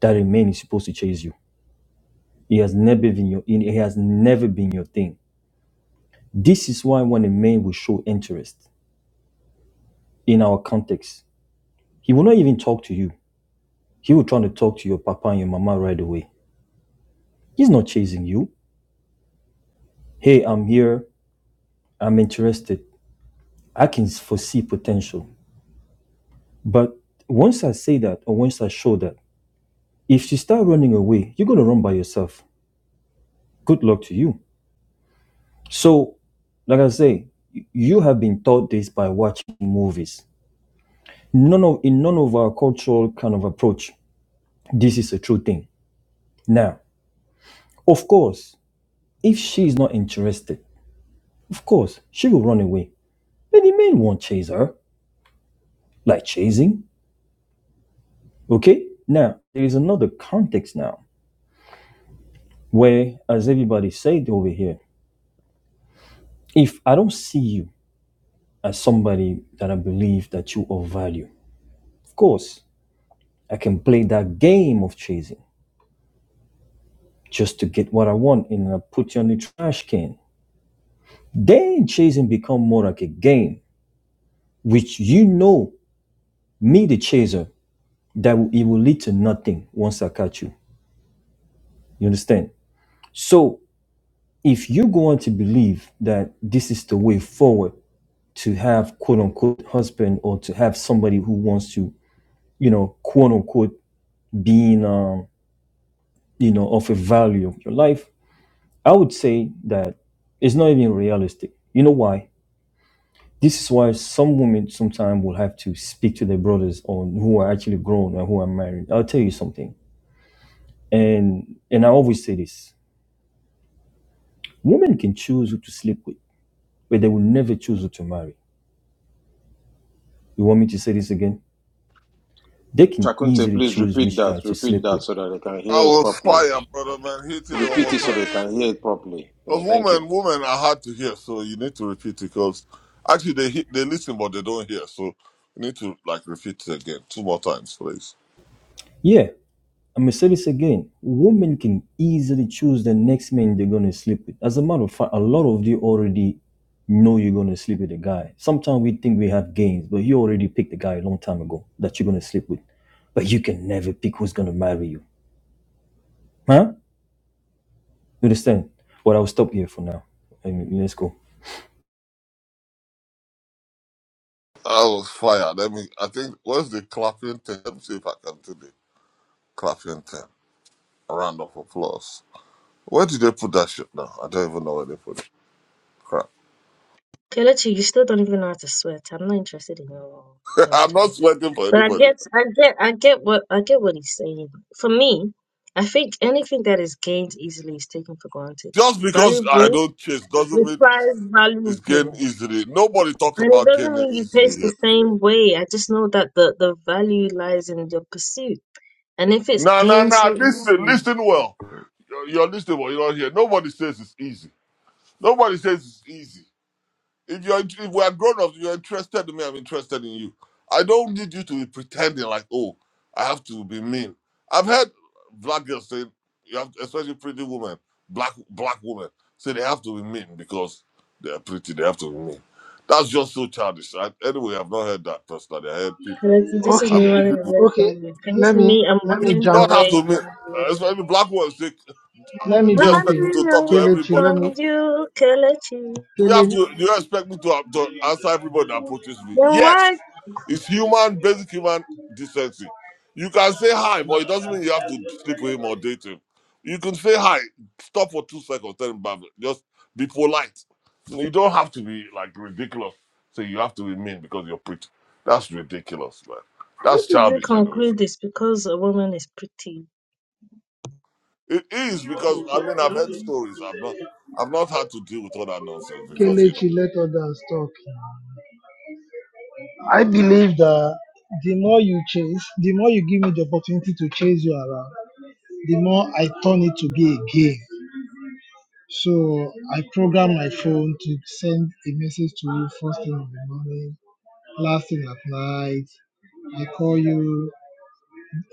that a man is supposed to chase you. He has never been your he has never been your thing. This is why when a man will show interest in our context, He will not even talk to you. He will try to talk to your papa and your mama right away. He's not chasing you. Hey, I'm here. I'm interested. I can foresee potential. But once I say that or once I show that, if you start running away, you're going to run by yourself. Good luck to you. So, like I say, you have been taught this by watching movies. None of in none of our cultural kind of approach, this is a true thing. Now, of course, if she is not interested, of course she will run away Many men won't chase her, like chasing. Okay? Now, there is another context now where, as everybody said over here, if I don't see you as somebody that I believe that you are value, of course, I can play that game of chasing just to get what I want and I put you on the trash can. Then chasing become more like a game, which you know me, the chaser, that it will lead to nothing once I catch you. You understand? So if you go on to believe that this is the way forward to have quote unquote husband or to have somebody who wants to, you know, quote unquote being, um, you know, of a value of your life, I would say that it's not even realistic. You know why? This is why some women sometimes will have to speak to their brothers on who are actually grown and who are married. I'll tell you something. And and I always say this. Women can choose who to sleep with, but they will never choose who to marry. You want me to say this again? They can Chakunte, easily please choose repeat which that. guy to Repeat sleep that with. so that they can hear I it was properly. fire, brother man. Hit it Repeat it so overtime. they can hear it properly. Because Yeah, thank you. women, women are hard to hear, so you need to repeat it. Because actually, they hit, they listen, but they don't hear. So you need to like repeat it again two more times, please. Yeah, I'm gonna say this again. Women can easily choose the next man they're gonna sleep with. As a matter of fact, a lot of you already know you're gonna sleep with a guy. Sometimes we think we have gains, but you already picked the guy a long time ago that you're gonna sleep with. But you can never pick who's gonna marry you. Huh? You understand? Well, I'll stop here for now. I mean, let's go. I was fire. Let me. I think where's the clapping thing? Let me see if I can do the clapping thing. A round of applause. Where did they put that shit now? I don't even know where they put it. Crap. Kelechi, you still don't even know how to sweat. I'm not interested in your your I'm rhetoric. not sweating for But I anybody. get, I get, I get what I get what he's saying. For me, I think anything that is gained easily is taken for granted. Just because I Valuable, don't chase the doesn't mean prize it's gained valuable, easily. Nobody talks and it about doesn't gaining mean you easily taste here. the same way. I just know that the the value lies in your pursuit, and if it's No, no, gained no. so Listen, easily, listen well. You're you're listening well. You're not here. Nobody says it's easy. Nobody says it's easy. If you're if we are grown ups, you're interested in me. I'm interested in you. I don't need you to be pretending like, oh, I have to be mean. I've heard black girls say, you have, especially pretty women, black black women say they have to be mean because they're pretty. They have to be mean. That's just so childish. I, anyway, I've not heard that personally. I heard can people. this is I've me Okay, heard running people. away okay. from you. Can you Let see me me? I'm let You me do running jump. not have away to mean. from Uh, you. Especially black women say Let I'm me Do you jump expect me in. to running talk to away Kelechi, everybody? let me That from appro- you, Kelechi. do you have Kele, to? Do you expect me to, to answer everybody that approaches me? Then why Yes, it's human, basic human decency. You can say hi, but it doesn't mean you have to sleep with him or date him. You can say hi, stop for two seconds, tell him bye. bye. Just be polite. So You don't have to be like ridiculous. Say you have to be mean because you're pretty. That's ridiculous, man. How That's did you childish, anyways. conclude this? because a woman is pretty? It is because I mean I've heard stories. I've not, I've not had to deal with all that nonsense because you know. Kelechi, let others talk. I believe that the more you chase, the more you give me the opportunity to chase you around, the more I turn it to be a game. So I program my phone to send a message to you first thing in the morning, last thing at night. I call you,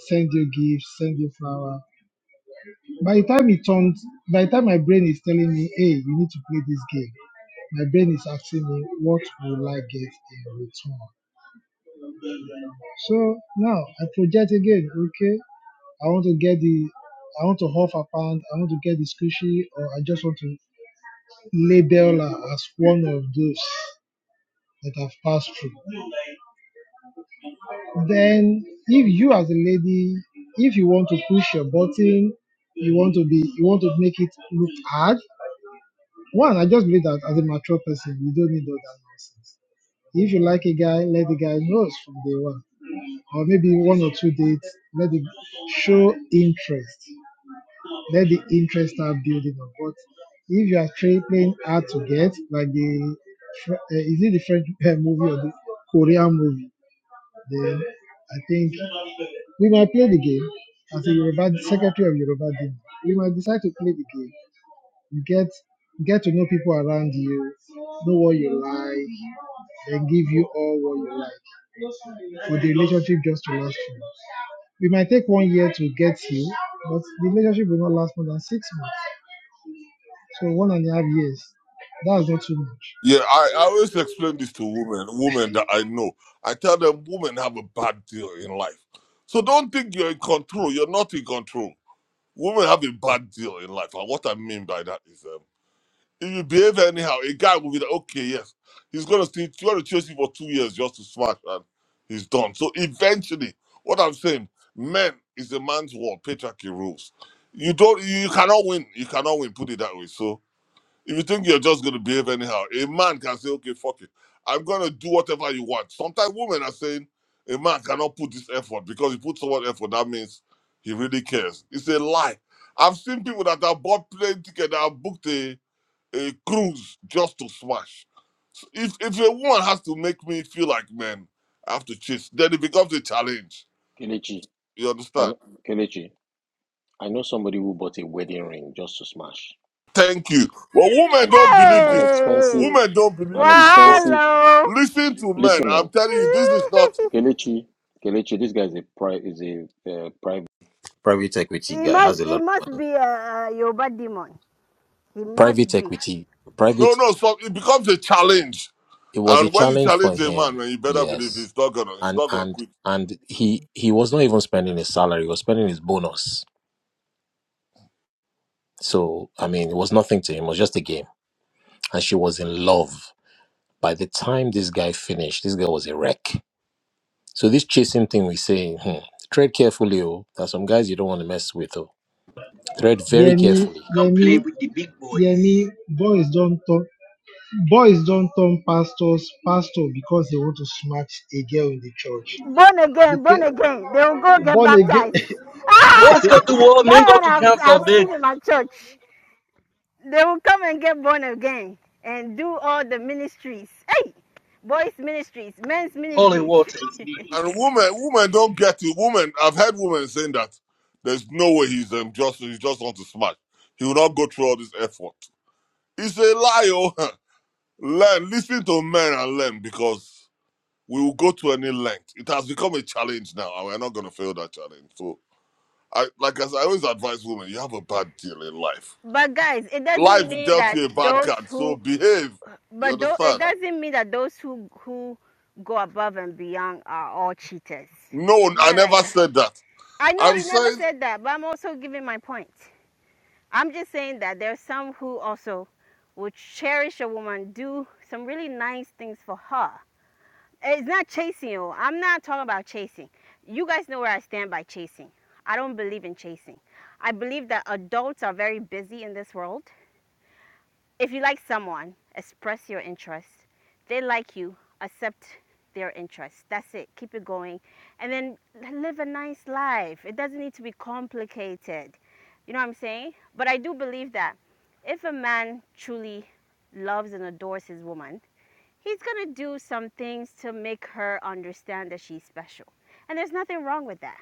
send you gifts, send you flower. By the time it turns, by the time my brain is telling me, hey, you need to play this game, my brain is asking me, what will I get in return? So now I project again, okay, I want to get the, I want to huff a pound, I want to get the squishy, or I just want to label her as one of those. that have passed through. Then, if you as a lady, if you want to push your button, you want to be, you want to make it look hard. One, I just believe that as a mature person, you don't need all that nonsense. If you like a guy, let the guy know from day one, or maybe one or two dates. Let the show interest. Let the interest start building up. But if you are tra- playing hard to get, like the Fr- uh, is it the French uh, movie or the Korean movie? Then I think we might play the game as a Yoruba secretary of Yoruba Demo. We might decide to play the game. You get get to know people around you, know what you like, then give you all what you like for the relationship just to last you. We might take one year to get you, but the relationship will not last more than six months. So one and a half years. That's not too much. Yeah, I, I always explain this to women, women that I know. I tell them women have a bad deal in life. So don't think you're in control. You're not in control. Women have a bad deal in life. And what I mean by that is um, if you behave anyhow, a guy will be like, okay, yes, he's going to see, you're going to chase you for two years just to smash and he's done. So eventually, what I'm saying, men is a man's world, patriarchy rules. You don't, you cannot win. You cannot win, put it that way. So if you think you're just going to behave anyhow, a man can say, okay, fuck it. I'm going to do whatever you want. Sometimes women are saying, a man cannot put this effort because he put so much effort. That means he really cares. It's a lie. I've seen people that have bought plane ticket, that have booked a, a cruise just to smash. So if, if a woman has to make me feel like, man, I have to chase, then it becomes a challenge. Kelechi, You I, understand? kn- Kelechi, I know somebody who bought a wedding ring just to smash. Thank you. Well, women An, don't believe an this. expensive, Hey, Women don't believe an this, well, but expensive. hello. listen to men. Listen, I'm on telling you, this is not. Kelechi, Kelechi, this guy is a pri- is a uh, private private equity he guy. Has must a he lot must of money. be a, a Yoruba demon. He must Private be. equity, private No, no. So it becomes a challenge, it was a and when you challenge for challenge a him man, man, you better believe yes he's not gonna, he's and not gonna and quit. and he he was not even spending his salary he was spending his bonus so i mean it was nothing to him it was just a game and she was in love by the time this guy finished this guy was a wreck so this chasing thing we say hmm, tread carefully oh there are some guys you don't want to mess with oh tread very Yemi, carefully Come play Yemi, with the big Yemi, boys. boys don't talk. Boys don't turn pastors pastor because they want to smack a girl in the church. born again, Because born again. They will go get born again. baptized. Boys Ah, go to war, men that go one to I've, council I've big seen in my church. They will come and get born again and do all the ministries. Hey, boys' ministries, men's holy ministries. water is waters. And women, women don't get it. Women, I've heard women saying that there's no way he's um, just, he just wants to smash. He will not go through all this effort. It's a lie. Oh, learn, listen to men and learn because we will go to any length. It has become a challenge now, and we're not going to fail that challenge. So, I like as I always advise women, you have a bad deal in life. but guys, it doesn't Life mean dealt that you a bad those card, so who, behave. You but though, it understand? doesn't mean that those who who go above and beyond are all cheaters. No, It's I not never like that. said that. I know I'm you never saying, said that, but I'm also giving my point. I'm just saying that there's some who also will cherish a woman, do some really nice things for her. It's not chasing you. I'm not talking about chasing. You guys know where I stand by chasing. I don't believe in chasing. I believe that adults are very busy in this world if you like someone, express your interest. They like you, accept their interest. That's it. Keep it going. And then live a nice life. It doesn't need to be complicated. You know what I'm saying? But I do believe that if a man truly loves and adores his woman, he's going to do some things to make her understand that she's special. And there's nothing wrong with that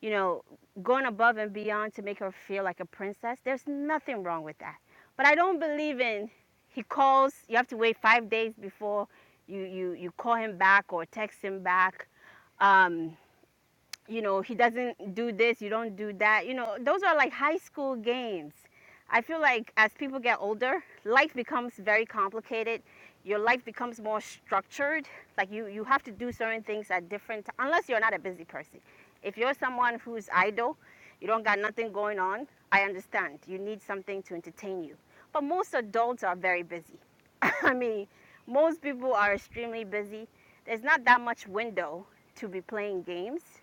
you know, going above and beyond to make her feel like a princess. There's nothing wrong with that. But I don't believe in he calls, you have to wait five days before you, you, you call him back or text him back. Um, you know, he doesn't do this, you don't do that. You know, those are like high school games. I feel like as people get older, life becomes very complicated. Your life becomes more structured. Like you, you have to do certain things at different times, unless you're not a busy person. If you're someone who's idle, you don't got nothing going on, I understand. You need something to entertain you. But most adults are very busy. I mean, most people are extremely busy. There's not that much window to be playing games.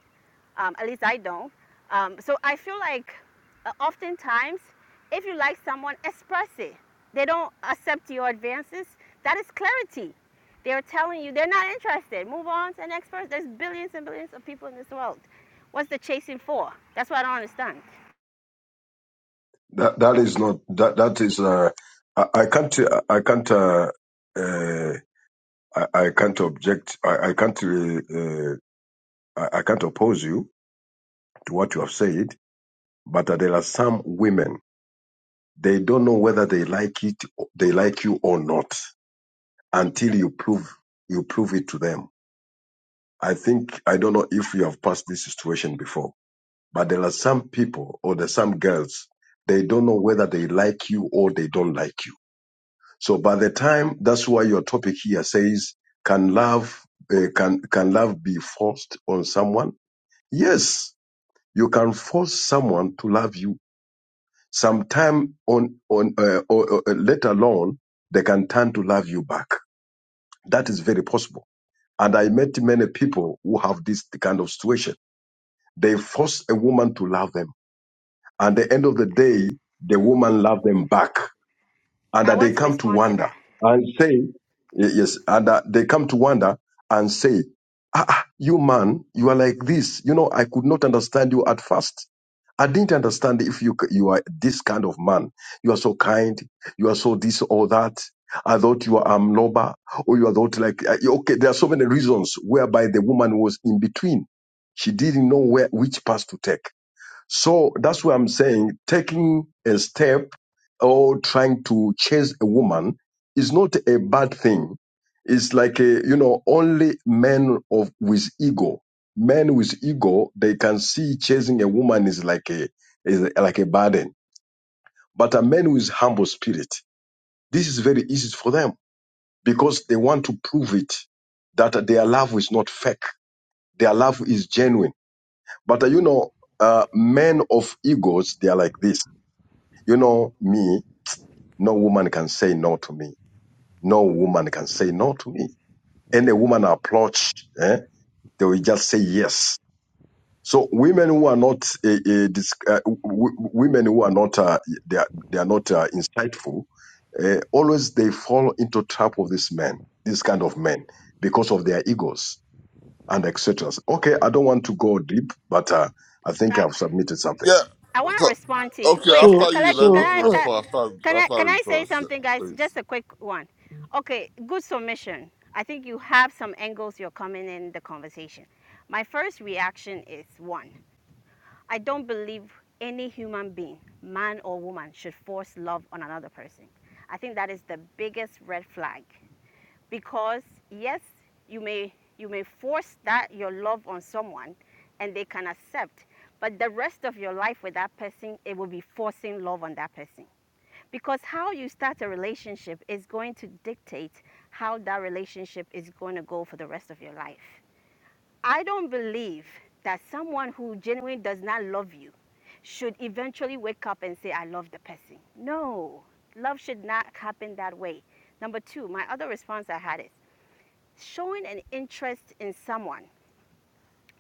Um, at least I don't. Um, so I feel like uh, oftentimes, if you like someone, express it. They don't accept your advances. That is clarity. They are telling you they're not interested. Move on to the next person. There's billions and billions of people in this world. What's the chasing for? That's what I don't understand. That, that is not that. That is. Uh, I, I can't. I can't. Uh, uh, I, I can't object. I, I can't. Uh, uh, I, I can't oppose you to what you have said, but uh, there are some women, they don't know whether they like it, they like you or not until you prove, you prove it to them. I think, I don't know if you have passed this situation before, but there are some people or there are some girls, they don't know whether they like you or they don't like you. So by the time, that's why your topic here says, can love, uh, can, can love be forced on someone? Yes, you can force someone to love you Sometime on on uh, or, or, uh, later on, they can turn to love you back. That is very possible. And I met many people who have this kind of situation. They force a woman to love them, and at the end of the day, the woman love them back, and I that they want to come to respond to wonder that. and say, y- yes, and uh, they come to wonder and say, ah, ah, you man, you are like this. You know, I could not understand you at first I didn't understand if you you are this kind of man. You are so kind. You are so this or that. I thought you are amnoba or you are thought like uh, okay. There are so many reasons whereby the woman was in between. She didn't know where which path to take. So that's why I'm saying taking a step or trying to chase a woman is not a bad thing. It's like a, you know only men of with ego, men with ego, they can see chasing a woman is like a is like a burden. But a man with humble spirit, this is very easy for them because they want to prove it that their love is not fake, their love is genuine. But uh, you know, uh, men of egos, they are like this You know me, no woman can say no to me. No woman can say no to me. Any woman I approach, eh, they will just say yes. So women who are not uh, uh, dis- uh, w- w- women who are not uh, they are, they are not uh, insightful, uh, always they fall into trap of this men, this kind of men, because of their egos and etc. Okay, I don't want to go deep, but uh, I think Uh, I've submitted something. yeah. I want to So, respond to you. okay, Wait, K- so after you, let Kalechi, can me so I uh, can, respond. After, can I after I can I say rejoice, yeah, something, guys? please. Just a quick one. Okay, good submission. I think you have some angles you're coming in the conversation. My first reaction is one. I don't believe any human being, man or woman, should force love on another person. I think that is the biggest red flag because yes you may you may force that your love on someone and they can accept but the rest of your life with that person it will be forcing love on that person because how you start a relationship is going to dictate how that relationship is going to go for the rest of your life i don't believe that someone who genuinely does not love you should eventually wake up and say, I love the person. No, love should not happen that way. Number two, my other response I had is showing an interest in someone,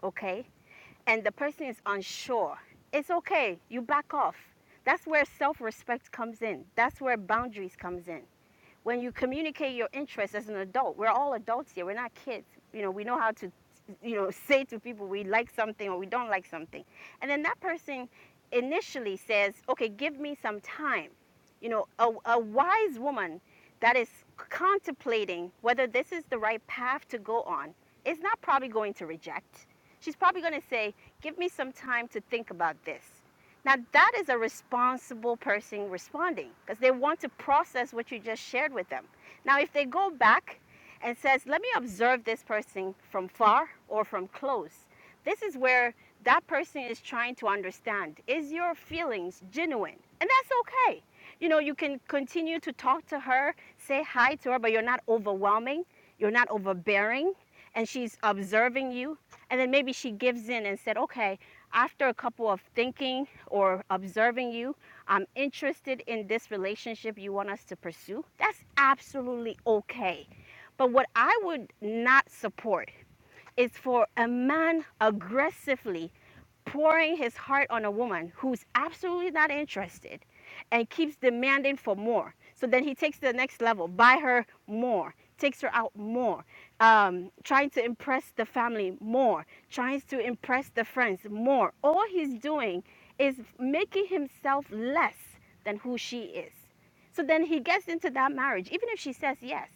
okay, and the person is unsure, it's okay. You back off. That's where self respect comes in. That's where boundaries comes in when you communicate your interests as an adult, we're all adults here. We're not kids. You know, we know how to, you know, say to people we like something or we don't like something. And then that person initially says, okay, give me some time. You know, a, a wise woman that is contemplating whether this is the right path to go on is not probably going to reject. She's probably going to say, give me some time to think about this. Now, that is a responsible person responding because they want to process what you just shared with them. Now, if they go back and says, "Let me observe this person from far or from close." This is where that person is trying to understand is your feelings genuine? And that's okay. You know, you can continue to talk to her, say hi to her, but you're not overwhelming, you're not overbearing, and she's observing you. And then maybe she gives in and said, "Okay, after a couple of thinking or observing you. I'm interested in this relationship you want us to pursue. That's absolutely okay. But what I would not support is for a man aggressively pouring his heart on a woman who's absolutely not interested and keeps demanding for more. So then he takes to the next level, buy her more, takes her out more, um, trying to impress the family more, tries to impress the friends more. All he's doing is making himself less than who she is. So then he gets into that marriage, even if she says yes.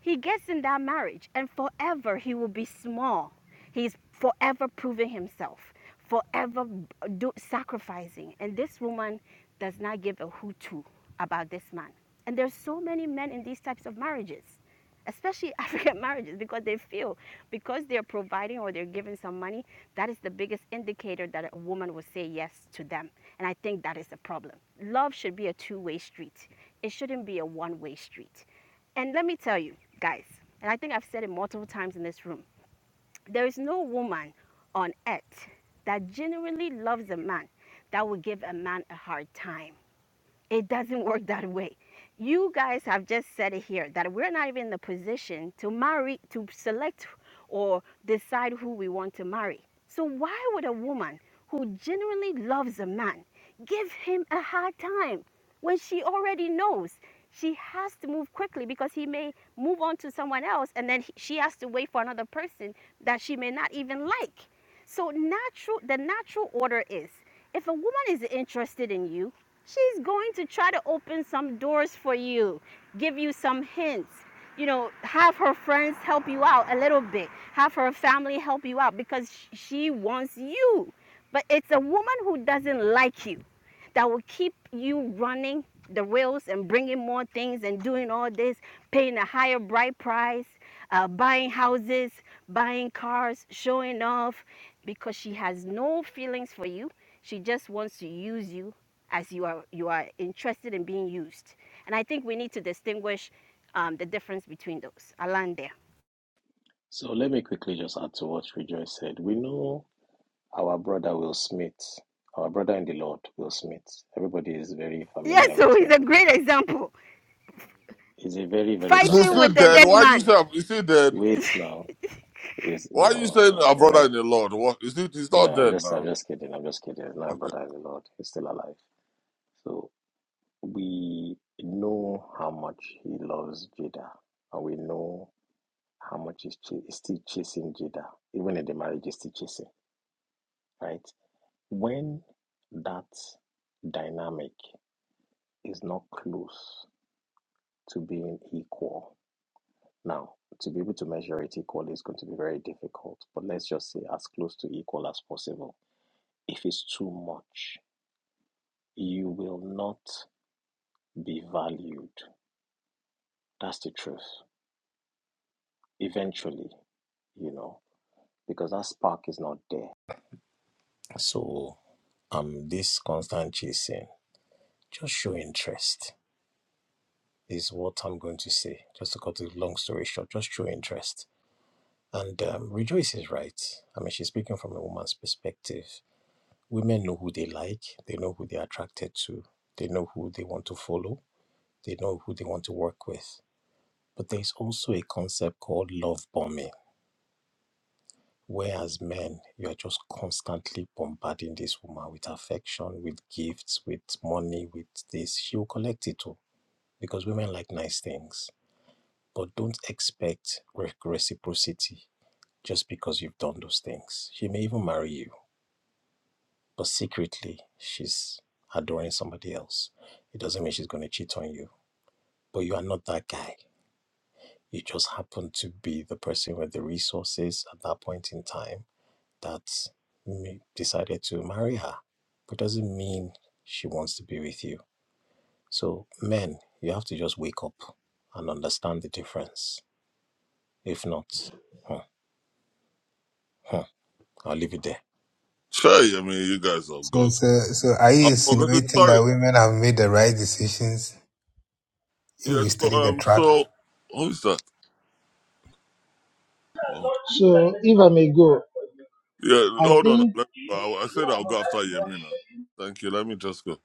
He gets in that marriage, and forever he will be small. He's forever proving himself, forever do, sacrificing. And this woman does not give a hoot about this man. And there's so many men in these types of marriages, especially African marriages, because they feel because they're providing or they're giving some money, that is the biggest indicator that a woman will say yes to them. And I think that is the problem. Love should be a two way street, it shouldn't be a one way street. And let me tell you, guys, and I think I've said it multiple times in this room there is no woman on earth that genuinely loves a man that will give a man a hard time. It doesn't work that way. You guys have just said it here that we're not even in the position to marry, to select or decide who we want to marry. So, why would a woman who genuinely loves a man give him a hard time when she already knows she has to move quickly because he may move on to someone else and then he- she has to wait for another person that she may not even like? So, natural, the natural order is if a woman is interested in you, she's going to try to open some doors for you, give you some hints. You know, have her friends help you out a little bit, have her family help you out because she wants you. But it's a woman who doesn't like you that will keep you running the rails and bringing more things and doing all this, paying a higher bright price, uh, buying houses, buying cars, showing off because she has no feelings for you. She just wants to use you as you are you are interested in being used. And I think we need to distinguish um, the difference between those. I land there. So let me quickly just add to what Rejoice said. We know our brother Will Smith, our brother in the Lord, Will Smith. Everybody is very Yes, familiar with so him. he's a great example. He's a very, very So, Fighting still with successful a dead. dead brother. Why do you man. say, I'm- is he dead? Wait now. Is Why are you no no saying no our when I brother in the Lord? What is it? He's no, not I'm dead just I'm now. just kidding. I'm just kidding. He's not a Okay. brother in the Lord. He's still alive. So we know how much he loves Jada. And we know how much he's, ch- he's still chasing Jada. Even in the marriage he's still chasing. Right? When that dynamic is not close to being equal, Now, to be able to measure it equally is going to be very difficult, but let's just say as close to equal as possible. If it's too much, you will not be valued. That's the truth. Eventually, you know, because that spark is not there. So, um, this constant chasing, just show interest is what I'm going to say. Just to cut the long story short, just show interest. And um, Rejoice is right. I mean, she's speaking from a woman's perspective Women know who they like, they know who they're attracted to, they know who they want to follow, they know who they want to work with. But there's also a concept called love bombing, whereas men, you're just constantly bombarding this woman with affection, with gifts, with money, with this. She'll collect it all because women like nice things. But don't expect reciprocity just because you've done those things. She may even marry you but secretly she's adoring somebody else. It doesn't mean she's going to cheat on you, but you are not that guy. You just happen to be the person with the resources at that point in time that m- decided to marry her, but doesn't mean she wants to be with you. So, men, you have to just wake up and understand the difference. If not, hmm, hmm, I'll leave it there. Sure, I mean, you guys have So, gone. so, so are you I've forgotten. insinuating Sorry. that women have made the right decisions if Yeah, we study so the um, track? so who is that? Oh, so if I may go, yeah, I hold on. think Let, I, I said I'll go after Yemina. Thank you. Let me just go.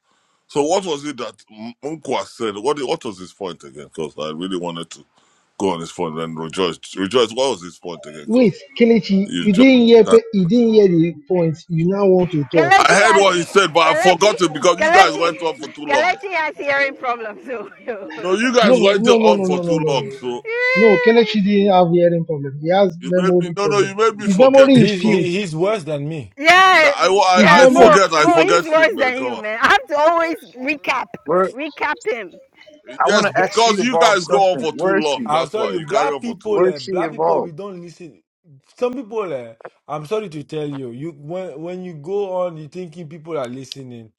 So, what was it that Unkwa said? What what was his point again? Because I really wanted to go on his point and rejoice. Rejoice. What was his point again? Because wait, Kelechi, you you just didn't hear pe- can't. you didn't hear the point. You now want to talk. I Kelechi heard has what he said, but I Kelechi forgot it because you guys Kelechi went on for too long. Kelechi has hearing problems. So, No, you No, guys no, went no, on no, no, for no, no, too no, no. long. No, So No, Kelechi didn't have hearing problem. He has you made me. memory No, no, problem. you made me His forget. memory is He, filled. Because he he's worse than me. yeah, I, His I I yeah, memory. Mo forget. I Mo forget he's shit, worse man. than Come you, on. man. I have to always recap Where recap him. I want Yes, to ask you because you guys about go on something. for too Where is she? long. I'll That's tell why you, you carry black on for too people, eh, Where's she black people, we involved? don't listen. Some people, eh, I'm sorry to tell you, you when when you go on, you thinking people are listening.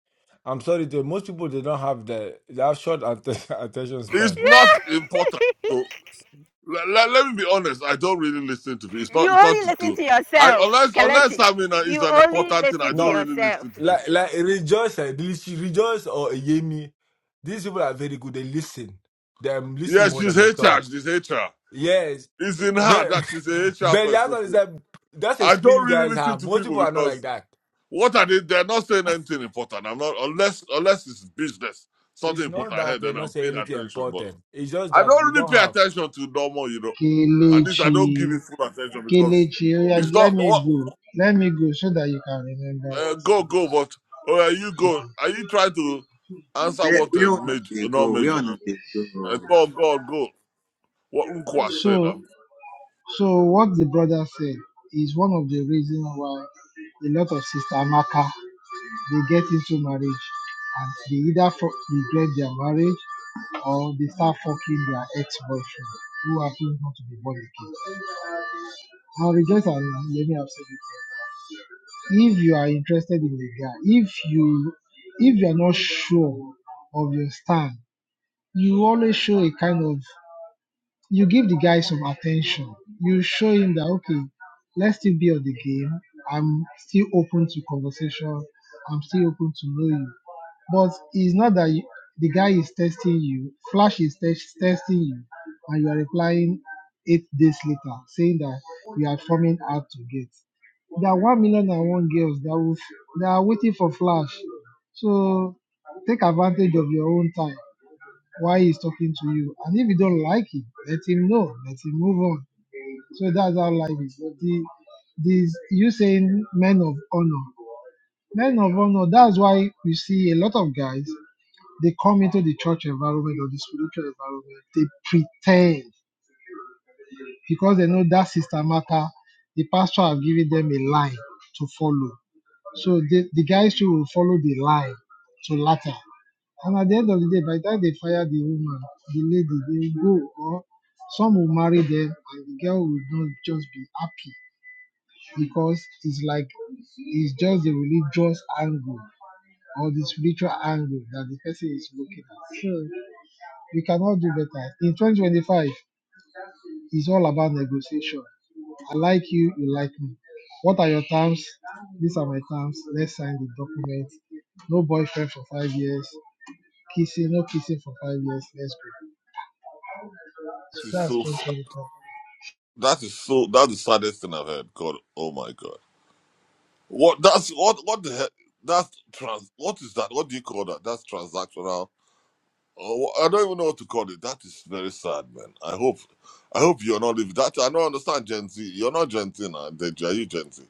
I'm sorry to most people, they don't have the they have short atten- attention long. It's span. not Yeah, important. So let, let, me be honest. I don't really listen to people. It's you not it's not only to listen do. to I yourself, unless unless Kelechi. I mean uh, it's You an only important thing. I listen to don't No, really yourself. listen to like people. like rejoice, eh, Delici- rejoice or Yemi. These people are very good. They listen. They um, listen Yes, more she's than they HR. talk. She's HR. Yes, It's in but her that she's a HR but the person. answer is She- that that's a I skill don't you really guys listen have. to Most people people are not like because that. what are they? They're not saying anything important. I'm not unless unless it's business, something It's not important that ahead. they're Then not I'm saying paying anything attention. important. It's just I that don't we really don't pay have. attention to normal, you know. At least I don't Kelechi, give it full attention because Kelechi, oh yeah, it's let not me what go. Let me go so that you can remember uh, what's. go go. But oh, are you go? Are you trying to answer Where, what a where on that major, they not go? Where major? on that they Uh, go? go go go. What Unkwa said. So. Um, So what the brother said is one of the reasons why a lot of sister Amaka they get into marriage and they either fu- regret their marriage or they start fucking their ex-boyfriend who happens not to be born again. Now rejoice and let me have said it. If you are interested in a guy, if you if you are not sure of your stand, you always show a kind of you give the guy some attention. You show him that okay, let's still be on the game. I'm still open to conversation. I'm still open to know you. But it's not that you, the guy is testing you. Flash is test, testing you, and you are replying eight days later saying that you are forming out to get. There are one million and one girls that will that are waiting for Flash. So take advantage of your own time why he's talking to you. And if you don't like him, let him know. Let him move on. So that's how life is. But the this you saying men of honor. Men of honor, that's why you see a lot of guys, they come into the church environment or the spiritual environment, they pretend because they know that sister matter, the pastor have given them a line to follow. So the, the guys too will follow the line to latter. And at the end of the day, by the time they fire the woman, the lady, they will go or some will marry them and the girl will not just be happy because it's like it's just the religious angle or the spiritual angle that the person is looking at. So we cannot do better. In 2025, it's all about negotiation. I like you, you like me. What are your terms? These are my terms. Let's sign the document. No boyfriend for five years. Kissing, no kissing for five years. Let's go. So that is that's so. sad. 2025. That is so. That's the saddest thing I've heard. God, oh my God. What that's what what the heck? That's trans. What is that? What do you call that? That's transactional Oh, I don't even know what to call it. That is very sad, man. I hope, I hope you're not living that. I don't understand Gen Z. You're not Gen Z now. Deji, Are you Gen Z?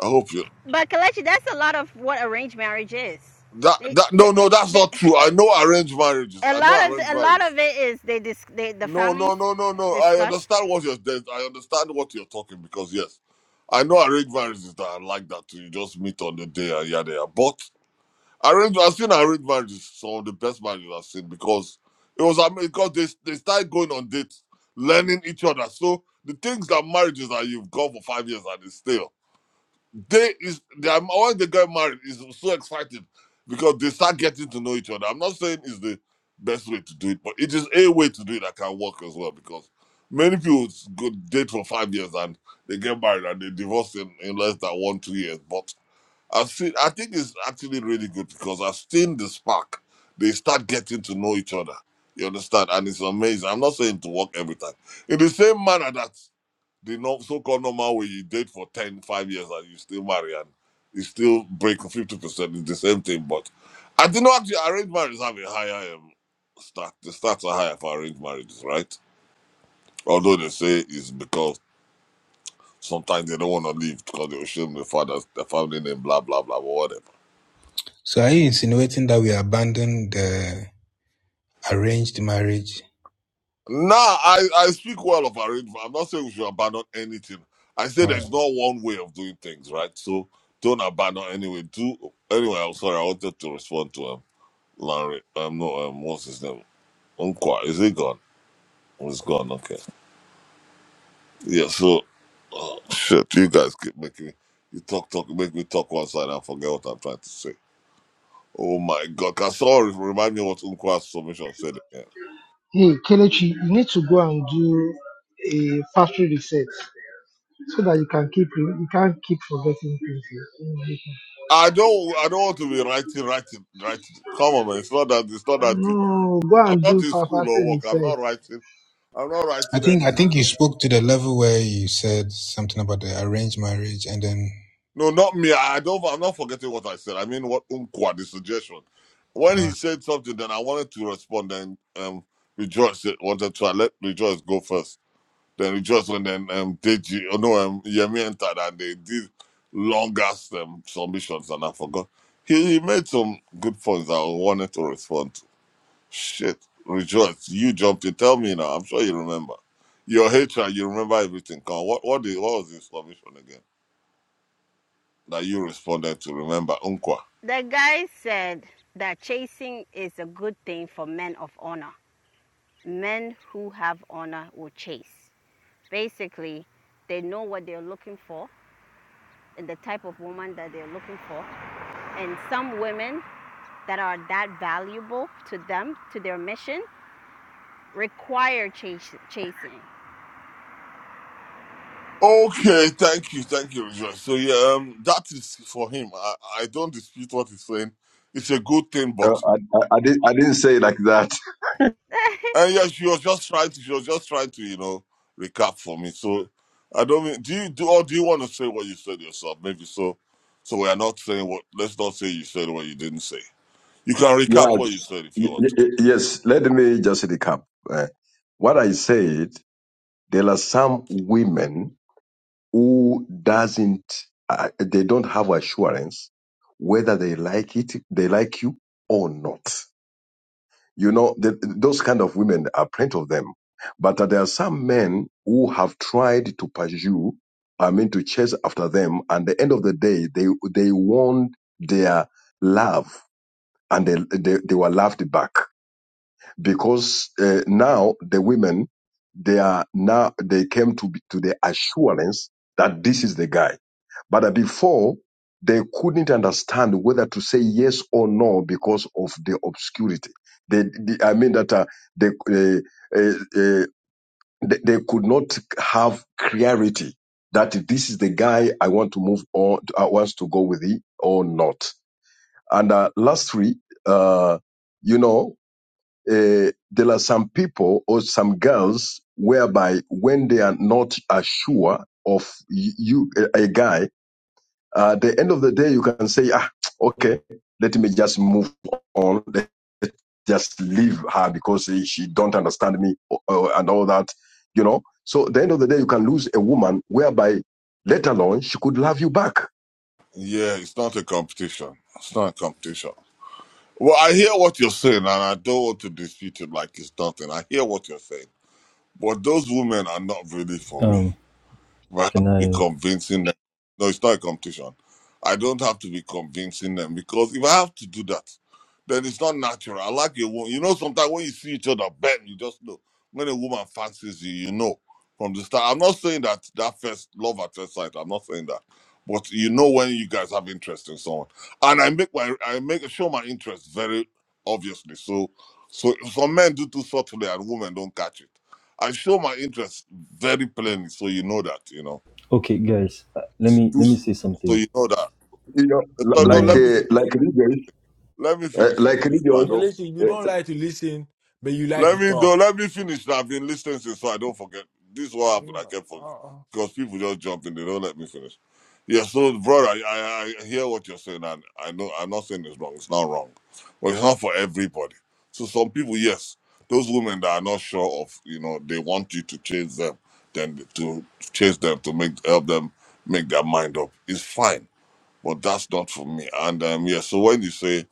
I hope you. But Kelechi, that's a lot of what arranged marriage is. That They, that the, no no that's the, not true. I know arranged marriages. a I know lot of arranged a lot marriages. of it is they dis, they the No no families no no no. I discuss understand what you're. there's- I understand what you're talking because yes, I know arranged marriages that are like that. You just meet on the day and yada yada. But Arranged, I've seen arranged marriages, some of the best marriages I've seen because it was ama- because they they started going on dates, learning each other. So the things that marriages that you've gone for five years and it's still they is they are, when they get married is so excited because they start getting to know each other. I'm not saying it's the best way to do it, but it is a way to do it that can work as well because many people s- go date for five years and they get married and they divorce in, in less than one two years, but I've seen. I think it's actually really good because I've seen the spark. They start getting to know each other. You understand, and it's amazing. I'm not saying to work every time. In the same manner that the no, so-called normal way you date for 10, 5 years and you still marry and you still break 50 percent. It's the same thing, but I do not actually arranged marriages have a higher um, start. The stats are higher for arranged marriages, right? Although they say it's because sometimes they don't want to leave because they will shame the father, the family name, blah blah blah, or whatever. So are you insinuating that we abandon the arranged marriage? Nah, I, I speak well of arrangement. I'm not saying we should abandon anything. I say there's Or not one way of doing things, right? So don't abandon anyway. Do anyway. I'm sorry. I wanted to respond to um Larry. Um, no, um, what's his name? Unqua. Is he gone? Oh, he's gone. Okay. Yeah. So uh, shit, you guys keep making me. You talk, talk, make me talk one side and forget what I'm trying to say. Oh my god! Can someone remind me what Unqua's submission said again? Hey, Kelechi, you need to go and do a factory reset so that you can keep you can't keep forgetting things. here. I don't I don't want to be writing, writing, writing. Come on, man. It's not that. It's not that deep. No, go I'm and not do in fa- school or factory work. I'm reset. not writing. I'm not I writing think I anything. think you spoke to the level where you said something about the arranged marriage and then No, not me. I don't. I'm not forgetting what I said. I mean, what Umqua, the suggestion. When uh, he said something, then I wanted to respond. Then um, Rejoice said- wanted to. I let Rejoice go first. Then Rejoice and then um, Deji. Oh no, um, Yemi entered and they did long ass um, submissions, and I forgot. He, he made some good points. I wanted to respond Shit, rejoice! You jumped in. Tell me now. I'm sure you remember. Your HR, you remember everything. Come, on, what what the, what was the information again that you responded to? Remember, Unkwa. The guy said that chasing is a good thing for men of honor. Men who have honor will chase. Basically, they know what they're looking for and the type of woman that they're looking for. And some women that are that valuable to them, to their mission, require chase- chasing. Okay, thank you, thank you, rejoice. So yeah, um, that is for him. I, I don't dispute what he's saying. It's a good thing, Uh, but I, I, I, did, I didn't say it like that. and yeah, she was just trying to, she was just trying to, you know, recap for me. So I don't mean, do you do or do you want to say what you said yourself? Maybe so. So we are not saying what. Let's not say you said what you didn't say. You can recap Yes, what you said if Y- you y- want. y- yes. Let me just recap. Uh, what I said, there are some women who doesn't, uh, they don't have assurance whether they like it, they like you or not. You know, the, those kind of women are plenty of them. But there are some men who have tried to pursue, I mean, to chase after them. And at the end of the day, they they want their love, and they they, they were loved back because uh, now the women they are now they came to be- to the assurance that this is the guy but before they couldn't understand whether to say yes or no because of the obscurity they, the- i mean that uh, they, uh, uh, uh, they they could not have clarity that this is the guy i want to move on i want to go with it or not and uh, lastly uh, you know uh, there are some people or some girls whereby when they are not assured of y- you, a, a guy, uh, at the end of the day, you can say, ah, okay, let me just move on. Let just leave her because she don't understand me or, or- and all that, you know. So at the end of the day, you can lose a woman whereby let alone she could love you back. Yeah, it's not a competition. It's not a competition. Well, I hear what you're saying, and I don't want to dispute it like it's nothing. I hear what you're saying. But those women are not really for me. Um, If I have to can be I? convincing them, no, it's not a competition. I don't have to be convincing them because if I have to do that, then it's not natural. I like a woman. You know, sometimes when you see each other, bam, you just know. When a woman fancies you, you know from the start. I'm not saying that that first love at first sight. I'm not saying that, but you know when you guys have interest in someone, and I make my I make show my interest very obviously. So, so some men do too subtly, and women don't catch it. I show my interest very plainly, so you know that, you know. Okay, guys, uh, let me let me say So something. you know that. you know, li- So Can no, like let I? me uh, finish. like regions, Let me uh, finish your like please. So I regions. But listen, Uh, you don't. don't like to listen, but you like to Let me do. talk. Let me finish. I've been listening since, so I don't forget. This is what happened. Yeah, I kept forgetting uh, because people just jump in. They don't let me finish. Yeah. So, brother, I, I, I hear what you're saying, and I know I'm not saying it's wrong. It's not wrong, but it's not for everybody. So, some people, yes, those women that are not sure of, you know, they want you to chase them, then to chase them to make help them make their mind up. It's fine, but that's not for me. And um, yeah. So when you say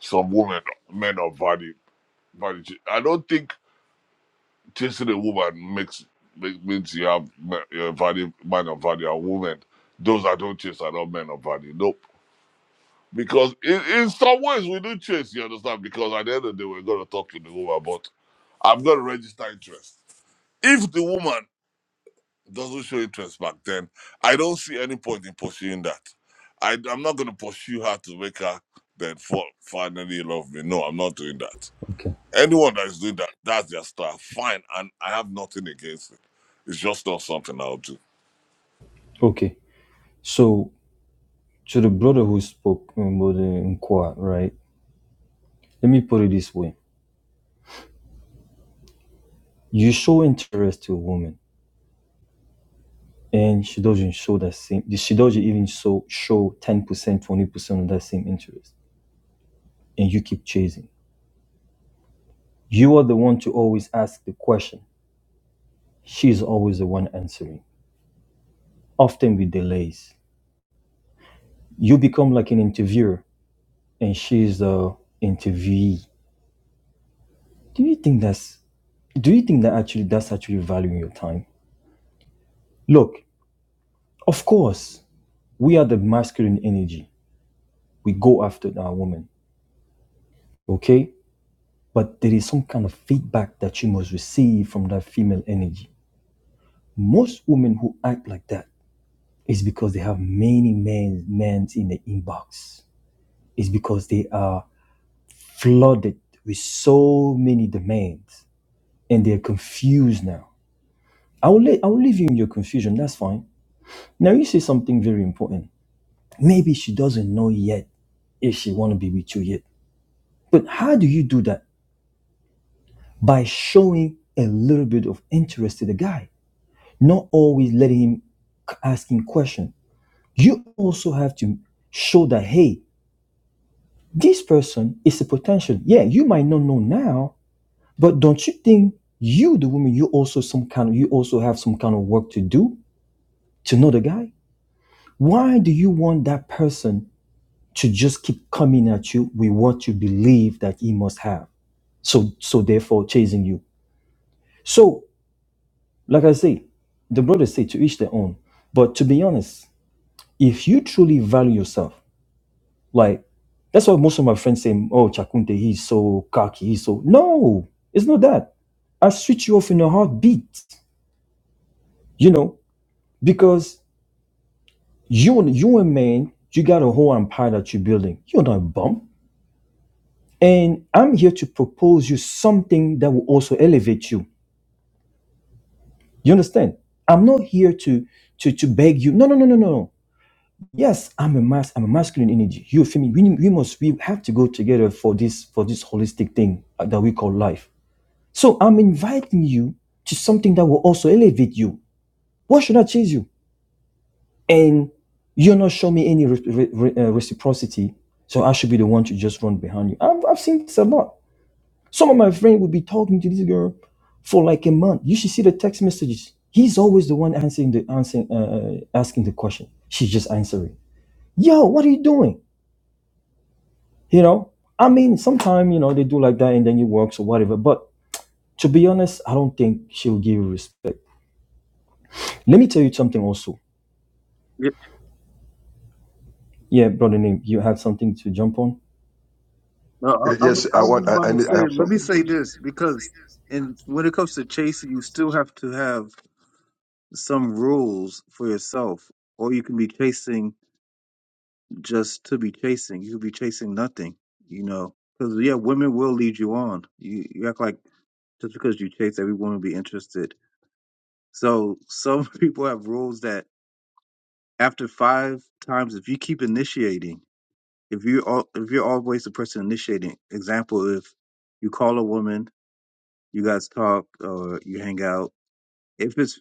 some women, men of value, value, I don't think. Chasing a woman makes make, means you have ma- value, man of value and woman. Those that don't chase are not men of value. Nope. Because in, in some ways we do chase, you understand? Because at the end of the day, we're going to talk to the woman, but I've got to register interest. If the woman doesn't show interest back then, I don't see any point in pursuing that. I, I'm not going to pursue her to make her then fall, finally love me. No, I'm not doing that. Okay. Anyone that is doing that, that's their style. Fine, and I have nothing against it. It's just not something I'll do. Okay. So. to the brother who spoke about the inquiry, right? Let me put it this way: you show interest to a woman, and she doesn't show that same. She doesn't even show show ten percent, twenty percent of that same interest, and you keep chasing. You are the one to always ask the question. She's always the one answering, often with delays. You become like an interviewer, and she's the interviewee. Do you think that's? Do you think that actually that's actually valuing your time? Look, of course, We are the masculine energy. We go after our woman. Okay? But there is some kind of feedback that you must receive from that female energy. Most women who act like that is because they have many men men's in the inbox. It's because they are flooded with so many demands and they're confused now. I will, let, I will leave you in your confusion. That's fine. Now you say something very important. Maybe she doesn't know yet if she want to be with you yet. But how do you do that? by showing a little bit of interest to the guy, not always letting him c- ask him question. You also have to show that hey, this person is a potential. Yeah, you might not know now, but don't you think you, the woman, you also some kind of you also have some kind of work to do to know the guy? Why do you want that person to just keep coming at you with what you believe that he must have? So so therefore chasing you. So Like I say, the brothers say to each their own. But to be honest, if you truly value yourself, like that's why most of my friends say, "Oh, Chakunte, he's so cocky, he's so." No, it's not that. I switch you off in a heartbeat, you know, because you you a man, you got a whole empire that you're building. You're not a bum, and I'm here to propose you something that will also elevate you. You understand? I'm not here to to to beg you. No, no, no, no, no. no. Yes, I'm a mas I'm a masculine energy. You're feminine. We, we must we have to go together for this for this holistic thing uh, that we call life. So I'm inviting you to something that will also elevate you. Why should I chase you? And you're not showing me any re- re- re- uh, reciprocity. So I should be the one to just run behind you. I've, I've seen this a lot. Some of my friends would be talking to this girl for like a month. You should see the text messages. He's always the one answering the answering uh, uh, asking the question. She's just answering. Yo, what are you doing? You know, I mean, sometimes, you know, they do like that and then it works or whatever. But to be honest, I don't think she'll give you respect. Let me tell you something also. Yeah, Yeah, brother name, you had something to jump on? no, uh, I, I, was- yes, I I was want. just I about I, to need, I have say. Let me something, say please. this because, in when it comes to chasing, you still have to have some rules for yourself, or you can be chasing just to be chasing. You could be chasing nothing, you know. Because yeah, women will lead you on. You, you act like just because you chase, every woman will be interested. So some people have rules that after five times, if you keep initiating. if you all if you're always the person initiating example if you call a woman you guys talk or you hang out if it's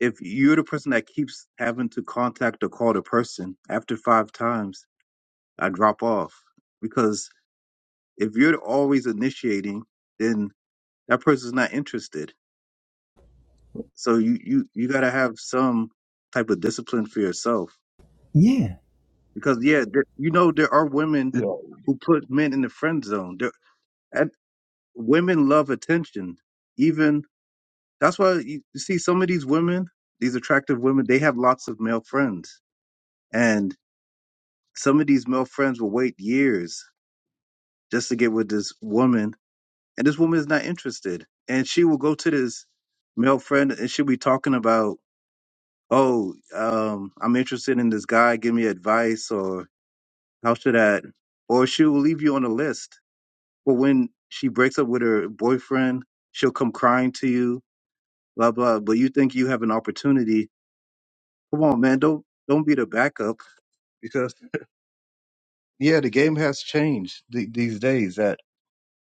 if you're the person that keeps having to contact or call the person after five times i drop off because if you're always initiating then that person's not interested so you you you got to have some type of discipline for yourself Yeah. because yeah there, you know there are women Yeah, who put men in the friend zone there, women love attention. Even that's why you you see some of these women, these attractive women, they have lots of male friends, and some of these male friends will wait years just to get with this woman, and this woman is not interested, and she will go to this male friend and she'll be talking about, oh, um, I'm interested in this guy, give me advice, or how should I, or she will leave you on a list. But when she breaks up with her boyfriend, she'll come crying to you blah blah. But you think you have an opportunity? Come on, man. Don't don't be the backup because yeah, the game has changed th- these days. That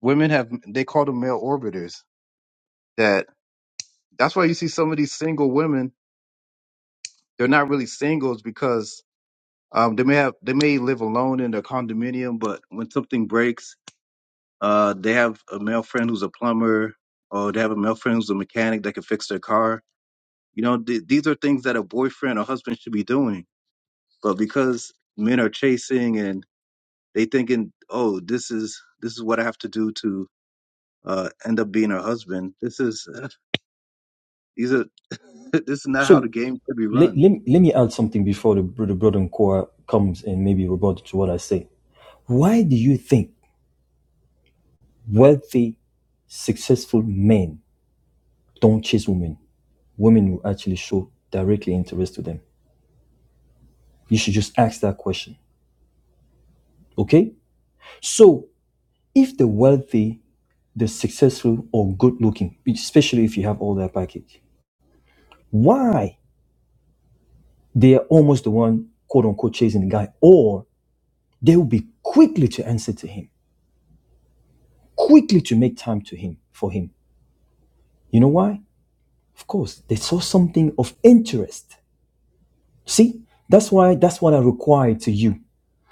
women have they call them male orbiters. That that's why you see some of these single women. They're not really singles because um, they may have they may live alone in their condominium, but when something breaks, uh, they have a male friend who's a plumber, or they have a male friend who's a mechanic that can fix their car. You know, th- these are things that a boyfriend or husband should be doing But because men are chasing and they thinking, oh, this is this is what I have to do to uh, end up being her husband. This is these are this is not how the So game could be let, run. let, let me add something before the, br- the brother in core comes and maybe rebut to what I say. Why do you think wealthy, successful men don't chase women? Women will actually show directly interest to them. You should just ask that question. Okay? So if the wealthy the successful or good looking, especially if you have all that package. Why they are almost the one quote unquote chasing the guy, or they will be quickly to answer to him, quickly to make time to him for him. You know why? Of course, they saw something of interest. See, that's why that's what I require to you.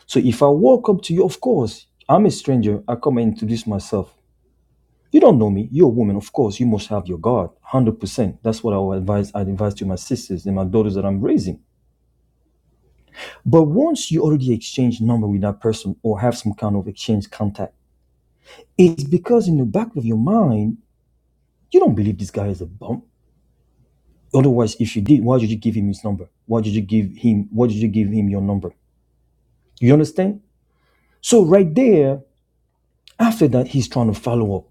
So if I walk up to you, of course, I'm a stranger. I come and introduce myself. You don't know me. You're a woman, of course. You must have your guard, one hundred percent. That's what I would advise. I advise to my sisters and my daughters that I'm raising. But once you already exchange number with that person or have some kind of exchange contact, it's because in the back of your mind, you don't believe this guy is a bum. Otherwise, if you did, why did you give him his number? Why did you give him why did you give him your number? You understand? So right there, after that, he's trying to follow up.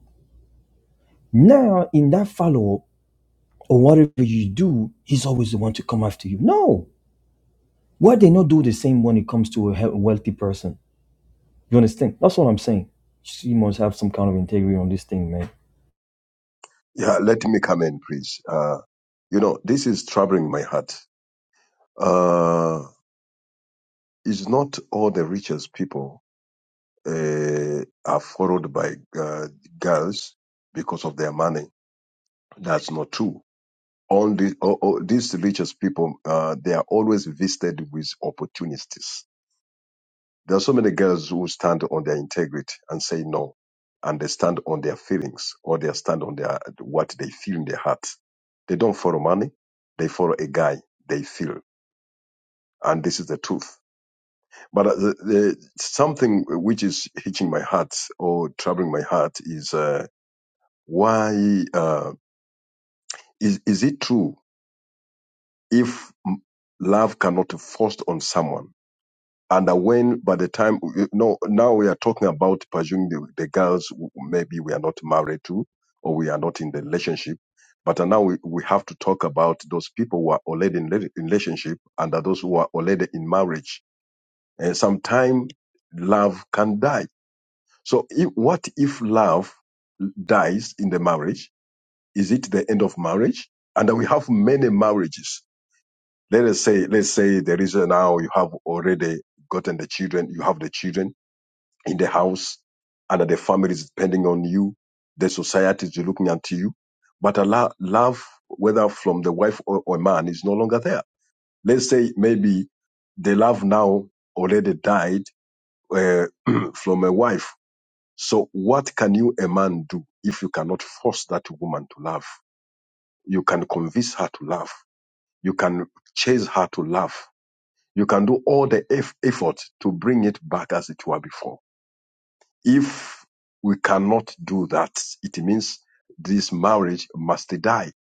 Now, in that follow up, or whatever you do, he's always the one to come after you. No. Why they not do the same when it comes to a he- wealthy person? You understand? That's what I'm saying. You must have some kind of integrity on this thing, man yeah. Let me come in, please. Uh, you know, this is troubling my heart. Uh, it's not all the richest people uh, are followed by uh, girls because of their money. That's not true. Only all, all, these richest people, uh, they are always visited with opportunities There are so many girls who stand on their integrity and say no, and they stand on their feelings or they stand on their what they feel in their heart. They don't follow money; they follow a guy they feel, and this is the truth. But uh, the, the, something which is hitching my heart or troubling my heart is uh, why uh, is is it true if m- love cannot be forced on someone? and uh, when by the time no now we are talking about pursuing the, the girls who maybe we are not married to or we are not in the relationship but uh, now we, we have to talk about those people who are already in rela- relationship and are those who are already in marriage and sometime love can die so if, what if love dies in the marriage is it the end of marriage and uh, we have many marriages let us say let's say there is a, now you have already gotten the children you have the children in the house and that the family is depending on you, the society is looking at you. But a lo- love, whether from the wife or, or man, is no longer there. Let's say maybe the love now already died uh, from a wife. So what can you, a man, do if you cannot force that woman to love? You can convince her to love. You can chase her to love. You can do all the eff- effort to bring it back as it were before If we cannot do that, it means this marriage must die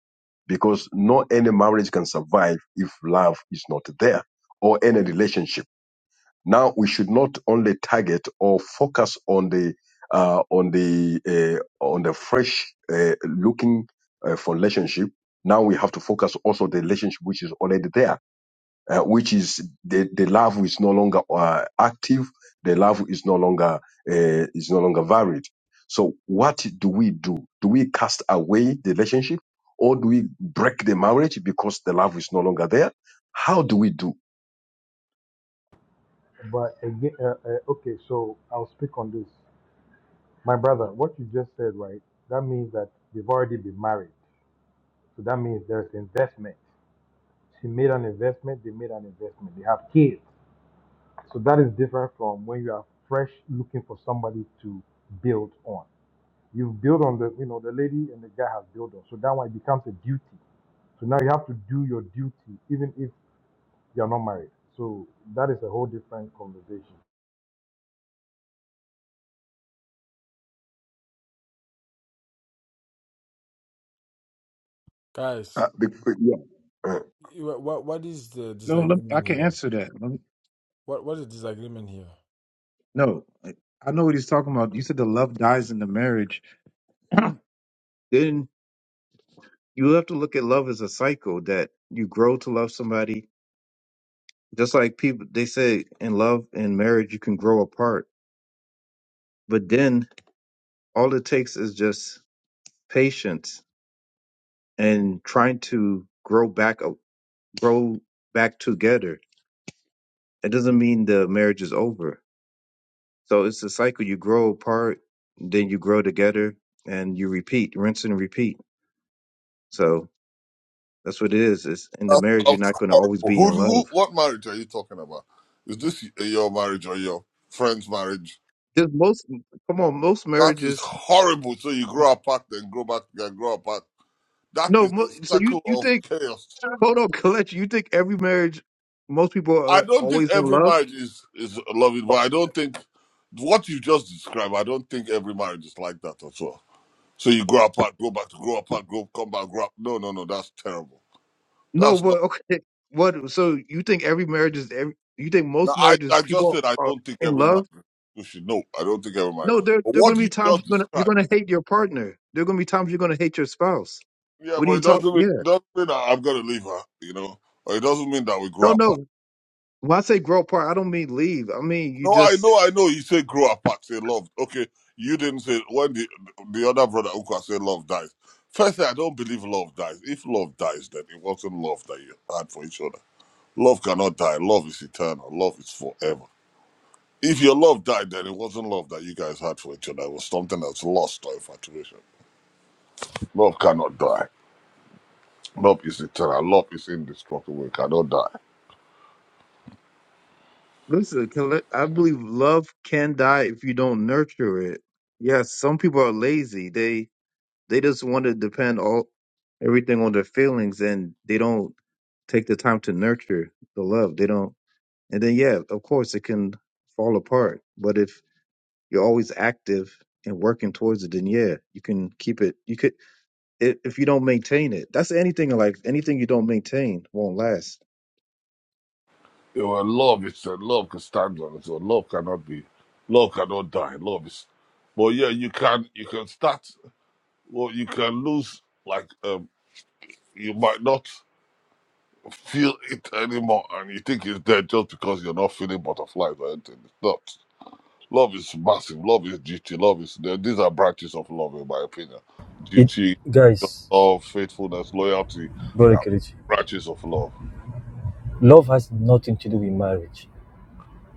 because no any marriage can survive if love is not there or any relationship. Now we should not only target or focus on the uh, on the uh, on the fresh uh, looking uh, for relationship. Now we have to focus also the relationship which is already there uh, which is the, the larva is no longer uh, active, the larva is no longer uh, is no longer varied. So what do we do? Do we cast away the relationship, or do we break the marriage because the larva is no longer there? How do we do? But again, uh, uh, okay, so I'll speak on this. My brother, what you just said, right? That means that they've already been married. So that means there's investment. She made an investment, they made an investment, they have kids. So that is different from when you are fresh looking for somebody to build on. You build on the, you know, the lady and the guy have built on. So that one it becomes a duty. So now you have to do your duty even if you're not married. So that is a whole different conversation. Guys, Uh, be- be- yeah. Uh, what what what is the No, let, I disagreement can here? answer that. Let me, What what is disagreement here? No, I I know what he's talking about. You said the love dies in the marriage. then you have to look at love as a cycle that you grow to love somebody. Just like people, they say in love and marriage, you can grow apart. But then all it takes is just patience and trying to grow back, a- grow back together. It doesn't mean the marriage is over. So it's a cycle. You grow apart, then you grow together, and you repeat, rinse and repeat. So. That's what it is. It's in the That's marriage, you're that's not going to horrible. always be Who, in who, love. what marriage are you talking about? Is this your marriage or your friend's marriage? There's most, come on, most That is marriages. horrible. So you grow apart, then grow back, then grow apart. That No, is the mo- so you circle you of think? chaos. Hold on, Colette. You think every marriage, most people I are don't think always in every love? marriage is is loving, Oh, but I don't think what you just described. I don't think every marriage is like that at all. So you grow apart, go back, grow apart, grow, come back, grow up. No, no, no, that's terrible. No, That's not. but okay. What? So you think every marriage is every? You think Now most I, marriages I just people said I are don't think in every man love? should know. I don't think every man. No, there But there are going what to you be times just you're going to you're described, going to hate your partner. There are going to be times you're going to hate your spouse. yeah, What are but you it doesn't talking? mean Yeah. it doesn't mean that I'm gonna leave her, you know, or it doesn't mean that we grow No, apart. no. When I say grow apart, I don't mean leave. I mean you No, I just know, I know. You say grow apart, say love. Okay, you didn't say when the the other brother Uka said love dies. Firstly, I don't believe love dies. If love dies, then it wasn't love that you had for each other. Love cannot die. Love is eternal. Love is forever. If your love died, then it wasn't love that you guys had for each other. It was something that's lost or infatuation. Love cannot die. Love is eternal. Love is indestructible. It cannot die. Listen, can let- I believe love can die if you don't nurture it. Yes, some people are lazy. They they just want to depend all everything on their feelings, and they don't take the time to nurture the love. They don't, and then yeah, of course it can fall apart. But if you're always active and working towards it, then yeah, you can keep it. You could i- if you don't maintain it. That's anything in life. Anything you don't maintain won't last. You know, love is uh, love can stand on its own. Love cannot be. Love cannot die. Love is. But yeah, you can you can start. Well, you can lose. Like um, you might not feel it anymore, and you think it's dead just because you're not feeling butterflies or anything. It's not. Love is massive. Love is duty. Love is th- these are branches of love, in my opinion. It, Duty, guys, love, faithfulness, loyalty. brother Yeah, Kelechi, branches of love. love has nothing to do with marriage.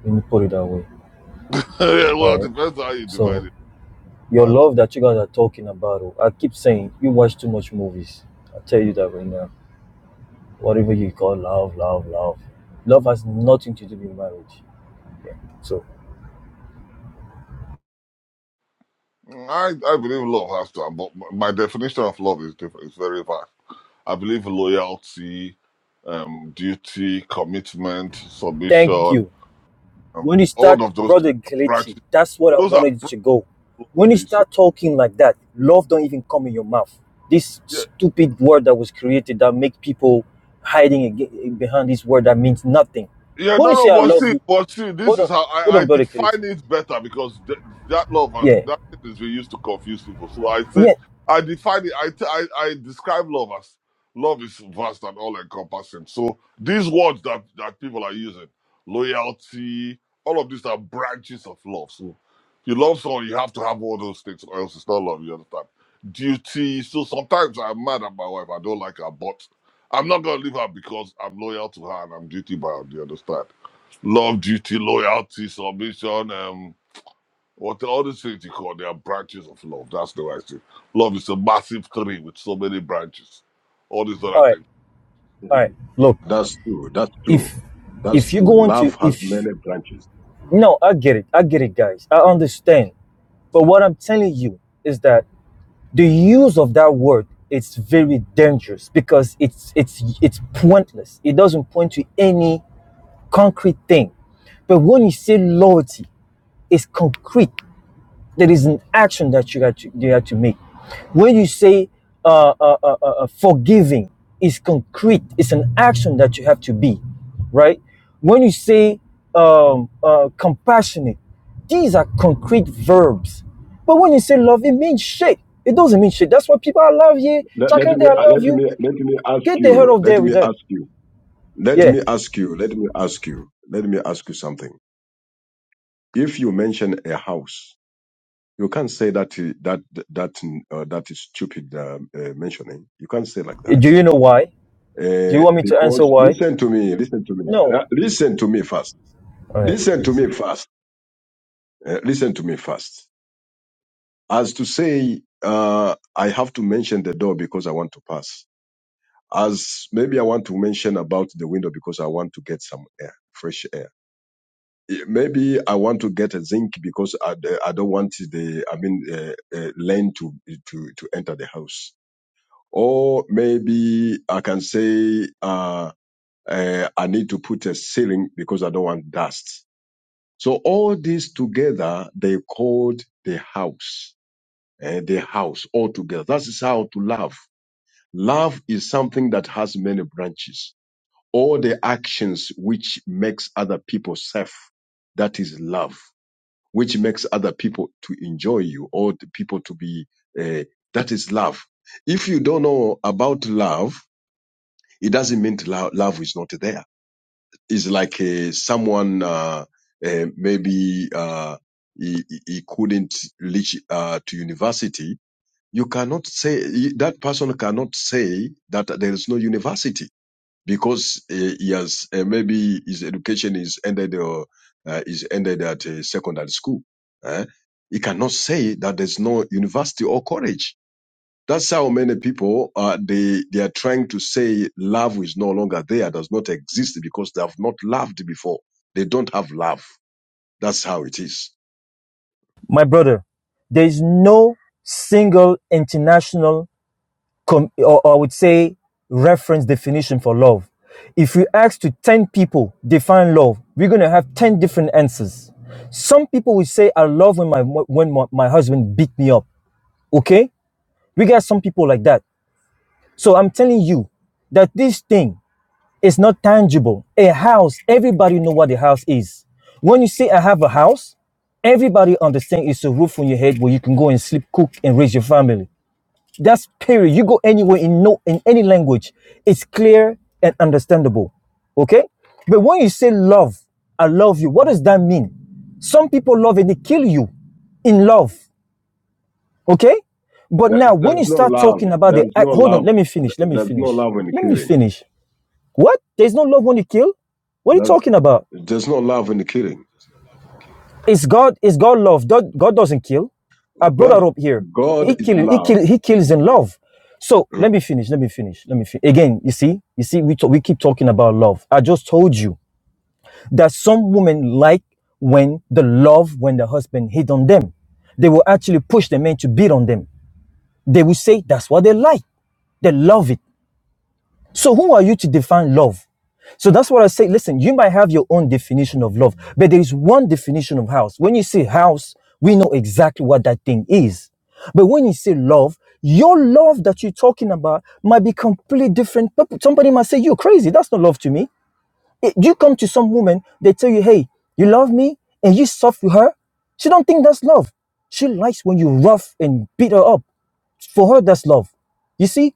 Let me put it that way. yeah, well, All it right. depends how you divide So it. your Define love. love that you guys are talking about, oh, I keep saying you watch too much movies. I tell you that right now. Whatever you call love, love, love, love has nothing to do with marriage. So Mm, I I believe love has to, but my definition of love is different. It's very vast. I believe loyalty, um, duty, commitment, thank submission, you um, When you start, all of those things brother are Kelechi, branches. that's what I Those are wanted you branches. to go. When you You see. start talking like that, love don't even come in your mouth. This Yeah, stupid word that was created that make people hiding ag- behind this word that means nothing. Yeah, When no, you no, say I but love see, you, but see, this hold on, is how hold I, I on, brother define Kelechi. it better because th- that love has Yeah, that thing is we used to confuse people. So I say yeah. I define it. I t- I I describe love as love is vast and all encompassing. So these words that that people are using, loyalty, all of these are branches of love. So if you love someone, you have to have all those things, or else it's not love. You understand? Duty. So sometimes I'm mad at my wife. I don't like her, but I'm not gonna leave her because I'm loyal to her and I'm duty bound. You understand? Love, duty, loyalty, submission, um, what all these things you call they are branches of love. That's the right thing. Love is a massive tree with so many branches. All these other All things. right, all mm. right. Look, that's true. That's true. if That's if you go true. into Love has if many branches. Mm. no, I get it, I get it, guys, I understand. But what I'm telling you is that the use of that word is very dangerous because it's it's it's pointless it doesn't point to any concrete thing but when you say loyalty it's concrete there is an action that you got to, you have to make. When you say uh, uh, uh, uh, uh, forgiving, is concrete. It's an action that you have to be, right? When you say um, uh, compassionate, these are concrete verbs. But when you say love, it means shit. It doesn't mean shit. That's why people, I love you. Let, let Chakante, me I uh, love let you. me let me ask Get the hell out you. of Let there with me that. ask you. Let Yeah. me ask you. Let me ask you. Let me ask you something if you mention a house, you can't say that that that uh, that is stupid um, uh, mentioning. You can't say like that Do you know why? Do you uh, want me to answer because why? listen to me, listen to me, No. Ra- listen to me first. All right. Listen to me first. Uh, listen to me first. As to say, uh, I have to mention the door because I want to pass. As maybe I want to mention about the window because I want to get some air, fresh air maybe I want to get a zinc because I, I don't want the I mean uh, uh, land to to to enter the house. Or maybe I can say uh, uh, I need to put a ceiling because I don't want dust. So all these together they called the house, uh, the house all together. That is how to love. Love is something that has many branches. All the actions which makes other people safe, that is love which makes other people to enjoy you or the people to be uh, that is love if you don't know about love it doesn't mean love, love is not there it's like uh, someone uh, uh, maybe uh, he, he he couldn't reach uh, to university you cannot say that person cannot say that there is no university because uh, he has uh, maybe his education is ended or uh, is ended at uh, secondary school. eh, He cannot say that there's no university or college. That's how many people uh, they they are trying to say love is no longer there, does not exist because they have not loved before. They don't have love. That's how it is. my brother, there is no single international, com- or or I would say, reference definition for love. If we ask to 10 people define love, we're going to have 10 different answers. Some people will say, I love when my, when my, my husband beat me up. Okay? We got some people like that. So I'm telling you that this thing it's not tangible. A house, everybody know what a house is. When you say I have a house, everybody understand it's a roof on your head where you can go and sleep, cook, and raise your family. That's period. You go anywhere in no in any language, it's clear and understandable. Okay? But when you say love, I love you, what does that mean? Some people love and they kill you in love. Okay? But There- now when There's you no start love. talking about the There's act, no hold on, love. let me finish. Let me There's no finish. love in Let me killing. finish. What? There's no love when you kill? What are you There's, talking about? there's no love in killing. It's God. It's God love. God, God doesn't kill. I brought God, her up here. He God is killing. He love. kill. He kills in love. So let me finish. Let me finish. Let me finish. Again, you see, you see, we talk, we keep talking about love. I just told you that some women like when the love, when the husband hit on them, they will actually push the men to beat on them. They will say that's what they like. They love it. So who are you to define love? So that's what I say. Listen, you might have your own definition of love, but there is one definition of house. When you say house, we know exactly what that thing is. But when you say love, your love that you're talking about might be completely different. But somebody might say, You're crazy. That's not love to me. It- you come to some woman, they tell you, Hey, you love me, and you soft with her. She don't think that's love. She likes when you rough and beat her up. For her, that's love. You see?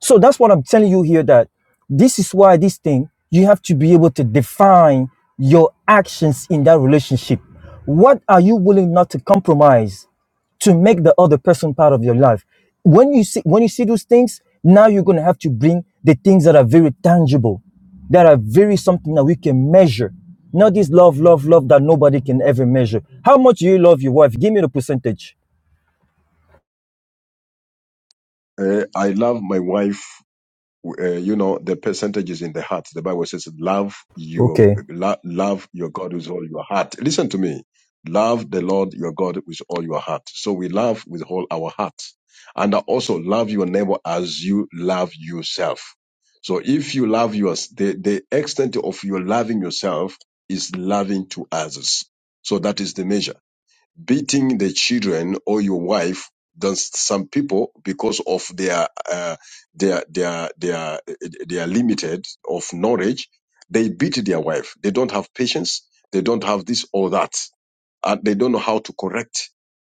So that's what I'm telling you here that this is why this thing, you have to be able to define your actions in that relationship. What are you willing not to compromise to make the other person part of your life? When you see when you see those things, now you're gonna have to bring the things that are very tangible, that are very something that we can measure. Not this love, love, love that nobody can ever measure. How much do you love your wife? Give me the percentage. Uh, I love my wife. Uh, you know, the percentage is in the heart. The Bible says, "Love your Okay. lo- love your God with all your heart." Listen to me. Love the Lord your God with all your heart. So we love with all our heart, and also love your neighbor as you love yourself. So if you love yours, the the extent of your loving yourself is loving to others. So that is the measure beating the children or your wife than s- some people because of their uh, their their their their limited of knowledge they beat their wife they don't have patience they don't have this or that and they don't know how to correct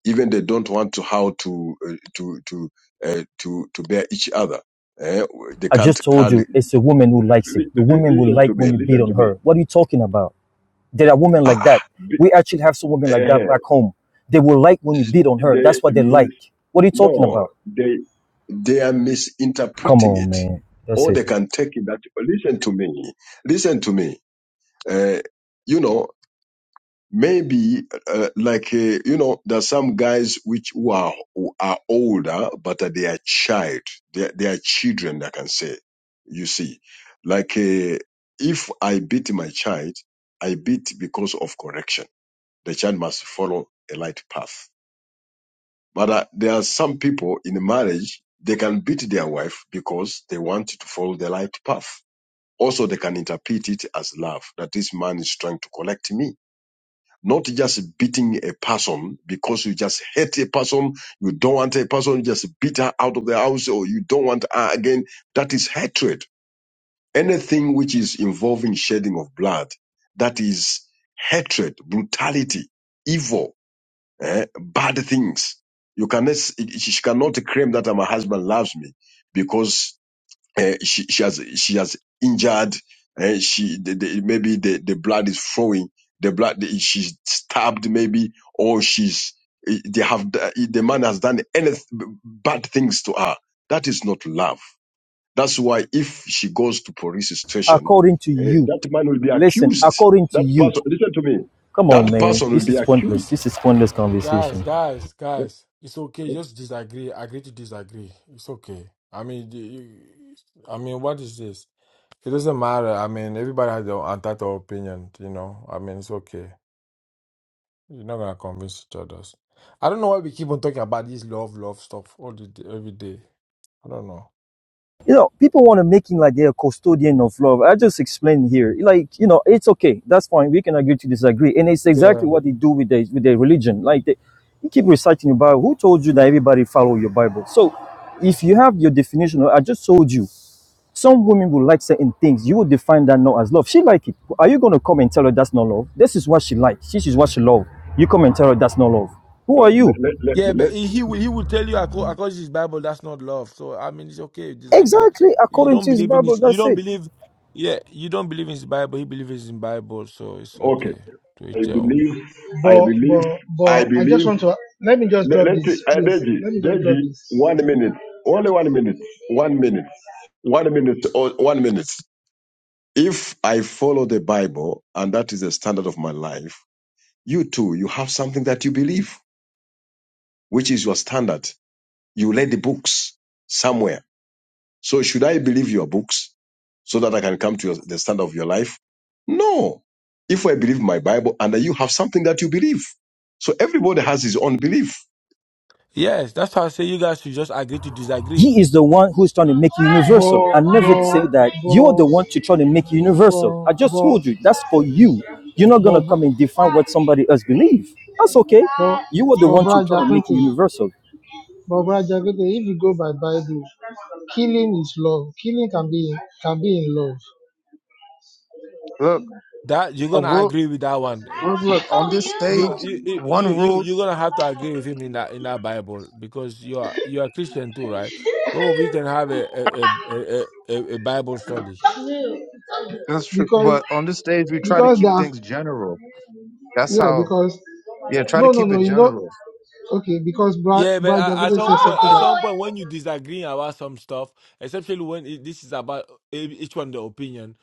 even they don't want to how to uh, to to uh, to to bear each other Eh, they I just can't call told Li- you it's a woman who likes it. The li- woman will listen to like me when you beat listen to on me her. What are you talking about? There are women ah like ah, that. be- We actually have some women eh, like that eh, back home. They will like when you beat on her. That's what they they like. What are you talking No, about? they they are Come misinterpreting on, it, man. That's or it. they can take it that. "Well, Listen to me. Listen to me. Uh, you know, maybe uh, like uh, you know, there's some guys which who are who are older, but uh, they are child. They are- they are children. I can say. You see, like uh, if I beat my child, I beat because of correction. The child must follow a light path but uh, there are some people in marriage, they can beat their wife because they want to follow the right path. Also, they can interpret it as love, that this man is trying to collect me. Not just beating a person because you just hate a person, you don't want a person, you just beat her out of the house or you don't want her again. That is hatred. Anything which is involving shedding of blood, that is hatred, brutality, evil eh, bad things. You cannot, she she cannot claim that my husband loves me because eh, she, she has, she has injured, eh, she, the, the, maybe the, the blood is flowing, the blood, she's stabbed maybe, or she's, eh, they have, the man has done any bad things to her. That is not love. That's why if she goes to police station, According to eh, you. that man will be Listen, accused. according to That you. person, listen to me, Come on, that man. person will This be is accused pointless. This is pointless Guys, conversation. guys, Eh, eh, guys, it's okay. Just disagree. Agree to disagree. It's okay. I mean, the- you- I mean, what is this? It doesn't matter. I mean, everybody has their entitled opinion. You know. I mean, it's okay. You're not gonna convince each other. I don't know why we keep on talking about this love, love stuff all the day, every day. I don't know. you know, people want to make it like they're a custodian of love. I just explained here, like, you know, it's okay. That's fine. We can agree to disagree. And it's exactly Yeah. what they do with their, with their religion. Like, they, you keep reciting your Bible. Who told you that everybody follow your Bible? So, if you have your definition, I just told you, some women will like certain things. You will define that not as love. She like it. Are you going to come and tell her that's not love? This is what she likes. This is what she love. You come and tell her that's not love. Who Uh, are let, you? let, Yeah, let, but let- he he will he will tell you acco- according to his Bible that's not love. So I mean it's okay, you disagree. Exactly If you according don't to his believe in Bible. his you That's don't it. believe yeah, you don't believe in his Bible, he believes in Bible, so it's okay. okay. To I each their own. believe, I But believe, but I but I believe. just want to let me just Let, drop let this, uh, please. Deji, Let me just drop Deji, this. one minute, only one minute, one minute, one minute, or one minute. If I follow the Bible and that is the standard of my life, you too, you have something that you believe, which is your standard. You read the books somewhere So should I believe your books so that I can come to your, the standard of your life? No. If I believe my Bible and you have something that you believe. So everybody has his own belief. Yes, that's how I say you guys should just agree to disagree. He is the one who's trying to make it universal. Bo, I bo, never say that bo, you're the one to try to make it bo, universal. I just bo, told you that's for you. You're not gonna bo, come and define what somebody else believes. That's okay. You are bo, the bo, one Brother to try to make it Jackson. universal. But if you go by Bible, killing is love. Killing can be can be in love Look, That you're a gonna rule. agree with that one. Look, look on this You stage. you you One you you rule you're gonna have to agree with him in that in that Bible because you are you are Christian too, right? Well, we can have a a a, a, a a Bible study. That's true. because But on this stage, we try to because there keep are- things general. That's yeah how, because yeah, try to no no keep no it you know general. okay because Yeah, but Brother at at Jackson some says point, something at like some point, when you disagree about some stuff, especially when it, this is about e- each one the opinion,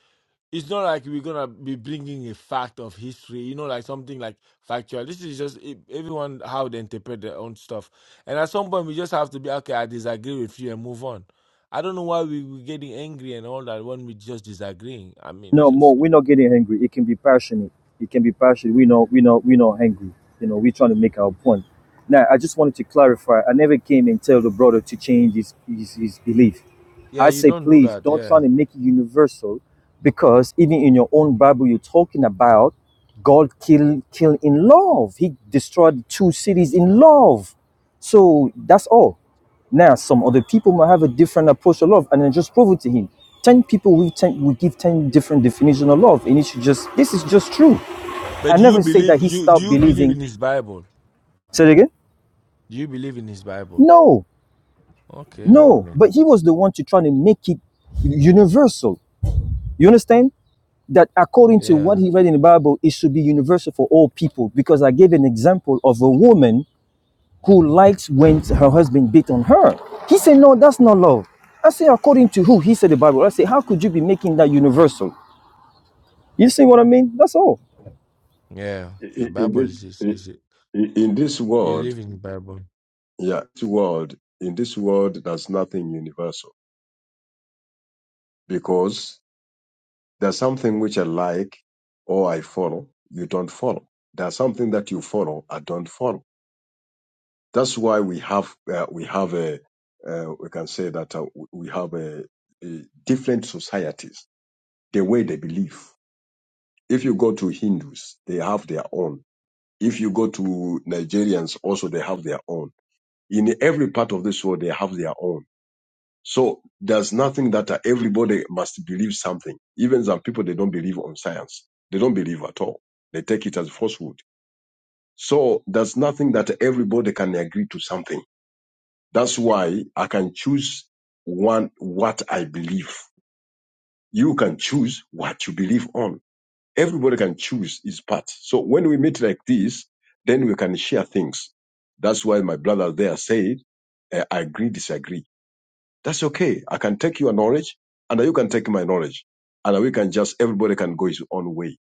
it's not like we're gonna be bringing a fact of history, you know, like something like factual. This is just e- everyone how they interpret their own stuff, and at some point we just have to be okay. I disagree with you and move on. I don't know why we we getting angry and all that when we just disagreeing. I mean, you No, just more. We're not getting angry. It can be passionate. It can be passionate. We know. We know. We not angry. You know, we're trying to make our point. Now, I just wanted to clarify. I never came and tell the brother to change his his, his belief. yeah, I you say, don't do please that, don't yeah. try to make it universal, because even in your own Bible, you're talking about God kill kill in love. He destroyed two cities in love. So that's all. Now, some other people might have a different approach to love, and then just prove it to him. Ten people will ten will give ten different definitions of love, and it should just this is just true. But I do you never say believe that he you do stopped you believe believing. in his Bible? Say it again. Do you believe in his Bible? No, Okay, I no. But mean, he was the one to try to make it universal. You understand that according to what yeah, he read in the Bible, it should be universal for all people. Because I gave an example of a woman who likes when her husband beat on her. He said, No, that's not love. I say, according to who? He said the Bible. I say, how could you be making that universal? You see what I mean? That's all. yeah. The In, in Bible this is is, in, is in in this you world, live in the Bible. yeah, this world, in this world there's nothing universal because there's something which I like or I follow, you don't follow. There's something that you follow, I don't follow That's why we have uh, we have a uh, we can say that uh, we have a, a different societies the way they believe. If you go to Hindus, they have their own. If you go to Nigerians, also they have their own. In every part of this world, they have their own. So there's nothing that uh, everybody must believe something. Even some people they don't believe on science. They don't believe at all. They take it as falsehood. So there's nothing that everybody can agree to something That's why I can choose one what I believe. You can choose what you believe on. Everybody can choose his part. So when we meet like this, then we can share things. That's why my brother there said, eh, I agree, disagree. That's okay. I can take your knowledge and you can take my knowledge. And we can just, everybody can go his own way.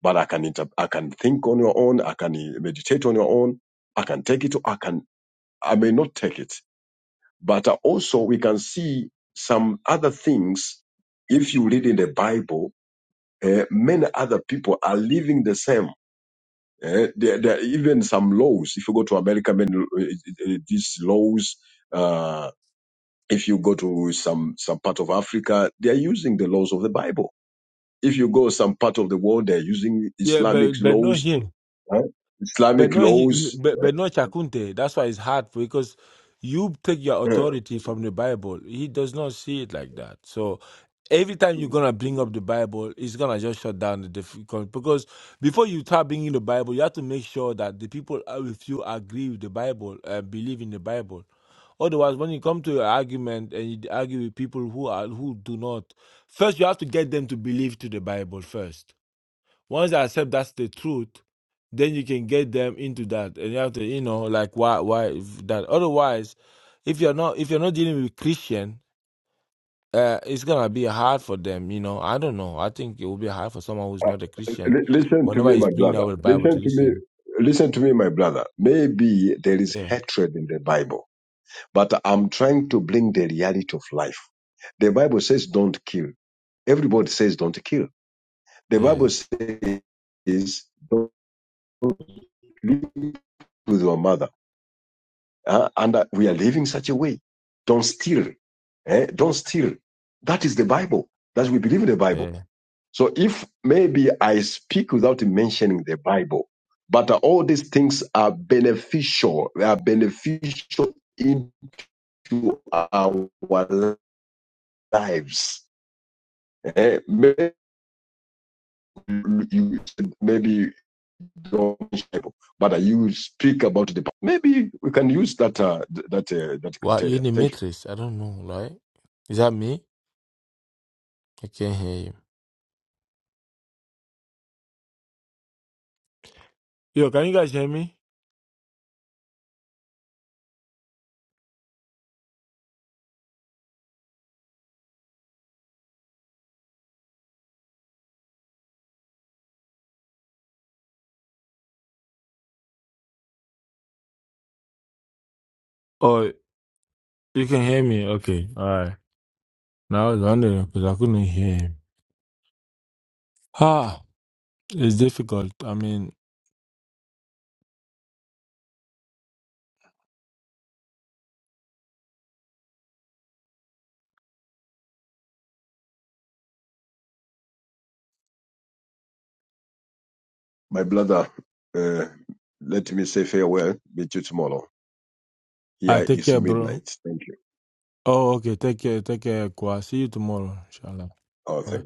But I can, inter- I can think on your own. I can eh, meditate on your own. I can take it. or I can, I may not take it But uh, also, we can see some other things. If you read in the Bible, uh, many other people are living the same. Uh, there, there are even some laws. If you go to America, many, uh, uh, these laws. Uh, if you go to some some part of Africa, they are using the laws of the Bible. If you go some part of the world, they are using Yeah, Islamic but but not laws, here. uh, But Islamic no, he, laws. but, but no Chakunte. That's why it's hard for because you take your Mm. authority from the Bible. He does not see it like that. So every time you're gonna bring up the Bible, it's gonna just shut down the difficult. Because before you start bringing the Bible, you have to make sure that the people are with you agree with the Bible and believe in the Bible. Otherwise, when you come to an argument and you argue with people who are who do not, first you have to get them to believe to the Bible first once they accept that's the truth, then you can get them into that. And you have to, you know, like why why if that. Otherwise, if you're not if you're not dealing with Christian, uh, it's gonna be hard for them. You know, I don't know. I think it will be hard for someone who's not a Christian. Li- listen to Whenever me, he's my bringing brother. out the Bible to Listen to me. listen, Listen to me, my brother. Maybe there is yeah, hatred in the Bible, but I'm trying to bring the reality of life. The Bible says don't kill. Everybody says don't kill. The yeah, Bible says don't live with your mother. Uh, and uh, we are living such a way. Don't steal. Eh? Don't steal. That is the Bible. That's we believe in the Bible. yeah. So if maybe I speak without mentioning the Bible, but all these things are beneficial, they are beneficial into our lives. Eh, Maybe you maybe you don't mention the Bible, but you speak about the Bible. Maybe we can use that uh, th- that uh, that Well, you criteria. in the Thank you, matrix? I don't know. Right? Is that me? I can't hear you. Yo, can you guys hear me? Oh, you can hear me. Okay, all right. Now I was wondering because I couldn't hear him. It's difficult. I mean, my brother. Uh, let me say farewell. Meet you tomorrow. I Here take is care, bro. midnight. Thank you. Oh, okay. Take care. Take care, Kwa. See you tomorrow, inshallah. Oh, thank you. Bye.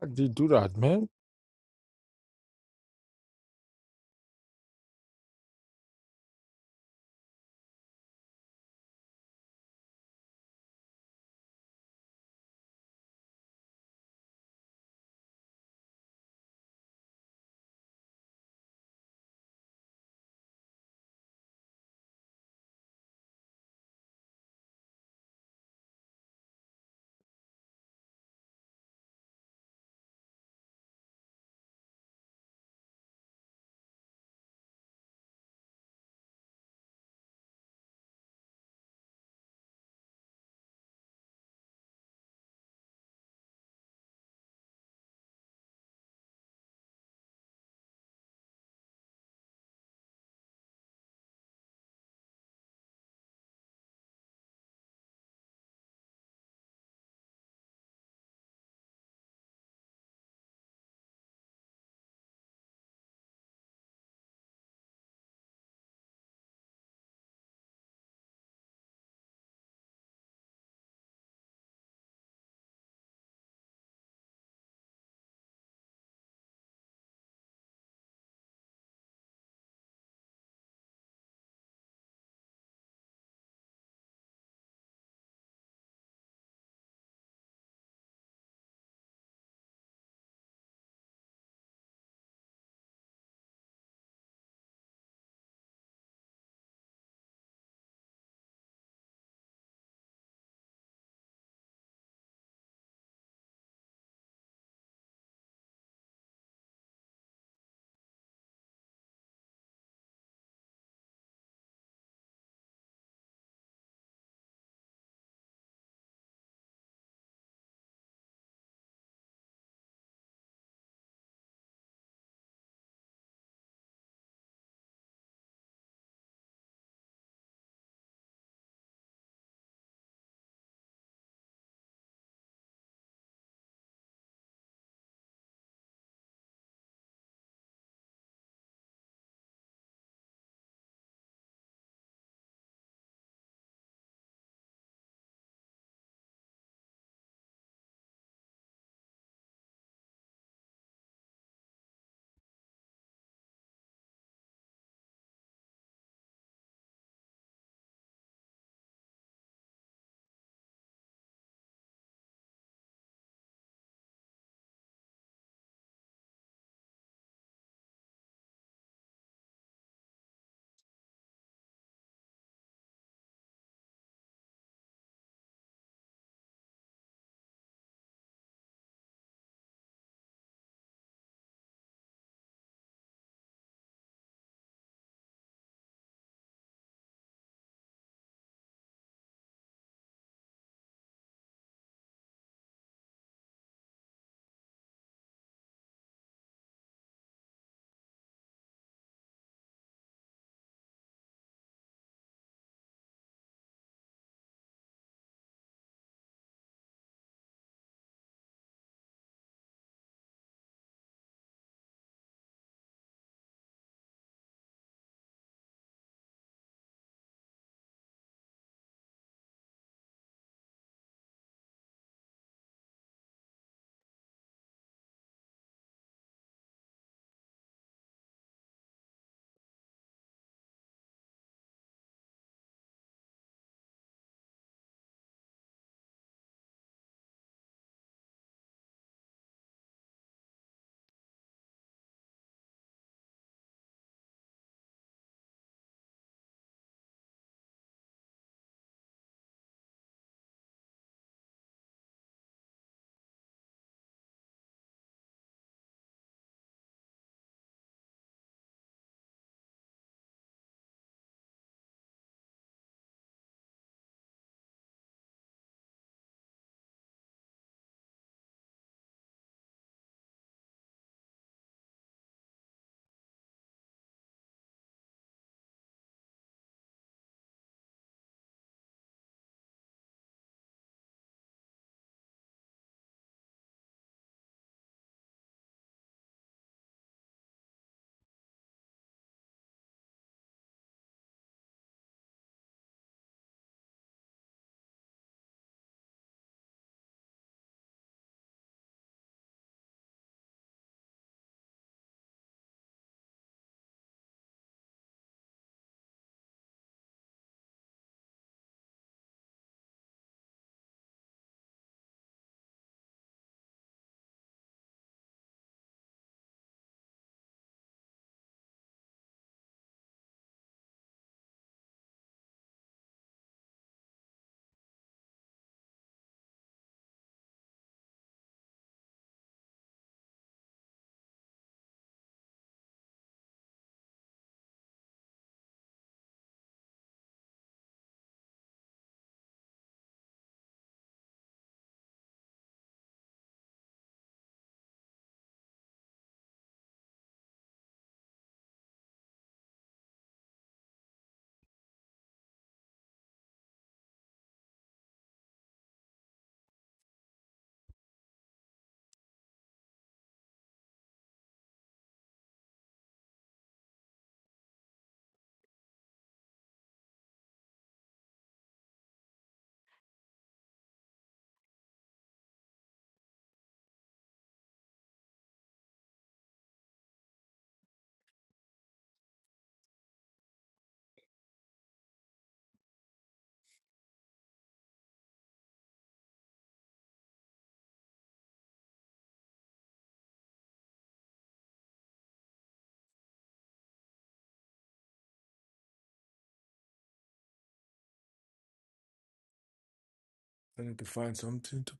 How did you do that, man? I need to find something to.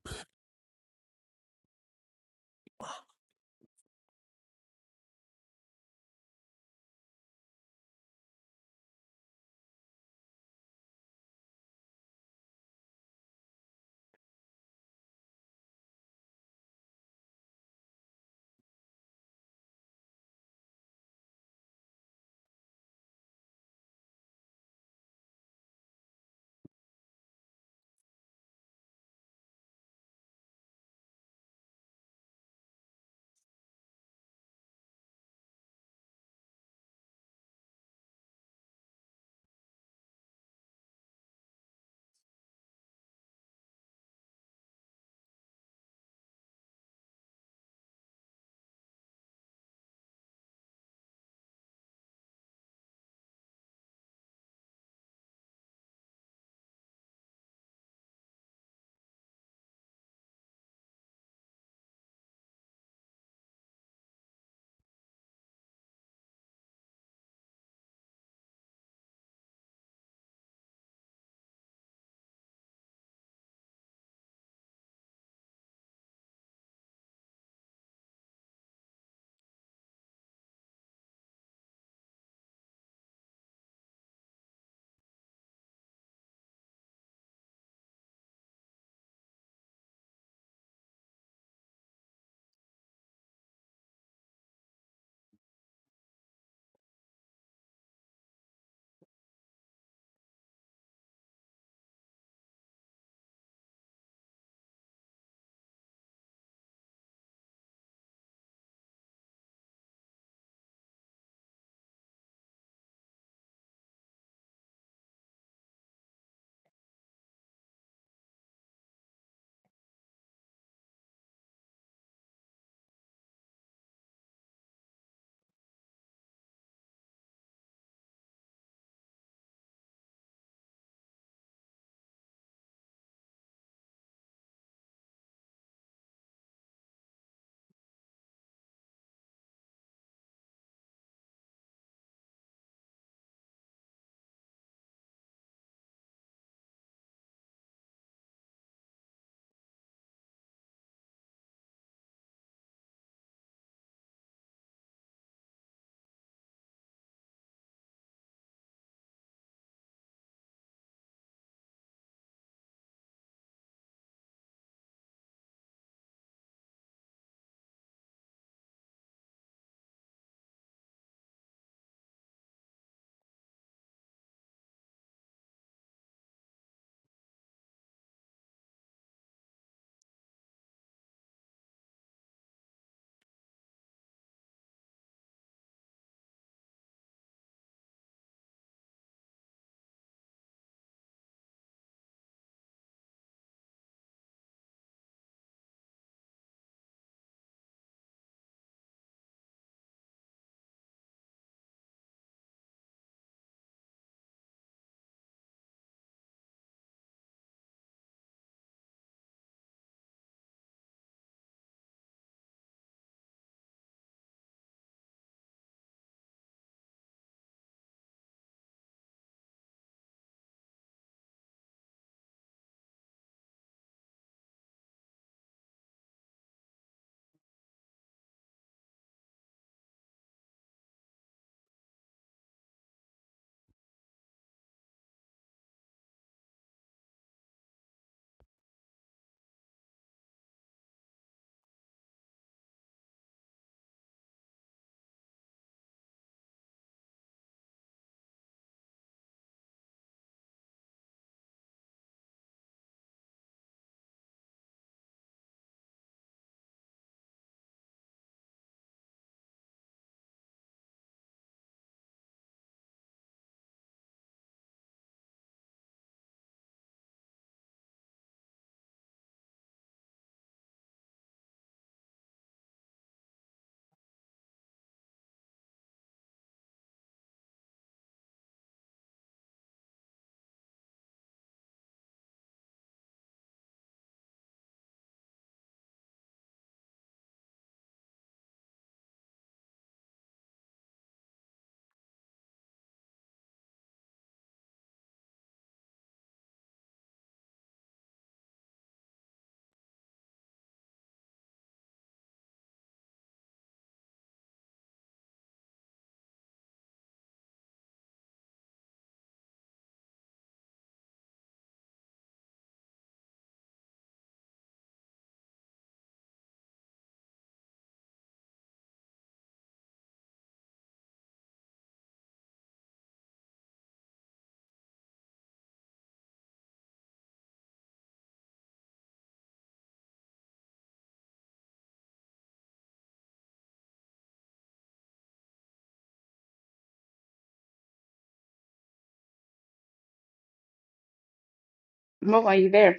Mo, are you there?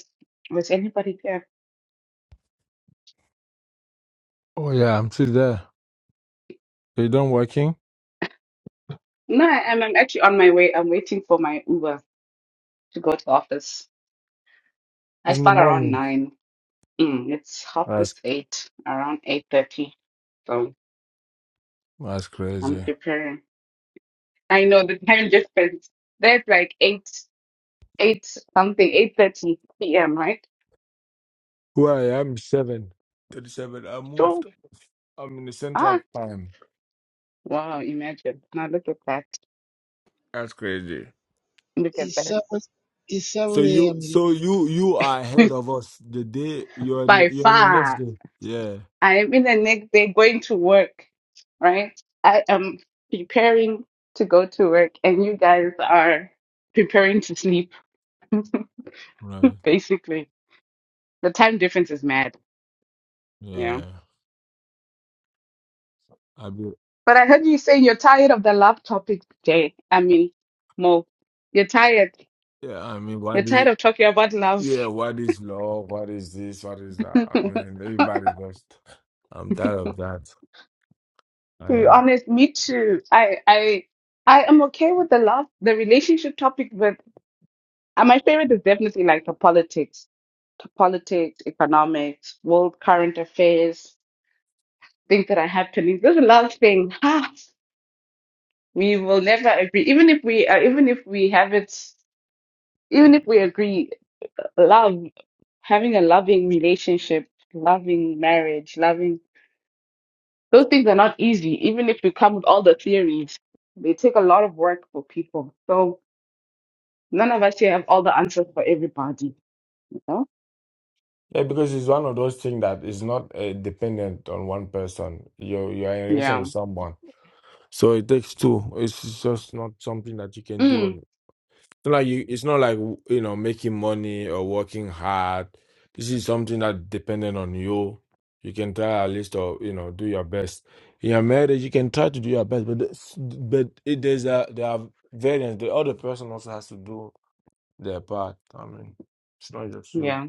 Was anybody there? Oh yeah, I'm still there. They done working? No, I- I'm, I'm actually on my way. I'm waiting for my Uber to go to office. I It's in the start around morning. nine. Mm, it's half That's past eight, around eight thirty. So that's I'm crazy. preparing. I know the time difference. That's like eight, eight something, eight thirty p.m. Right? Where I am is seven. Thirty-seven. I Sure. moved. I'm in the Ah, central time. wow! Imagine. Now look at that. That's crazy. Look at It's that. seven. It's So seven you, a.m. so you, you are ahead of us. The day you're in, the- By you're in the far. next day. Yeah. I'm in the next day going to work, right? I am preparing to go to work, and you guys are preparing to sleep, Right. basically. The time difference is mad, you know. Yeah. But I heard you saying you're tired of the love topic today. I mean, Mo, you're tired. Yeah, I mean, why You're this? tired of talking about love. Yeah, what is love? What is this? What is that? I mean, everybody's just. I'm tired of that. I To be am. honest, me too. I I I am okay with the love, the relationship topic, but. And my favorite is definitely like the politics, the politics, economics, world current affairs, things that are happening. There's a lot of things. Ha! We will never agree, even if we, uh, even if we have it, even if we agree. Love, having a loving relationship, loving marriage, loving those things are not easy. Even if we come with all the theories, they take a lot of work for people. So none of us here have all the answers for everybody. You know? Yeah, because it's one of those things that is not uh, dependent on one person. You are you are in a relation Yeah. with someone, So it takes two. It's just not something that you can do Mm. on not like you, it's not like you know making money or working hard. This is something that dependent on you. You can try at least or you know do your best in your marriage. You can try to do your best, but this- but it, there's a there are variants. The other person also has to do their part. I mean, it's not just you. Yeah.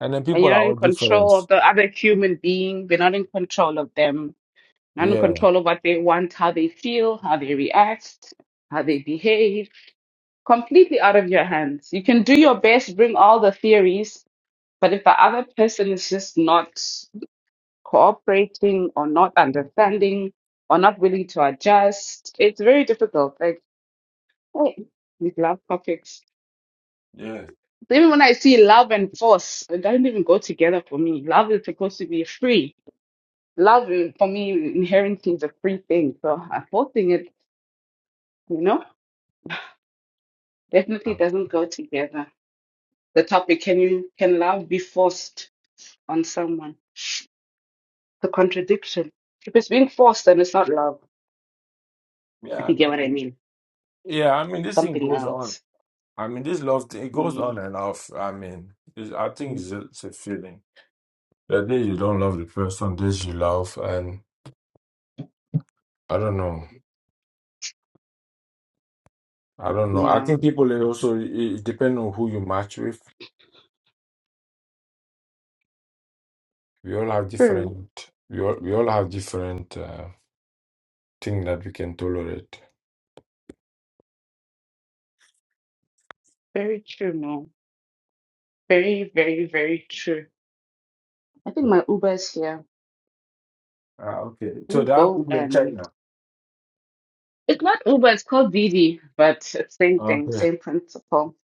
And then and people are you're not in all different. control of the other human being. We're not in control of them. Not in Yeah, control of what they want, how they feel, how they react, how they behave. Completely out of your hands. You can do your best, bring all the theories, but if the other person is just not cooperating or not understanding or not willing to adjust, it's very difficult. Like, hey, these love topics. yeah, So even when I see love and force, it doesn't even go together for me. Love is supposed to be free Love uh, for me inherently is a free thing, so forcing it, you know, definitely Um, doesn't go together. The topic, can you can love be forced on someone? The contradiction. If it's being forced, then it's not love, yeah. if I you get what I mean, mean. yeah. I mean, this thing Something goes on. else. I mean, this love thing it goes Mm, on and off. I mean, it's, I think it's, a- it's a feeling. The day you don't love the person, days you love, and I don't know. I don't know. I yeah. think people it also it, it depends on who you match with. We all have True. different. We all we all have different uh, thing that we can tolerate. Very true, no. Very, very, very true. I think my Uber is here. Ah, okay. Let So me that go Uber in and China. it's not Uber, it's called Didi, but it's same thing, Okay. same principle,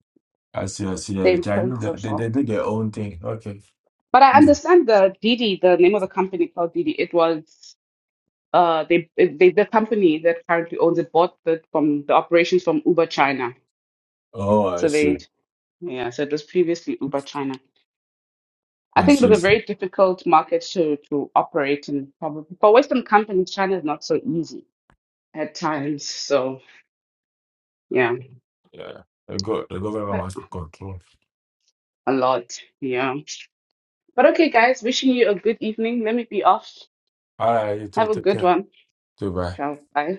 I see. I see. Yeah, the same Chinese they, they principle. they do their own thing. Okay. But I Mm. understand the Didi, the name of the company called Didi. it was uh they, they the company that currently owns it bought the from the operations from Uber China. Oh, I So see. they yeah, so it was previously Uber China. I I think it see. was a very difficult market to to operate in probably for Western companies, China is not so easy at times. So yeah. Yeah. The go the government But wants to control. a lot. Yeah. But okay guys, wishing you a good evening. Let me be off. All right. You two Have a take good care. one. Goodbye. Ciao. Bye.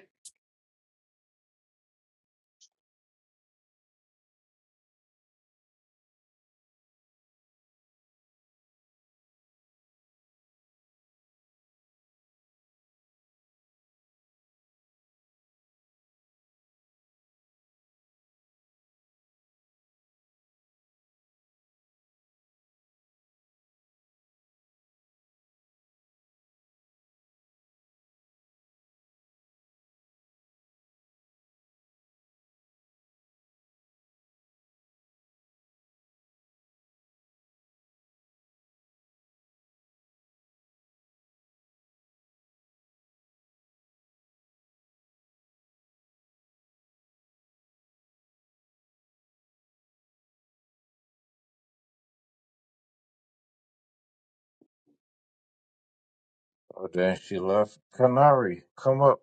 Oh, damn! she left. Canary, come up.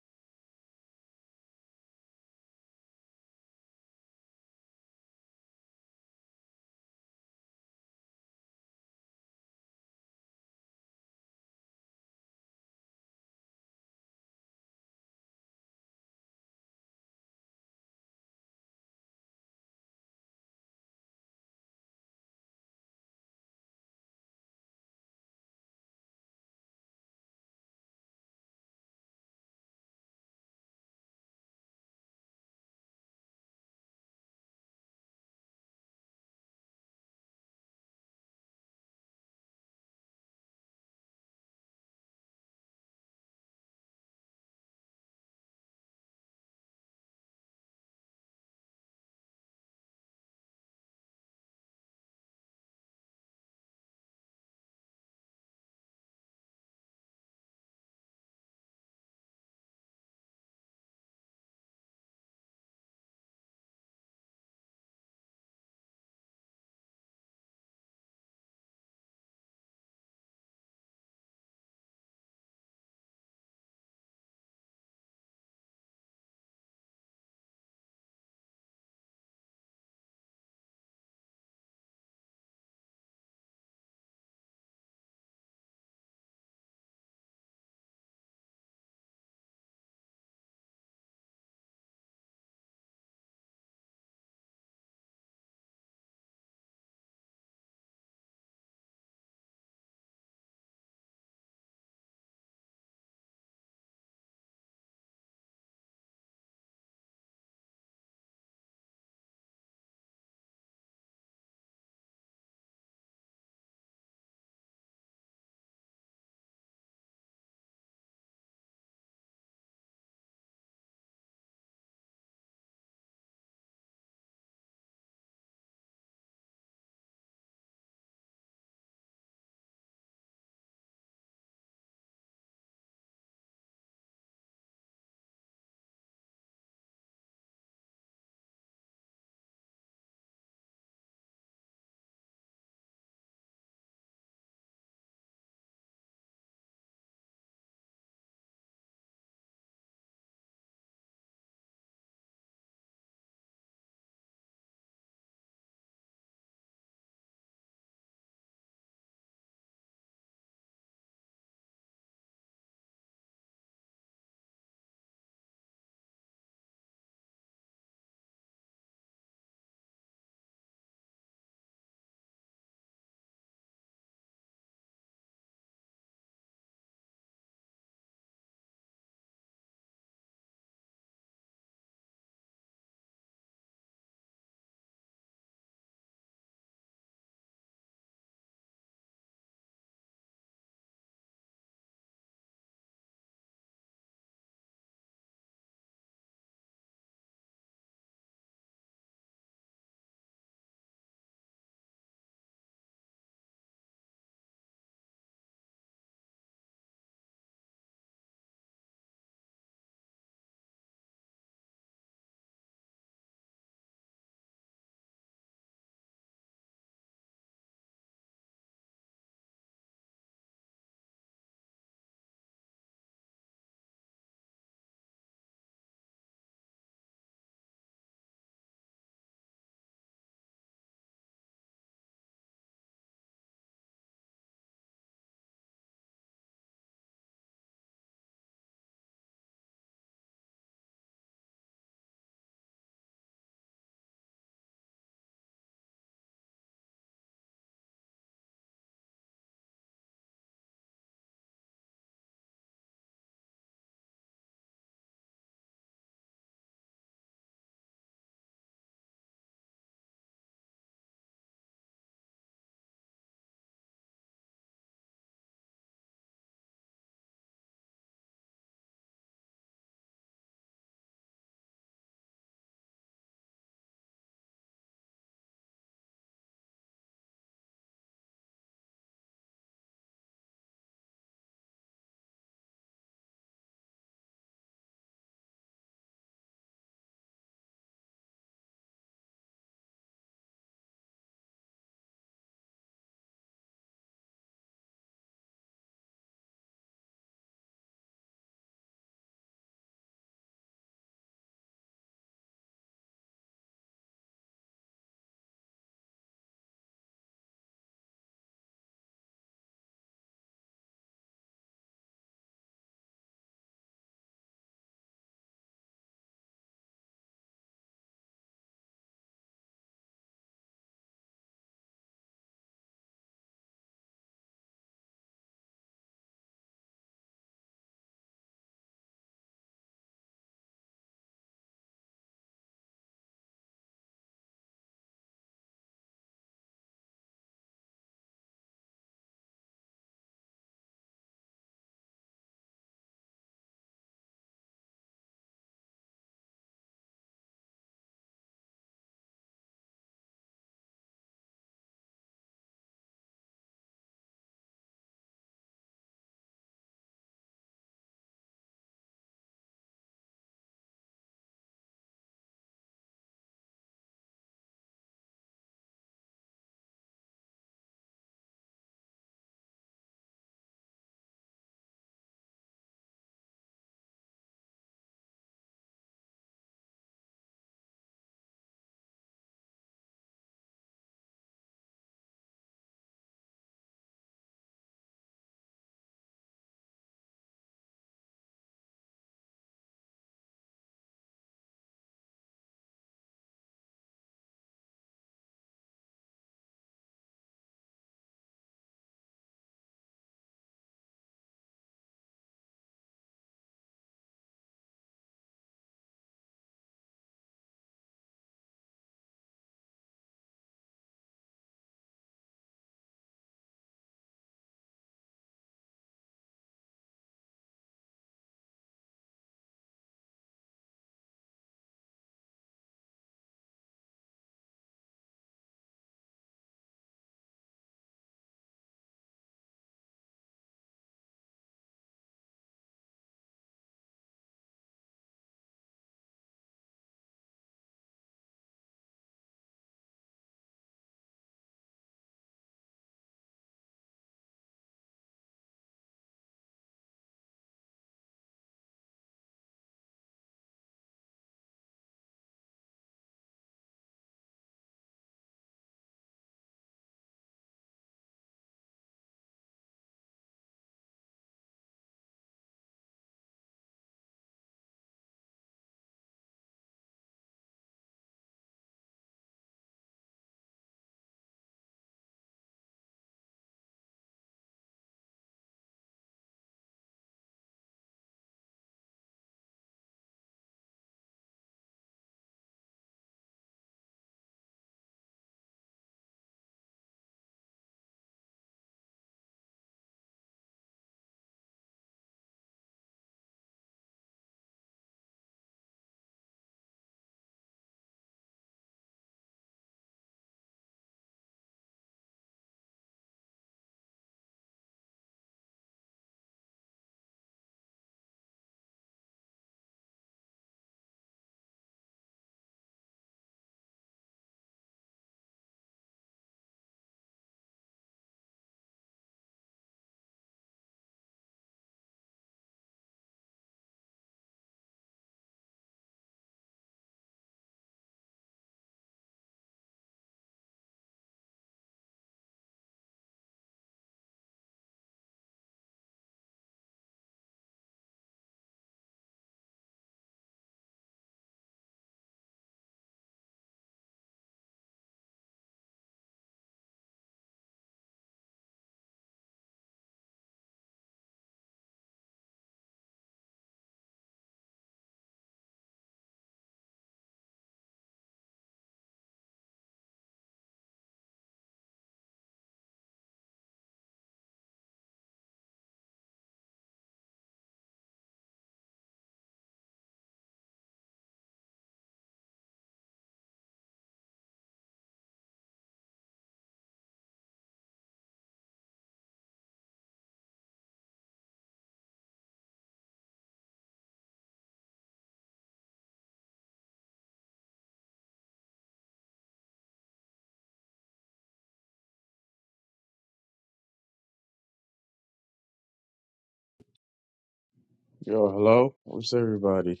Yo, hello. What's everybody?